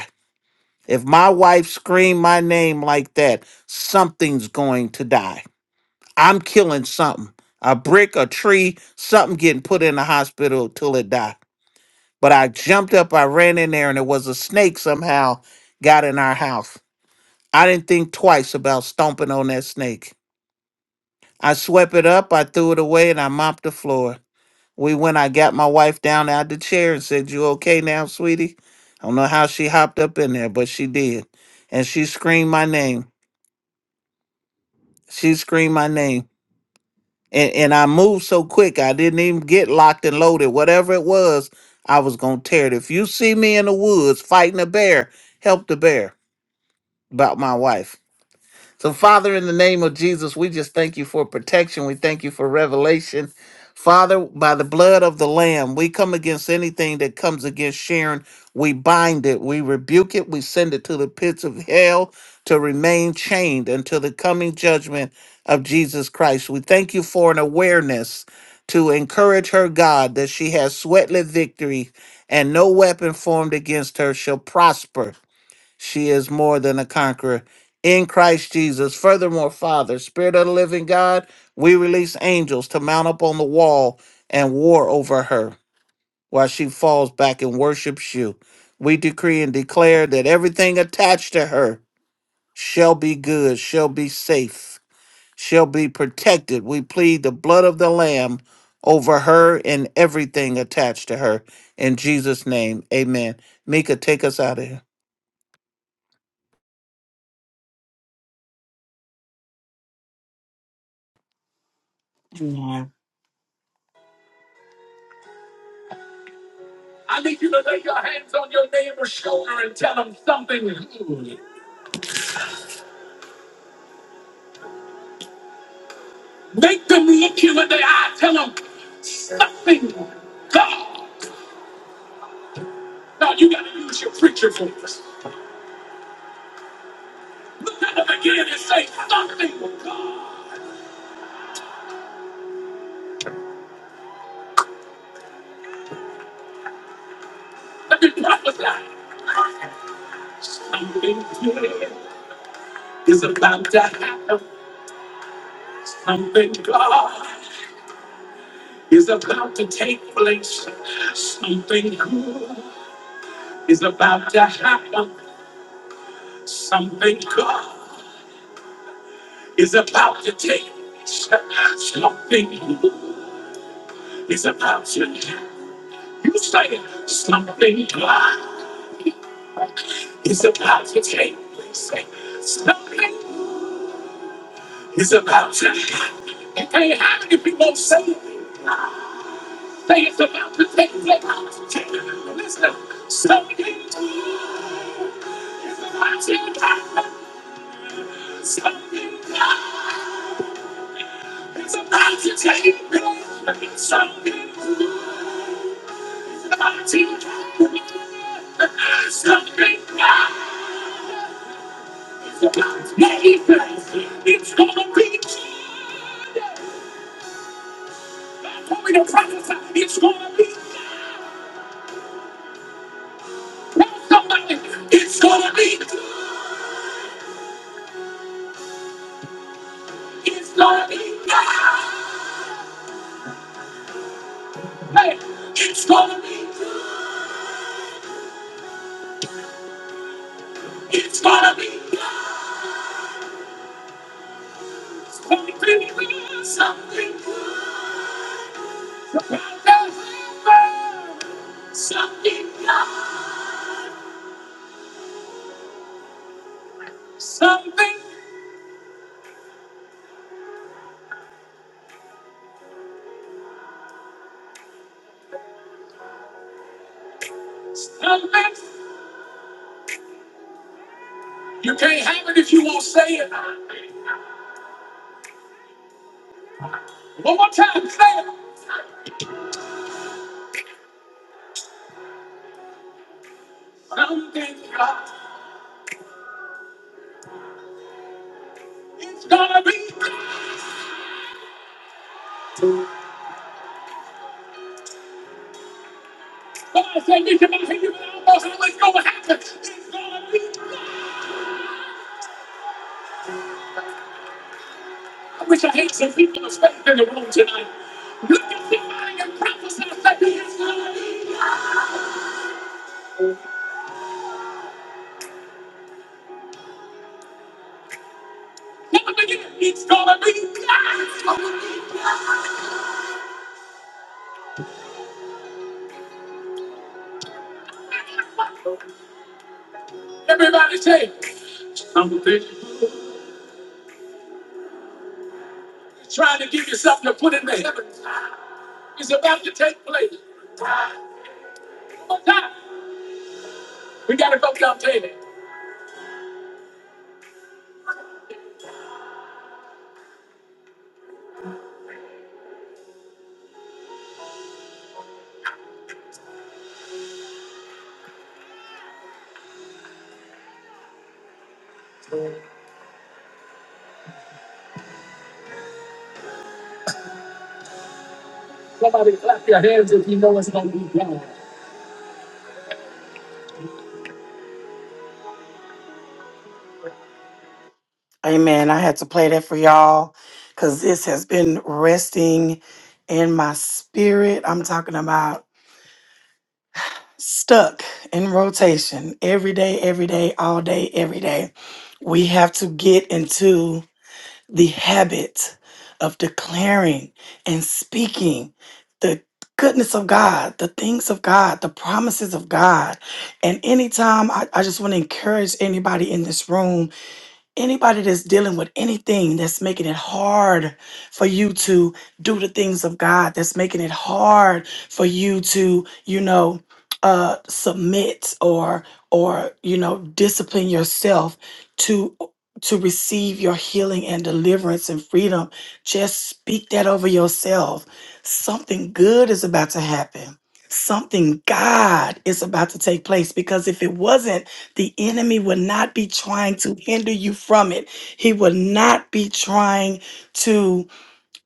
[SPEAKER 2] If my wife screamed my name like that, something's going to die. I'm killing something. A brick, a tree, something getting put in the hospital till it die. But I jumped up, I ran in there, and it was a snake somehow got in our house. I didn't think twice about stomping on that snake. I swept it up, I threw it away, and I mopped the floor. We went, I got my wife down out the chair and said, You okay now, sweetie? I don't know how she hopped up in there, but she did. And she screamed my name. She screamed my name. And and I moved so quick I didn't even get locked and loaded. Whatever it was, I was gonna tear it. If you see me in the woods fighting a bear, help the bear about my wife. So, Father, in the name of Jesus, we just thank you for protection. We thank you for revelation. Father, by the blood of the Lamb, we come against anything that comes against Sharon. We bind it, we rebuke it, we send it to the pits of hell to remain chained until the coming judgment of Jesus Christ. We thank you for an awareness to encourage her, God, that she has sweatless victory and no weapon formed against her shall prosper. She is more than a conqueror in Christ Jesus. Furthermore, Father, Spirit of the living God, we release angels to mount up on the wall and war over her while she falls back and worships you. We decree and declare that everything attached to her shall be good, shall be safe, shall be protected. We plead the blood of the Lamb over her and everything attached to her. In Jesus' name, amen. Mika, take us out of here.
[SPEAKER 1] I need you to lay your hands on your neighbor's shoulder and tell them something good. Make them look you in the eye. Tell them something. God. Now you gotta use your preacher voice. Look at them again and say something. God. Let me prophesy. Something good is about to happen. Something God is about to take place. Something good is about to happen. Something God is about to take place. Something good is about to happen. You say something is about to take place. Say, Something is about to happen. It can't happen if you won't say it. Say it's about to take place. Listen, something is about to happen. Something is about to take place. Something is about to happen. Something is about to take place. It's gonna be. told to prophesy. It's gonna be. Tell somebody. It's gonna be. It's gonna be. Hey, it's gonna be. It's gonna be. It's gonna be something. about to happen. Something. Something. Something. You can't have it if you won't say it. One more time, say it. Something. It's gonna be. Somebody say, Bishop, I hear you, but I don't know how it's gonna happen. It's gonna be. I wish I had some people of faith in the room tonight. You can define and prophesy that he is God. Never forget, it's gonna be God. Everybody say, I'm a big. Trying to give yourself to put in the heaven is about to take place. One more time. We gotta go down there. Somebody clap your hands if you know it's gonna be God. Amen. I had to play that for y'all because this has been resting in my spirit. I'm talking about. stuck in rotation every day, every day, all day, every day. We have to get into the habit of declaring and speaking the goodness of God, the things of God, the promises of God. And anytime I, I just want to encourage anybody in this room Anybody that's dealing with anything that's making it hard for you to do the things of God, that's making it hard for you to, you know, uh, submit or or you know discipline yourself to to receive your healing and deliverance and freedom just speak that over yourself something good is about to happen something god is about to take place because if it wasn't the enemy will not be trying to hinder you from it. He will not be trying to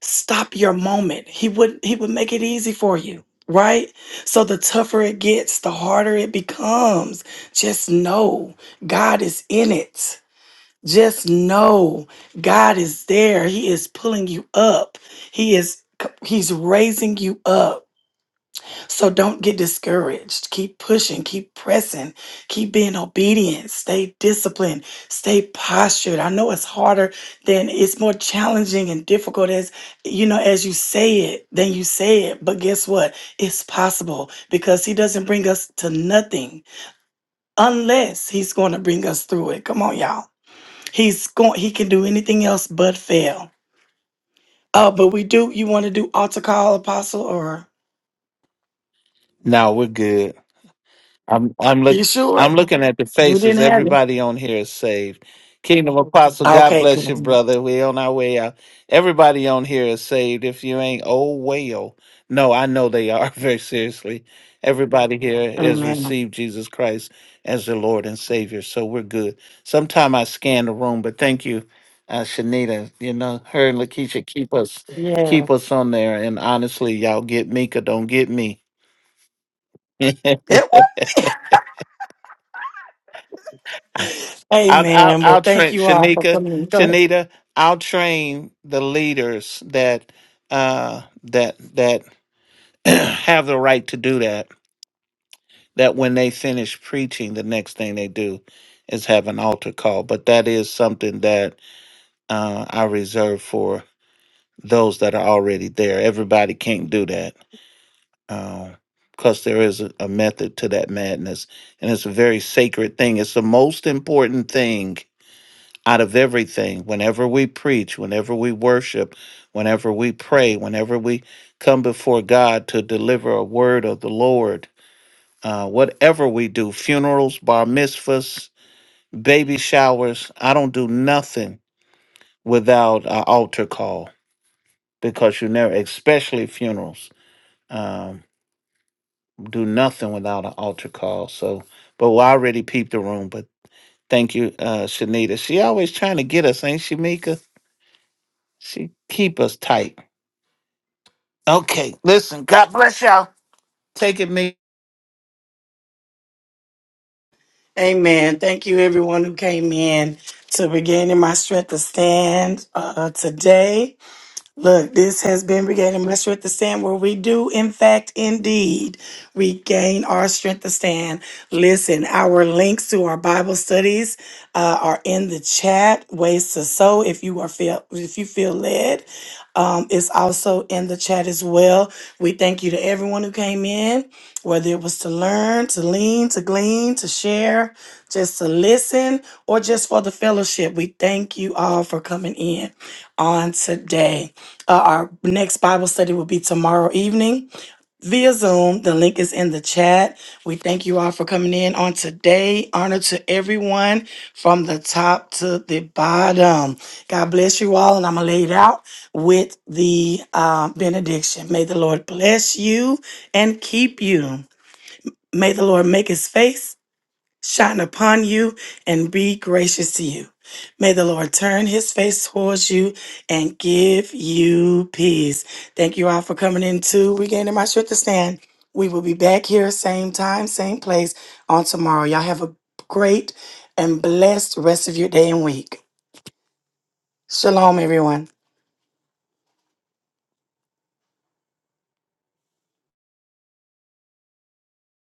[SPEAKER 1] stop your moment. He would he would make it easy for you, right? So the tougher it gets, the harder it becomes. Just know God is in it. Just know God is there. He is pulling you up. He is he's raising you up. So don't get discouraged. Keep pushing, keep pressing, keep being obedient, stay disciplined, stay postured. I know it's harder than it's more challenging and difficult as you know, as you say it, than you say it. But guess what? It's possible because he doesn't bring us to nothing unless he's going to bring us through it. Come on, y'all. He's going he can do anything else but fail. Oh, but we do you want to do altar call apostle or
[SPEAKER 2] Now we're good. I'm I'm
[SPEAKER 1] you
[SPEAKER 2] look I'm
[SPEAKER 1] sure?
[SPEAKER 2] looking at the
[SPEAKER 1] We
[SPEAKER 2] faces.
[SPEAKER 1] didn't have it.
[SPEAKER 2] Everybody on here is saved. Kingdom Apostle, God
[SPEAKER 1] Okay,
[SPEAKER 2] bless
[SPEAKER 1] good.
[SPEAKER 2] you, brother. We're on our way out. Everybody on here is saved. If you ain't, oh well. No, I know they are very seriously. Everybody here has
[SPEAKER 1] Amen.
[SPEAKER 2] received Jesus Christ as their Lord and Savior, so we're good. Sometime I scan the room, but thank you, uh, Shanita. You know her and Lakeisha keep us
[SPEAKER 1] Yeah.
[SPEAKER 2] keep us on there, and honestly, y'all get Mika, don't get me.
[SPEAKER 1] It was.
[SPEAKER 2] I'll, I'll,
[SPEAKER 1] Amen. Well,
[SPEAKER 2] I'll
[SPEAKER 1] thank
[SPEAKER 2] train
[SPEAKER 1] you all for
[SPEAKER 2] Shanika,
[SPEAKER 1] coming. Go ahead.
[SPEAKER 2] Shanita. I'll train the leaders that uh, that that have the right to do that. That when they finish preaching, the next thing they do is have an altar call. But that is something that uh, I reserve for those that are already there. Everybody can't do that because there is a, a method to that madness, and it's a very sacred thing. It's the most important thing out of everything. Whenever we preach, whenever we worship, whenever we pray, whenever we come before God to deliver a word of the Lord, uh, whatever we do, funerals, bar mitzvahs, baby showers, I don't do nothing without an altar call because you never, especially funerals, um, do nothing without an altar call. So, but well, I already peeped the room, but thank you, uh, Shanita. She always trying to get us, ain't she, Mika? She keep us tight. Okay, listen, God bless y'all. Take it, me.
[SPEAKER 1] Amen. Thank you, everyone who came in to regaining my strength to stand uh, today. Look, this has been Regaining My Strength to Stand, where we do, in fact, indeed, regain our strength to stand. Listen, our links to our Bible studies uh, are in the chat. Ways to sow if you are feel if you feel led. Um, it's also in the chat as well. We thank you to everyone who came in, whether it was to learn, to lean, to glean, to share, just to listen, or just for the fellowship. We thank you all for coming in on today. Uh, our next Bible study will be tomorrow evening via Zoom. The link is in the chat. We thank you all for coming in on today. Honor to everyone from the top to the bottom. God bless you all, and I'm going to lay it out with the uh, benediction. May the Lord bless you and keep you. May the Lord make his face shine upon you and be gracious to you. May the Lord turn his face towards you and give you peace. Thank you all for coming into Regaining My Strength to Stand. We will be back here, same time, same place on tomorrow. Y'all have a great and blessed rest of your day and week. Shalom, everyone.